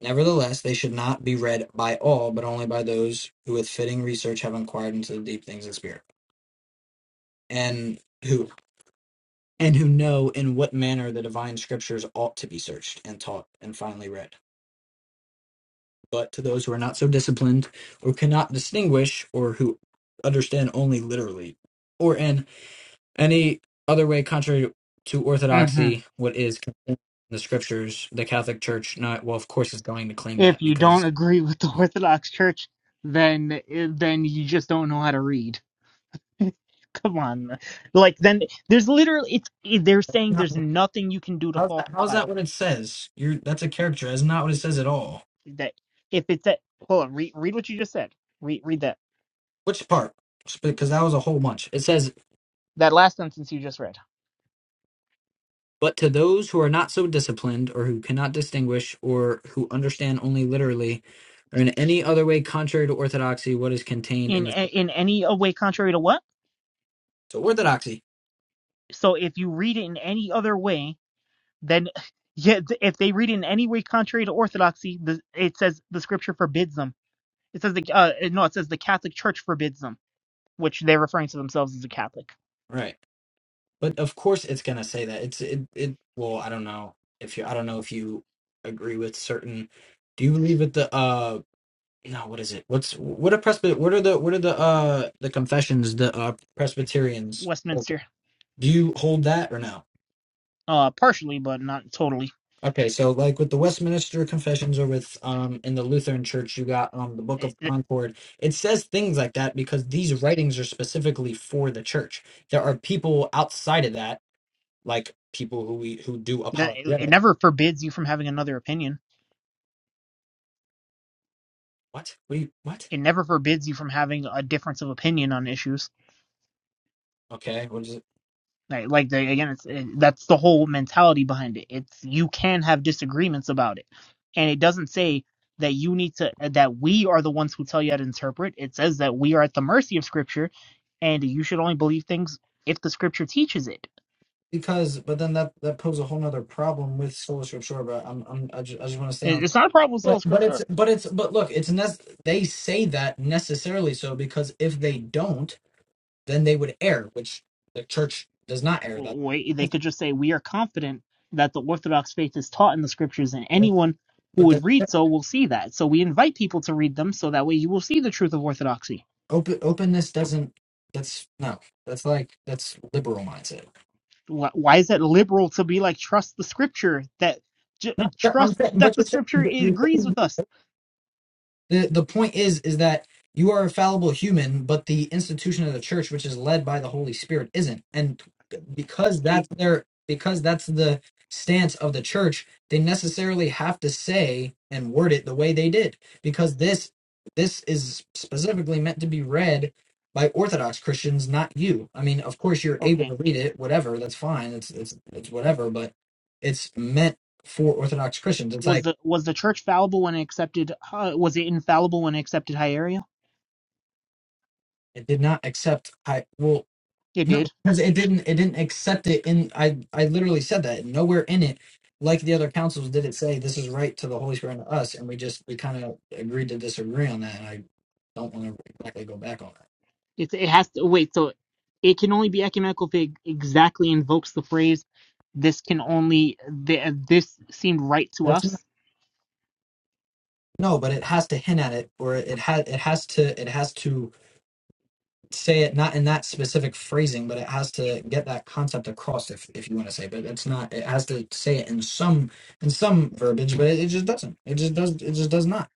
Speaker 2: nevertheless they should not be read by all but only by those who with fitting research have inquired into the deep things of spirit and who and who know in what manner the divine scriptures ought to be searched and taught and finally read but to those who are not so disciplined or cannot distinguish or who understand only literally or in Any other way contrary to
Speaker 1: hmm
Speaker 2: orthodoxy, what is contained in the scriptures, the Catholic Church, not well, of course, is going to claim
Speaker 1: If
Speaker 2: that
Speaker 1: you don't
Speaker 2: because
Speaker 1: agree with the Orthodox Church, then eh, then you just don't know how to read. Come on, like then there's literally it's it- they're saying
Speaker 2: not,
Speaker 1: there's nothing you can do to
Speaker 2: how's that? How's
Speaker 1: falsify them.
Speaker 2: that what it says? You're that's a character. That's not what it says at all.
Speaker 1: That if it's that hold on, read read what you just said. Read read that
Speaker 2: Which part? Because that was a whole bunch. It says,
Speaker 1: that last sentence you just read.
Speaker 2: but to those who are not so disciplined, or who cannot distinguish, or who understand only literally, or in any other way contrary to orthodoxy, what is contained in
Speaker 1: In
Speaker 2: the
Speaker 1: a- in any a way contrary to what?
Speaker 2: so orthodoxy,
Speaker 1: So if you read it in any other way Then, yeah, if they read it in any way contrary to orthodoxy, the, it says the scripture forbids them. It says the uh, no, it says the Catholic Church forbids them, which they're referring to themselves as a Catholic.
Speaker 2: right? But of course, it's gonna say that it's it it. Well, I don't know if you. I don't know if you agree with certain. Do you believe with the uh? No, what is it? What's what are presby? What are the what are the uh the confessions? The uh Presbyterians. Do
Speaker 1: Westminster,
Speaker 2: you hold that or no?
Speaker 1: uh, partially, but not totally.
Speaker 2: Okay, so like with the Westminster Confessions or with um in the Lutheran Church, you got um the Book
Speaker 1: It,
Speaker 2: of Concord. It says things like that because these writings are specifically for the church. There are people outside of that, like people who we who do
Speaker 1: it
Speaker 2: apologetics
Speaker 1: it never forbids you from having another opinion.
Speaker 2: What? we what?
Speaker 1: It never forbids you from having a difference of opinion on issues
Speaker 2: Okay. What is it?
Speaker 1: Like, like the, again, it's it, that's the whole mentality behind it. It's you can have disagreements about it, and it doesn't say that you need to uh, that we are the ones who tell you how to interpret. It says that we are at the mercy of Scripture, and you should only believe things if the Scripture teaches it.
Speaker 2: Because, but then that that poses a whole nother problem with Scholarship Shore. But I'm, I'm I just, I just want to stay
Speaker 1: It-
Speaker 2: on.
Speaker 1: It's not a problem with sola
Speaker 2: But but
Speaker 1: Scripture.
Speaker 2: it's but it's but look, it's nec- they say that necessarily so because if they don't, then they would err, which the church does not err. That,
Speaker 1: Wait, they could just say we are confident that the Orthodox faith is taught in the Scriptures, and
Speaker 2: that
Speaker 1: anyone who
Speaker 2: but that
Speaker 1: would read
Speaker 2: that
Speaker 1: so will see that. So we invite people to read them, so that way you will see the truth of Orthodoxy
Speaker 2: open openness doesn't. That's no. That's like that's liberal mindset.
Speaker 1: why, why is it liberal to be like trust the scripture that j-
Speaker 2: Not, I'm
Speaker 1: trust
Speaker 2: saying,
Speaker 1: that
Speaker 2: but
Speaker 1: the
Speaker 2: you're
Speaker 1: scripture agrees
Speaker 2: saying,
Speaker 1: with us
Speaker 2: the the point is is that you are a fallible human but the institution of the church which is led by the holy spirit isn't and
Speaker 1: I-
Speaker 2: because
Speaker 1: I-
Speaker 2: that's their because that's the stance of the church they necessarily have to say and word it the way they did because this this is specifically meant to be read by orthodox christians not you i mean of course you're able
Speaker 1: okay
Speaker 2: to read it whatever that's fine it's it's it's whatever but it's meant for orthodox christians it's
Speaker 1: was
Speaker 2: like
Speaker 1: the was the church fallible when it accepted uh, was it infallible when it accepted hieraria
Speaker 2: it did not accept i well
Speaker 1: it
Speaker 2: No,
Speaker 1: did
Speaker 2: because it didn't. It didn't accept it. In I, I literally said that nowhere in it, like the other councils, did it say this is right to the Holy Spirit and to us, and we just we kind of agreed to disagree on that, and I don't want to exactly go back on that.
Speaker 1: it, it has to wait so it can only be ecumenical if it exactly invokes the phrase this can only th- this seemed right to
Speaker 2: That's not
Speaker 1: us
Speaker 2: no, but it has to hint at it, or it has it has to it has to say it not in that specific phrasing, but it has to get that concept across, if if you want to say. But it's not. It has to say it in some in some verbiage, but it, it just doesn't. It just does. It just does not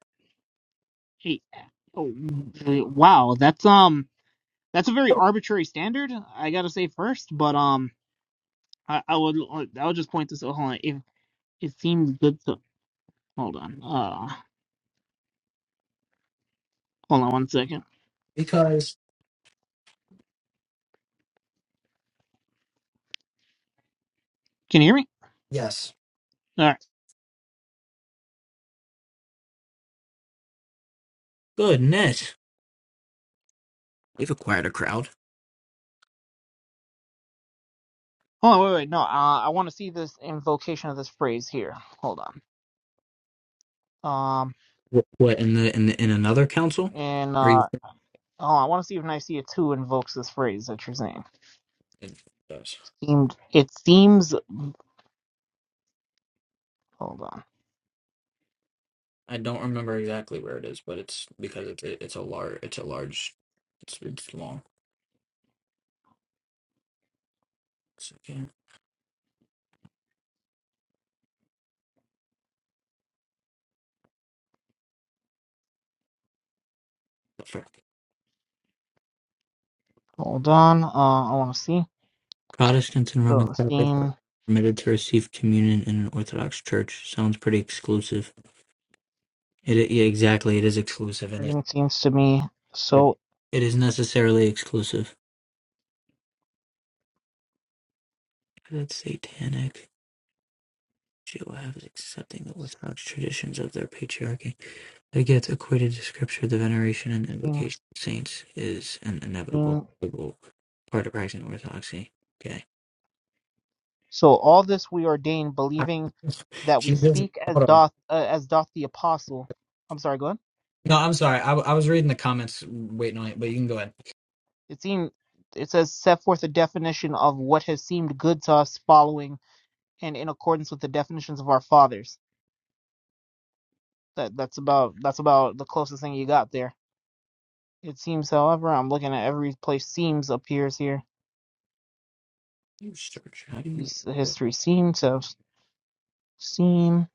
Speaker 1: Hey, oh, wow that's um that's a very arbitrary standard i gotta say first but um I, I would like, I would just point this out. Hold on, if it seems good to hold on. Uh, hold on one second.
Speaker 2: because
Speaker 1: Can you hear me?
Speaker 2: yes.
Speaker 1: All right.
Speaker 2: Goodness. They've acquired a crowd.
Speaker 1: Hold on, wait, wait. No, uh, I want to see this invocation of this phrase here. Hold on. Um,
Speaker 2: What, what in the in the, in another council?
Speaker 1: and
Speaker 2: Or you?
Speaker 1: uh, oh, I want to see if Nicaea two invokes this phrase that you're saying.
Speaker 2: It does.
Speaker 1: Seemed it seems. Hold on.
Speaker 2: I don't remember exactly where it is, but it's because it's it, it's a large it's a large it's it's long. It's, yeah. Sure.
Speaker 1: Hold on. Uh, I want to see.
Speaker 2: Protestants and Roman
Speaker 1: So,
Speaker 2: Catholics are
Speaker 1: seem
Speaker 2: permitted to receive communion in an Orthodox church. Sounds pretty exclusive. It, i- yeah, exactly. It is exclusive, and it
Speaker 1: argument seems to me
Speaker 2: it,
Speaker 1: so.
Speaker 2: it is necessarily exclusive. That's satanic. Jehovah is accepting the Orthodox traditions of their patriarchy. They get equated to Scripture. The veneration and
Speaker 1: Seem,
Speaker 2: invocation of saints is an inevitable
Speaker 1: seem-
Speaker 2: part of practicing Orthodoxy. Okay.
Speaker 1: So all this we ordain,
Speaker 2: I-
Speaker 1: believing that we
Speaker 2: Jesus,
Speaker 1: speak as
Speaker 2: hold on.
Speaker 1: doth uh, as doth the apostle. I'm sorry, go on.
Speaker 2: No, I'm sorry. I, w- I was reading the comments, waiting on it, but you can go ahead.
Speaker 1: It seemed it says set forth a definition of what has seemed good to us, following and in accordance with the definitions of our fathers. That that's about that's about the closest thing you got there. It seems, however, I'm looking at every place seems appears here.
Speaker 2: You search. How do you?
Speaker 1: East- History seem to have seem.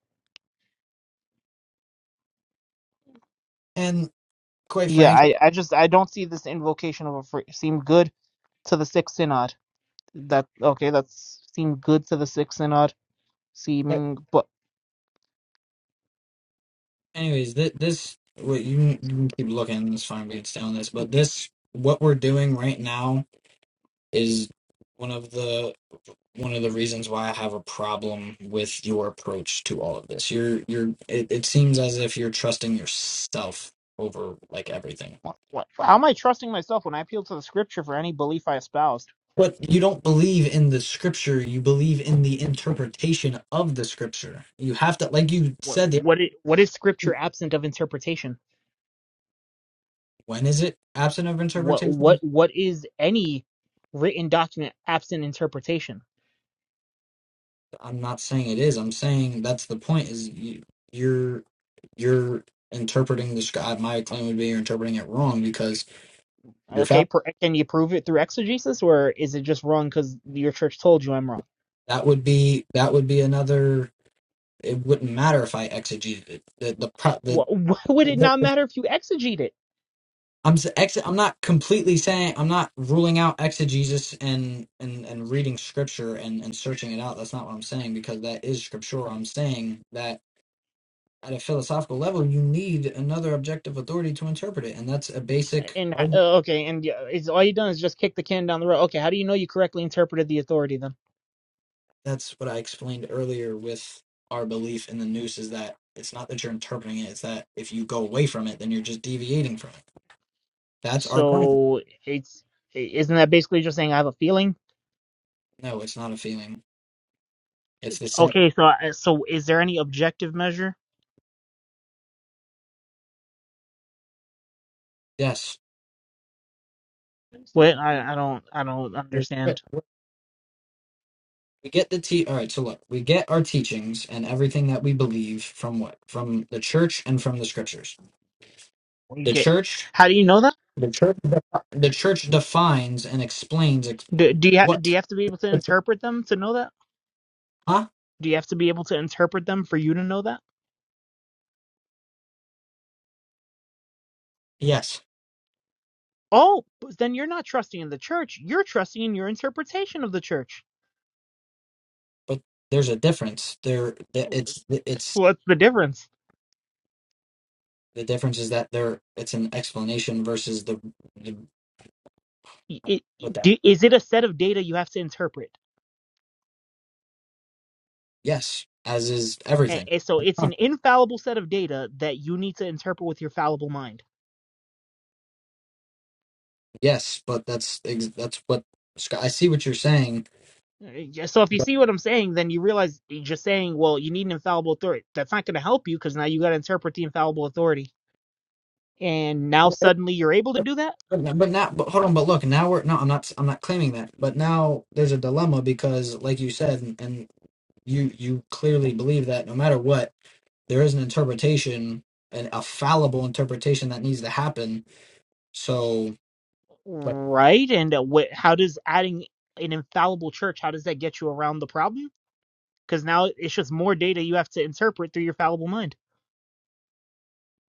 Speaker 2: And quite
Speaker 1: Yeah,
Speaker 2: frankly,
Speaker 1: I, I just I don't see this invocation of a free, seem good to the sixth synod. That okay? That's seemed good to the sick and odd
Speaker 2: quite,
Speaker 1: Seeming, but
Speaker 2: anyways, this, this what you, can- you can keep looking. It's fine. We can stay on this, but this what we're doing right now is one of the one of the reasons why I have a problem with your approach to all of this. You're you're it, it seems as if you're trusting yourself over like everything.
Speaker 1: what, what? How am I trusting myself when I appeal to the scripture for any belief I espoused?
Speaker 2: But you don't believe in the scripture, you believe in the interpretation of the scripture. You have to like you
Speaker 1: What
Speaker 2: said the
Speaker 1: what is, what is scripture absent of interpretation?
Speaker 2: when is it absent of
Speaker 1: What what
Speaker 2: interpretation?
Speaker 1: what is any written document absent interpretation?
Speaker 2: I'm not saying it is. I'm saying that's the point is you, you're you're interpreting the script. My claim would be you're interpreting it wrong because you're
Speaker 1: Okay,
Speaker 2: fa-
Speaker 1: per, can you prove it through exegesis, or is it just wrong because your church told you I'm wrong?
Speaker 2: that would be that would be another it wouldn't matter if I exegeted it. The the, pro- the,
Speaker 1: Wha why would it
Speaker 2: the
Speaker 1: not matter if you exegete it?
Speaker 2: I'm s- ex, I'm not completely saying I'm not ruling out exegesis and and and reading scripture and and searching it out. That's not what I'm saying because that is scriptural. I'm saying that at a philosophical level, you need another objective authority to interpret it, and that's a basic.
Speaker 1: And
Speaker 2: argument.
Speaker 1: uh, okay, and uh, is all you done is just kick the can down the road. Okay, how do you know you correctly interpreted the authority then?
Speaker 2: That's what I explained earlier with our belief in the noose is that it's not that you're interpreting it; it's that if you go away from it, then you're just deviating from it. That's our claim.
Speaker 1: So it's isn't that basically just saying I have a feeling?
Speaker 2: No, it's not a feeling It's the same.
Speaker 1: Okay, so I- so is there any objective measure?
Speaker 2: Yes.
Speaker 1: What I, I don't I don't understand.
Speaker 2: We get the te- all right, so look, we get our teachings and everything that we believe from what? From the church and from the scriptures.
Speaker 1: You
Speaker 2: The
Speaker 1: get
Speaker 2: church
Speaker 1: how do you know that?
Speaker 2: the church the church defines and explains ex-
Speaker 1: Do, do you ha- do
Speaker 2: what
Speaker 1: you have to be able to interpret them to know that?
Speaker 2: huh?
Speaker 1: Do you have to be able to interpret them for you to know that?
Speaker 2: Yes.
Speaker 1: Oh, but then you're not trusting in the church. You're trusting in your interpretation of the church.
Speaker 2: But there's a difference. There th-
Speaker 1: Wh-
Speaker 2: it's it's
Speaker 1: What's the difference?
Speaker 2: the difference is that there it's an explanation versus the, the
Speaker 1: I- i-
Speaker 2: what that.
Speaker 1: do- Is it a set of data you have to interpret?
Speaker 2: Yes, as is
Speaker 1: And,
Speaker 2: everything.
Speaker 1: and so it's an infallible set of data that you need to interpret with your fallible mind.
Speaker 2: Yes, but that's ex- that's what I see what you're saying
Speaker 1: Uh, yeah, So if you see what I'm saying, then you realize you're just saying, well, you need an infallible authority. That's not going to help you because now you got to interpret the infallible authority. And now suddenly you're able to do that,
Speaker 2: But but now, but hold on. But look, now we're no. I'm not. I'm not claiming that. But now there's a dilemma because, like you said, and, and you you clearly believe that no matter what, there is an interpretation and a fallible interpretation that needs to happen. So, like,
Speaker 1: right? And uh, what, how does adding an infallible church, how does that get you around the problem? Because now it's just more data you have to interpret through your fallible mind.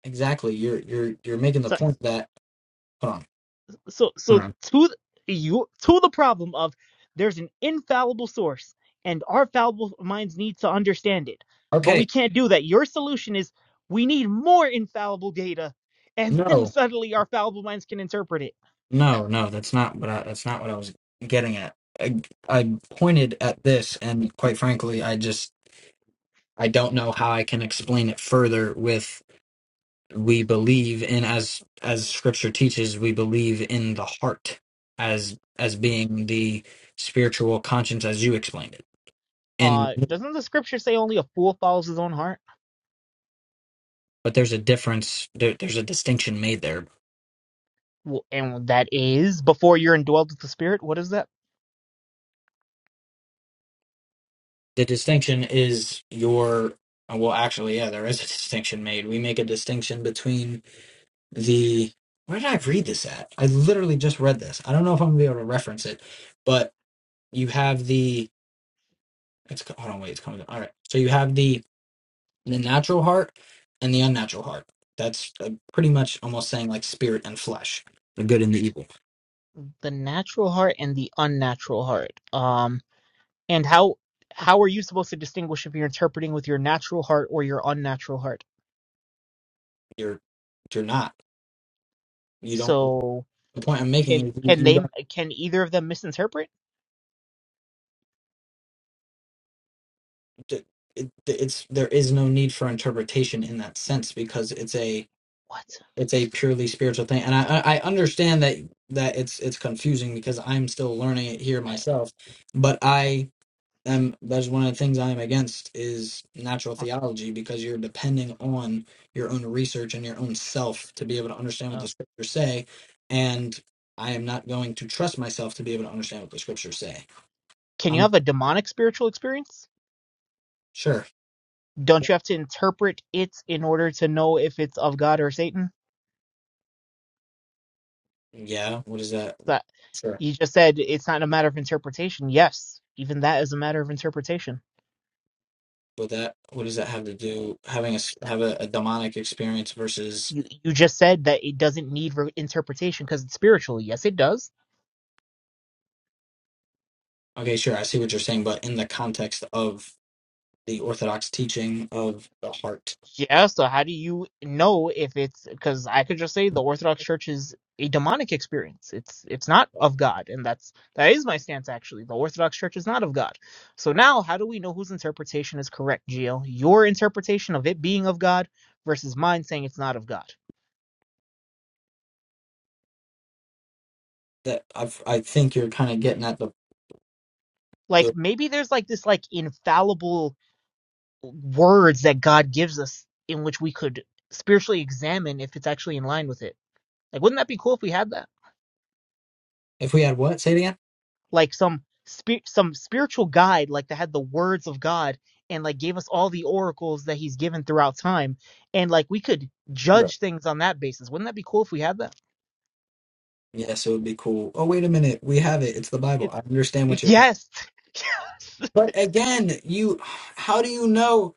Speaker 2: exactly, you're you're you're making
Speaker 1: So.
Speaker 2: the point that hold on,
Speaker 1: so so
Speaker 2: hold on.
Speaker 1: to th- you to the problem of there's an infallible source and our fallible minds need to understand it but we
Speaker 2: Okay,
Speaker 1: can't do that your solution is we need more infallible data and then
Speaker 2: no,
Speaker 1: suddenly our fallible minds can interpret it
Speaker 2: no, no. That's not what I. That's not what I was getting at. I, I pointed at this, and quite frankly, I just I don't know how I can explain it further with we believe in as as scripture teaches we believe in the heart as as being the spiritual conscience as you explained it and
Speaker 1: uh doesn't the scripture say only a fool follows his own heart
Speaker 2: but there's a difference there, there's a distinction made there
Speaker 1: Well, and that is before you're indwelled with the spirit what is that
Speaker 2: the distinction is your well actually yeah there is a distinction made we make a distinction between the where did i read this at i literally just read this i don't know if i'm gonna be able to reference it but you have the it's hold on wait it's coming up. all right so you have the the natural heart and the unnatural heart. That's uh, pretty much almost saying like spirit and flesh, the good and the evil.
Speaker 1: the natural heart and the unnatural heart Um. And how how are you supposed to distinguish if you're interpreting with your natural heart or your unnatural heart?
Speaker 2: You're you're not. You don't.
Speaker 1: So
Speaker 2: The point I'm making
Speaker 1: can
Speaker 2: is
Speaker 1: can
Speaker 2: you you
Speaker 1: they
Speaker 2: don't.
Speaker 1: can either of them misinterpret?
Speaker 2: It, it's there is no need for interpretation in that sense because it's a
Speaker 1: What?
Speaker 2: it's a purely spiritual thing, and I I I understand that that it's it's confusing because I'm still learning it here
Speaker 1: I don't-
Speaker 2: myself, but I um, that's one of the things I'm against is natural theology because you're depending on your own research and your own self to be able to understand what the
Speaker 1: uh,
Speaker 2: scriptures say, and I am not going to trust myself to be able to understand what the scriptures say.
Speaker 1: Can you
Speaker 2: I'm
Speaker 1: have a demonic spiritual experience?
Speaker 2: sure,
Speaker 1: Don't you have to interpret it in order to know if it's of God or Satan?
Speaker 2: yeah. What does that?
Speaker 1: That
Speaker 2: Sure,
Speaker 1: you just said it's not a matter of interpretation. Yes, even that is a matter of interpretation.
Speaker 2: but that what does that have to do having a s- have a, a demonic experience versus?
Speaker 1: You you just said that it doesn't need re- interpretation because it's spiritual. Yes, it does
Speaker 2: Okay, sure, I see what you're saying, but in the context of the Orthodox teaching of the heart,
Speaker 1: Yeah, so how do you know if it's because I could just say the Orthodox Church is a demonic experience. It's it's not of God, and that's that is my stance actually. The Orthodox Church is not of God. So now, how do we know whose interpretation is correct, Gio? Your interpretation of it being of God versus mine saying it's not of God.
Speaker 2: that I've, I think you're kind of getting at the
Speaker 1: Like maybe there's like this like infallible words that God gives us in which we could spiritually examine if it's actually in line with it. Like wouldn't that be cool if we had that?
Speaker 2: If we had what? Say it again.
Speaker 1: like some spirit, some spiritual guide, like that had the words of God and like gave us all the oracles that He's given throughout time, and like we could
Speaker 2: Right.
Speaker 1: judge things on that basis. Wouldn't that be cool if we had that?
Speaker 2: Yes, it would be cool. Oh, wait a minute. We have it. It's the Bible.
Speaker 1: It,
Speaker 2: I understand
Speaker 1: it
Speaker 2: what you're saying.
Speaker 1: yes, yes.
Speaker 2: But again, you, how do you know?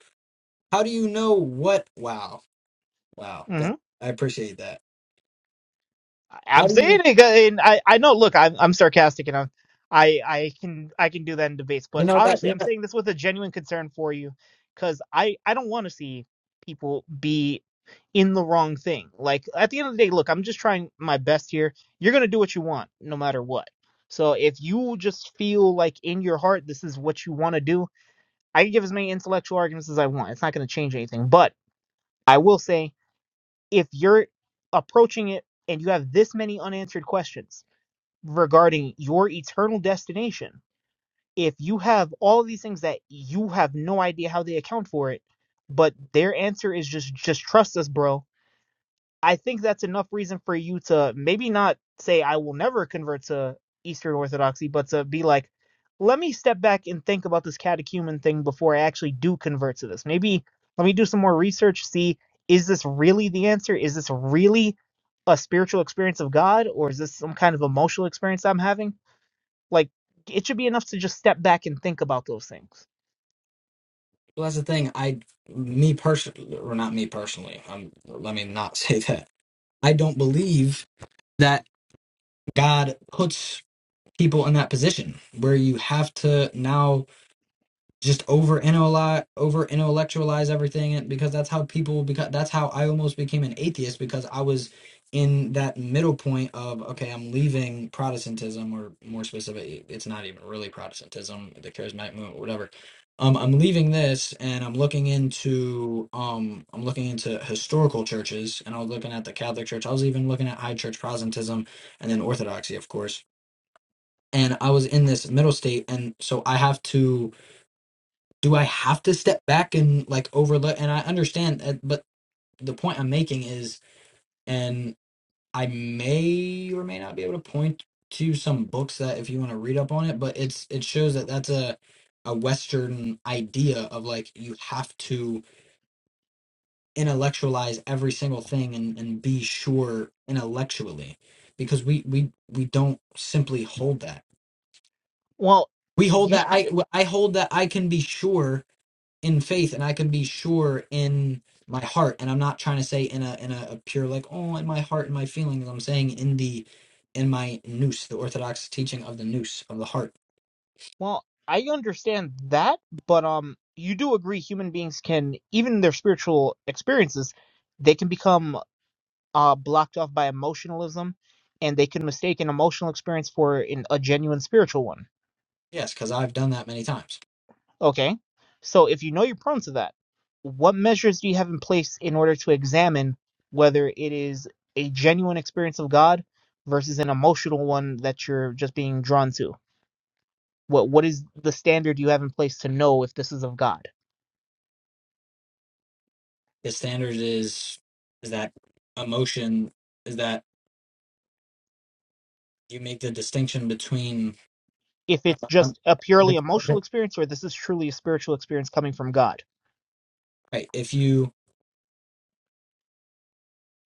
Speaker 2: How do you know what? Wow, wow.
Speaker 1: Mm-hmm.
Speaker 2: That I appreciate that. How
Speaker 1: I'm
Speaker 2: do
Speaker 1: saying
Speaker 2: you,
Speaker 1: it, and I, I know. Look, I'm, I'm sarcastic, and I'm, I, I can, I can do that in debates.
Speaker 2: you
Speaker 1: But
Speaker 2: know that?
Speaker 1: honestly,
Speaker 2: You
Speaker 1: I'm
Speaker 2: know,
Speaker 1: saying this with a genuine concern for you, because I, I don't want to see people be in the wrong thing. Like at the end of the day, look, I'm just trying my best here. You're gonna do what you want, no matter what. So if you just feel like in your heart this is what you want to do, I can give as many intellectual arguments as I want. It's not gonna change anything. But I will say if you're approaching it and you have this many unanswered questions regarding your eternal destination, if you have all these things that you have no idea how they account for it, but their answer is just just trust us, bro. I think that's enough reason for you to maybe not say I will never convert to Eastern Orthodoxy, but to be like, let me step back and think about this catechumen thing before I actually do convert to this. Maybe let me do some more research, see is this really the answer? Is this really a spiritual experience of God, or is this some kind of emotional experience I'm having? Like, it should be enough to just step back and think about those things.
Speaker 2: well, that's the thing. I, me personally, or not me personally. Um, let me not say that. I don't believe that God puts people in that position where you have to now just over intellectualize over intellectualize everything and- because that's how people because that's how I almost became an atheist because I was in that middle point of okay I'm leaving Protestantism or more specific it's not even really Protestantism the charismatic movement whatever um I'm leaving this and I'm looking into um I'm looking into historical churches and I was looking at the Catholic Church I was even looking at High Church Protestantism and then Orthodoxy of course and I was in this middle state and so I have to do I have to step back and like overlook? And I understand, that, but the point I'm making is, and I may or may not be able to point to some books that if you want to read up on it, but it's it shows that that's a a Western idea of like you have to intellectualize every single thing and, and be sure intellectually because we we we don't simply hold that
Speaker 1: Well,
Speaker 2: we hold
Speaker 1: you
Speaker 2: that I I hold that I can be sure in faith and I can be sure in my heart and I'm not trying to say in a in a, a pure like oh in my heart and my feelings I'm saying in the in my noose the orthodox teaching of the noose of the heart
Speaker 1: Well, I understand that, but um, you do agree human beings can, even in their spiritual experiences, they can become uh blocked off by emotionalism, and they can mistake an emotional experience for an, a genuine spiritual one.
Speaker 2: yes cuz I've done that many times
Speaker 1: Okay, so if you know you're prone to that, what measures do you have in place in order to examine whether it is a genuine experience of God versus an emotional one that you're just being drawn to? What what is the standard you have in place to know if this is of God?
Speaker 2: the standard is is that emotion is that you make the distinction between
Speaker 1: if it's
Speaker 2: um,
Speaker 1: just a
Speaker 2: if
Speaker 1: purely
Speaker 2: it- if
Speaker 1: emotional
Speaker 2: it-
Speaker 1: experience or this is truly a spiritual experience coming from God.
Speaker 2: right if you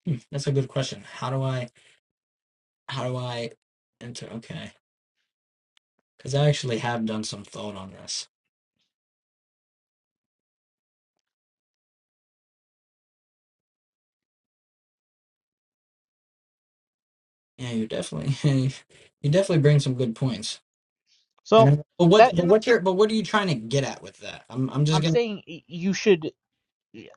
Speaker 2: hmm, that's a good question how do I how do I enter okay cuz I actually have done some thought on this Yeah, you definitely you definitely bring some good points. And
Speaker 1: So
Speaker 2: I- but what
Speaker 1: that
Speaker 2: but
Speaker 1: and
Speaker 2: what your? but what are you trying to get at with that? I'm I'm just
Speaker 1: I'm
Speaker 2: gonna
Speaker 1: saying you should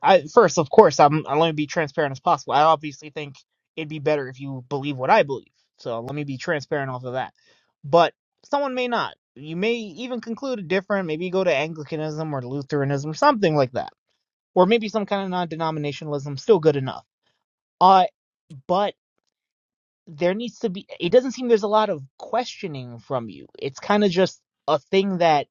Speaker 1: I first of course I'm I'll only be transparent as possible. I obviously think it'd be better if you believe what I believe. So let me be transparent off of that. But someone may not. You may even conclude different, maybe go to Anglicanism or Lutheranism, something like that. Or maybe some kind of non denominationalism, still good enough. Uh but there needs to be it doesn't seem there's a lot of questioning from you it's kind of just a thing that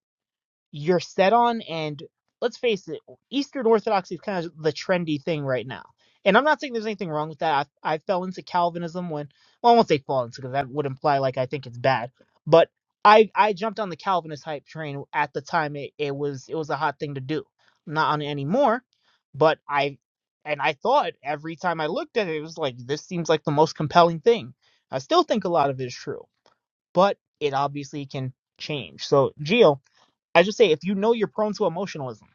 Speaker 1: you're set on and let's face it eastern orthodoxy is kind of the trendy thing right now and i'm not saying there's anything wrong with that i, I fell into calvinism when well i won't say fall into because that would imply like i think it's bad but i i jumped on the calvinist hype train at the time it, it was it was a hot thing to do I'm not on it anymore but i and i thought every time i looked at it it was like this seems like the most compelling thing i still think a lot of it is true but it obviously can change so Gio I just say if you know you're prone to emotionalism,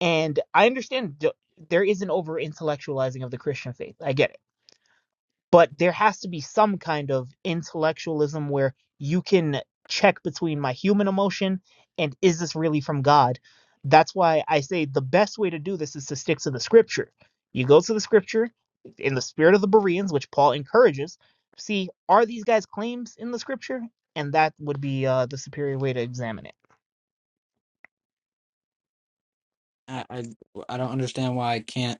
Speaker 1: and I understand th- there is an over intellectualizing of the Christian faith. I get it. But there has to be some kind of intellectualism where you can check between my human emotion and is this really from God? That's why I say the best way to do this is to stick to the scripture. You go to the scripture in the spirit of the Bereans, which Paul encourages. See, are these guys' claims in the scripture? And that would be uh, the superior way to examine it.
Speaker 4: Why?
Speaker 2: I I, I don't understand why I can't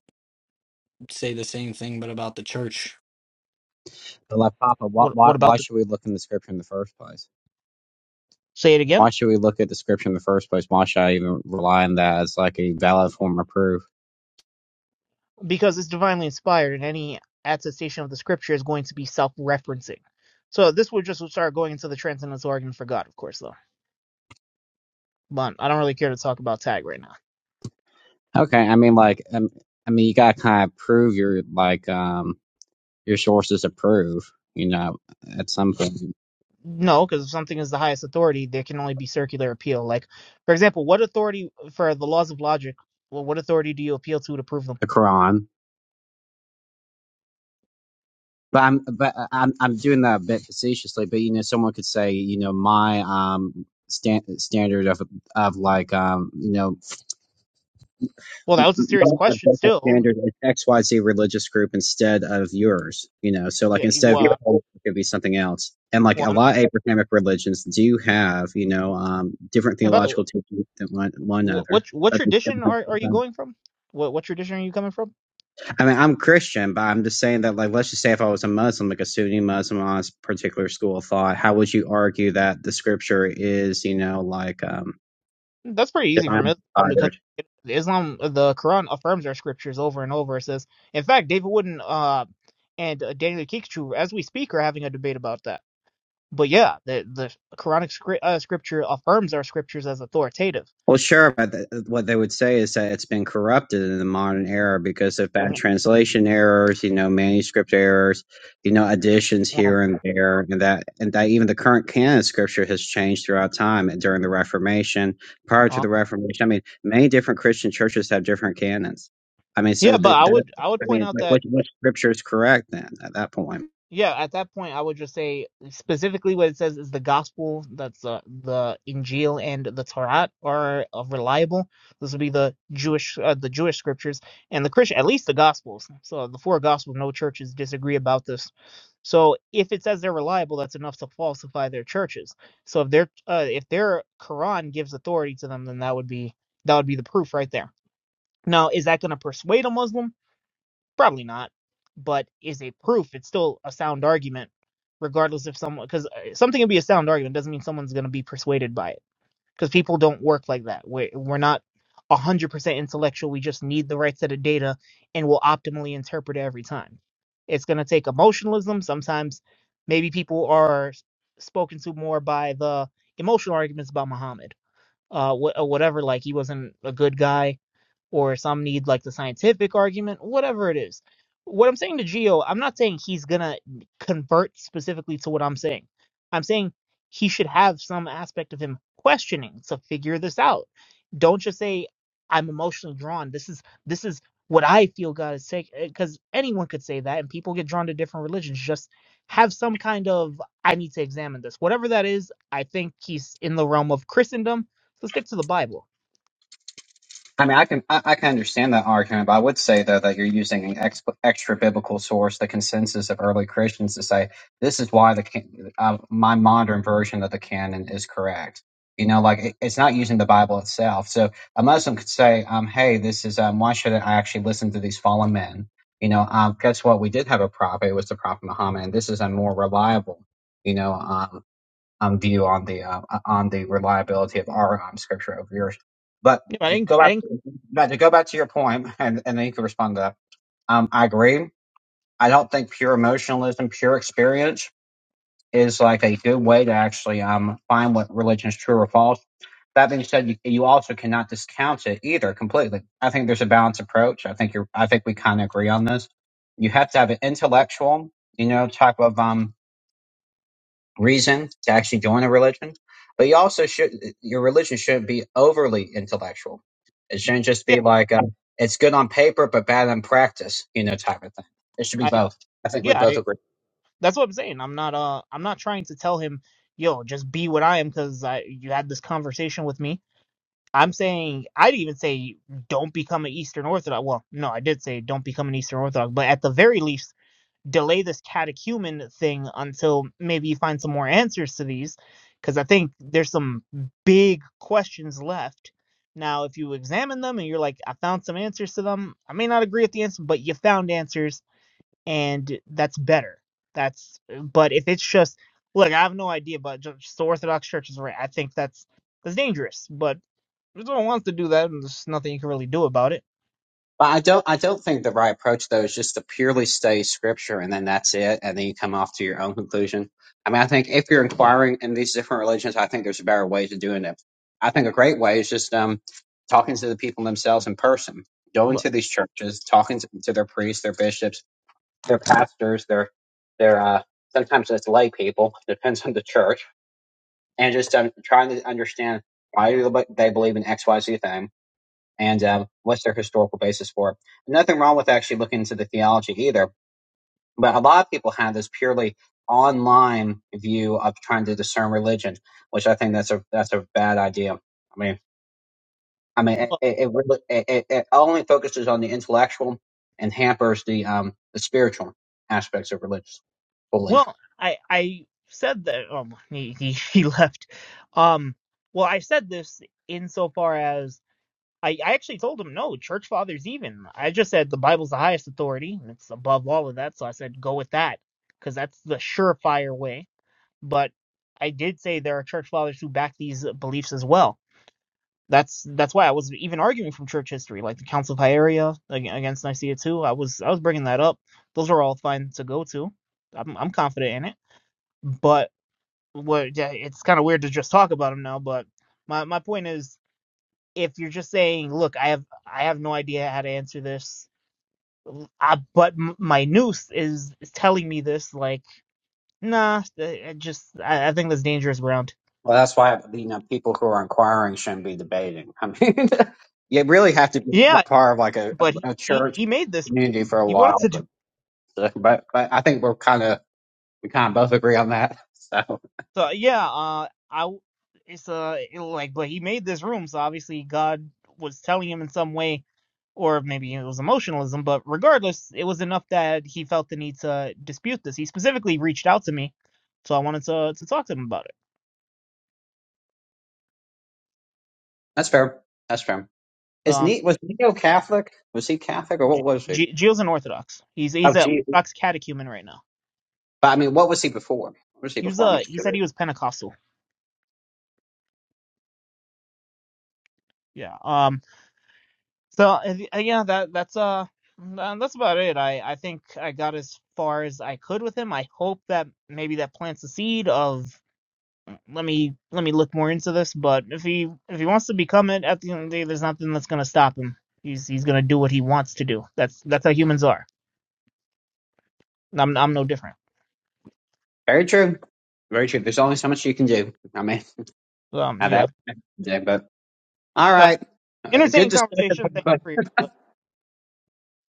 Speaker 2: say the same thing, but about the church.
Speaker 4: But like Papa, why,
Speaker 1: What,
Speaker 4: why
Speaker 1: what
Speaker 4: why
Speaker 1: about the
Speaker 4: should we look in the scripture in the first place?
Speaker 1: say it again?
Speaker 4: Why should we look at the scripture in the first place? Why should I even rely on that as like a valid form of proof?
Speaker 1: because it's divinely inspired and any attestation of the scripture is going to be self-referencing so this would just start going into the transcendental argument for god of course though but i don't really care to talk about tag right now
Speaker 4: Okay, I mean like um, I mean you gotta kind of prove your like um your sources of proof, you know, at some point
Speaker 1: no because if something is the highest authority there can only be circular appeal like for example what authority for the laws of logic well what authority do you appeal to to prove them
Speaker 4: the Quran. But I'm but I- I'm I'm doing that a bit facetiously. But you know, someone could say you know my um stand, standard of of like um you know
Speaker 1: well that
Speaker 4: m-
Speaker 1: was a serious
Speaker 4: not
Speaker 1: question
Speaker 4: above the
Speaker 1: still
Speaker 4: standard like XYZ religious group instead of yours, you know. So like
Speaker 1: yeah
Speaker 4: instead of your
Speaker 1: well,
Speaker 4: whole it could be something else. And like
Speaker 1: well
Speaker 4: a
Speaker 1: I'm,
Speaker 4: lot of Abrahamic religions do have, you know, um, different
Speaker 1: and by the way,
Speaker 4: theological teachings than one, one
Speaker 1: what what
Speaker 4: another.
Speaker 1: what
Speaker 4: But they still
Speaker 1: tradition
Speaker 4: have
Speaker 1: are, are you
Speaker 4: different-
Speaker 1: going from what what tradition are you coming from
Speaker 4: I mean, I'm Christian, but I'm just saying that, like, let's just say if I was a Muslim, like a Sunni Muslim on this particular school of thought, how would you argue that the scripture is, you know, like um,
Speaker 1: That's pretty easy from
Speaker 4: divine?
Speaker 1: Islam because Islam, the Quran affirms our scriptures over and over. It says, in fact, David Wooden uh, and uh, Daniel Kikichu, as we speak, are having a debate about that. But yeah, the the Quranic scri- uh, scripture affirms our scriptures as authoritative.
Speaker 4: Well, sure, but th- what they would say is that it's been corrupted in the modern era because of bad
Speaker 1: Yeah,
Speaker 4: translation errors, you know, manuscript errors, you know, additions
Speaker 1: Um,
Speaker 4: here and there, and that and that even the current canon of scripture has changed throughout time and during the Reformation, prior to
Speaker 1: uh,
Speaker 4: the Reformation. I mean, many different Christian churches have different canons. I mean,
Speaker 1: yeah,
Speaker 4: so
Speaker 1: but
Speaker 4: that,
Speaker 1: I
Speaker 4: that
Speaker 1: would I would
Speaker 4: I
Speaker 1: point
Speaker 4: mean,
Speaker 1: out
Speaker 4: like,
Speaker 1: that
Speaker 4: which which scripture is correct then at that point?
Speaker 1: Yeah, at that point, I would just say specifically what it says is the gospel, that's uh, the Injil and the Torah are uh, reliable. This would be the Jewish, uh, the Jewish scriptures and the Christian, at least the gospels. So the four gospels, no churches disagree about this. So if it says they're reliable, that's enough to falsify their churches. So if their uh, if their Quran gives authority to them, then that would be that would be the proof right there. Now, is that going to persuade a Muslim? Probably not, but is it proof? It's still a sound argument, regardless if someone because something can be a sound argument doesn't mean someone's going to be persuaded by it because people don't work like that. We're we're not a hundred percent intellectual. We just need the right set of data and we'll optimally interpret it every time. It's going to take emotionalism. Sometimes maybe people are s- spoken to more by the emotional arguments about Muhammad, uh, wh- or whatever. Like he wasn't a good guy or some need like the scientific argument, whatever it is. What I'm saying to Geo, I'm not saying he's gonna convert specifically to what I'm saying. I'm saying he should have some aspect of him questioning to figure this out. Don't just say I'm emotionally drawn. This is this is what I feel God is saying because anyone could say that, and people get drawn to different religions. Just have some kind of I need to examine this, whatever that is. I think he's in the realm of Christendom, so stick to the Bible.
Speaker 4: I mean, I can I, I can understand that argument, but I would say though that you're using an ex, extra biblical source, the consensus of early Christians, to say this is why the can- uh, my modern version of the canon is correct. You know, like it, it's not using the Bible itself. So a Muslim could say, um, "Hey, this is um, why should I actually listen to these fallen men?" You know, um, guess what? We did have a prophet. It was the prophet Muhammad, and this is a more reliable. You know, um, um, view on the um, uh, on the reliability of our um, scripture over yours. But
Speaker 1: You know, I
Speaker 4: just
Speaker 1: didn't
Speaker 4: go
Speaker 1: I
Speaker 4: back,
Speaker 1: didn't
Speaker 4: but to go back to your point, and, and then you can respond to that. Um, I agree. I don't think pure emotionalism, pure experience, is like a good way to actually um, find what religion is true or false. That being said, you, you also cannot discount it either completely. I think there's a balanced approach. I think you're. I think we kind of agree on this. You have to have an intellectual, you know, type of um, reason to actually join a religion, but you also should your religion shouldn't be overly intellectual. It shouldn't just
Speaker 1: yeah,
Speaker 4: be like uh, it's good on paper but bad in practice, you know, type of thing. It should be
Speaker 1: I
Speaker 4: both. I think we
Speaker 1: Yeah,
Speaker 4: both
Speaker 1: I,
Speaker 4: agree.
Speaker 1: that's what I'm saying. I'm not uh I'm not trying to tell him, yo, just be what I am because I you had this conversation with me. I'm saying I'd even say don't become an Eastern Orthodox. Well, no, I did say don't become an Eastern Orthodox, but at the very least, delay this catechumen thing until maybe you find some more answers to these, because I think there's some big questions left. Now, if you examine them and you're like, I found some answers to them, I may not agree with the answer, but you found answers and that's better. That's uh, but if it's just look, I have no idea, but ju- just the Orthodox Church is right. I think that's that's dangerous, but if someone wants to do that, and there's nothing you can really do about it.
Speaker 4: But I don't I don't think the right approach though is just to purely study scripture and then that's it and then you come off to your own conclusion. I mean I think if you're inquiring in these different religions, I think there's a better way to doing it. I think a great way is just um talking to the people themselves in person, going
Speaker 1: But
Speaker 4: to these churches, talking to, to their priests, their bishops, their pastors, their their uh sometimes it's lay people, depends on the church, and just um, trying to understand why do they they believe in X Y Z thing and um, what's their historical basis for it. Nothing wrong with actually looking into the theology either, but a lot of people have this purely online view of trying to discern religion, which I think that's a that's a bad idea. I mean, I mean, it
Speaker 1: well,
Speaker 4: it, really- it, it it only focuses on the intellectual and hampers the um the spiritual aspects of religious belief.
Speaker 1: well I I said that um he, he he left. Um, well, I said this insofar as. I, I actually told him no, church fathers even. I just said the Bible's the highest authority and it's above all of that, so I said go with that because that's the surefire way but I did say there are church fathers who back these uh, beliefs as well. That's that's why I was even arguing from church history, like the Council of Hyria against Nicaea too. I was I was bringing that up. Those are all fine to go to. I'm I'm confident in it. But what yeah, it's kind of weird to just talk about them now. But my my point is, if you're just saying, look, I have I have no idea how to answer this. I, but m- my noose is, is telling me this like nah I just I, I think that's dangerous ground
Speaker 4: Well, that's why you know people who are inquiring shouldn't be debating. I mean, you really have to be
Speaker 1: Yeah,
Speaker 4: part of like a,
Speaker 1: but he,
Speaker 4: a
Speaker 1: he
Speaker 4: church
Speaker 1: he made this.
Speaker 4: community for a
Speaker 1: He wanted to
Speaker 4: while.
Speaker 1: do
Speaker 4: So, but but I think we're kind of we kind of both agree on that. So
Speaker 1: so. Yeah, uh, I w- it's uh it, like, but he made this room, so obviously God was telling him in some way, or maybe it was emotionalism. But regardless, it was enough that he felt the need to dispute this. He specifically reached out to me, so I wanted to to talk to him about it.
Speaker 4: that's fair. That's fair.
Speaker 1: So,
Speaker 4: Is
Speaker 1: um,
Speaker 4: ne was Neo Catholic? Was he Catholic or what
Speaker 1: G-
Speaker 4: was he?
Speaker 1: G- Gio's an Orthodox. He's
Speaker 4: Oh,
Speaker 1: he's an
Speaker 4: Jesus.
Speaker 1: Orthodox catechumen right now.
Speaker 4: But I mean, what was he before? What was he
Speaker 1: He was
Speaker 4: before? I'm
Speaker 1: uh
Speaker 4: just
Speaker 1: he said he
Speaker 4: curious.
Speaker 1: was Pentecostal. Yeah. Um. So uh, uh, yeah, that that's uh mm, uh, that's about it. I I think I got as far as I could with him. I hope that maybe that plants the seed of mm, let me let me look more into this. But if he if he wants to become it at the end of the day, there's nothing that's gonna stop him. He's he's gonna do what he wants to do. That's that's how humans are. I'm I'm no different.
Speaker 4: Very true. Very true. There's only so much you can do. I mean,
Speaker 1: Um
Speaker 4: now
Speaker 1: yeah,
Speaker 4: that yeah, but all
Speaker 1: uh,
Speaker 4: right. Uh, good
Speaker 1: entertaining
Speaker 4: discussion.
Speaker 1: conversation. Thank you for your input.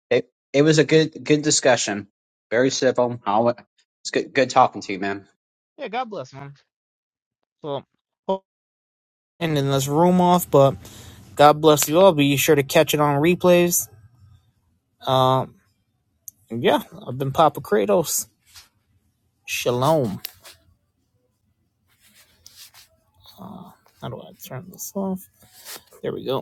Speaker 4: It, it was a good good discussion. Very civil. I'll, it's good good talking to you, man.
Speaker 1: Yeah, God bless man. So hope- ending this room off, but God bless you all. Be sure to catch it on replays. Um. Yeah, I've been Papa Kratos. Shalom. Uh, how do I turn this off? There we go.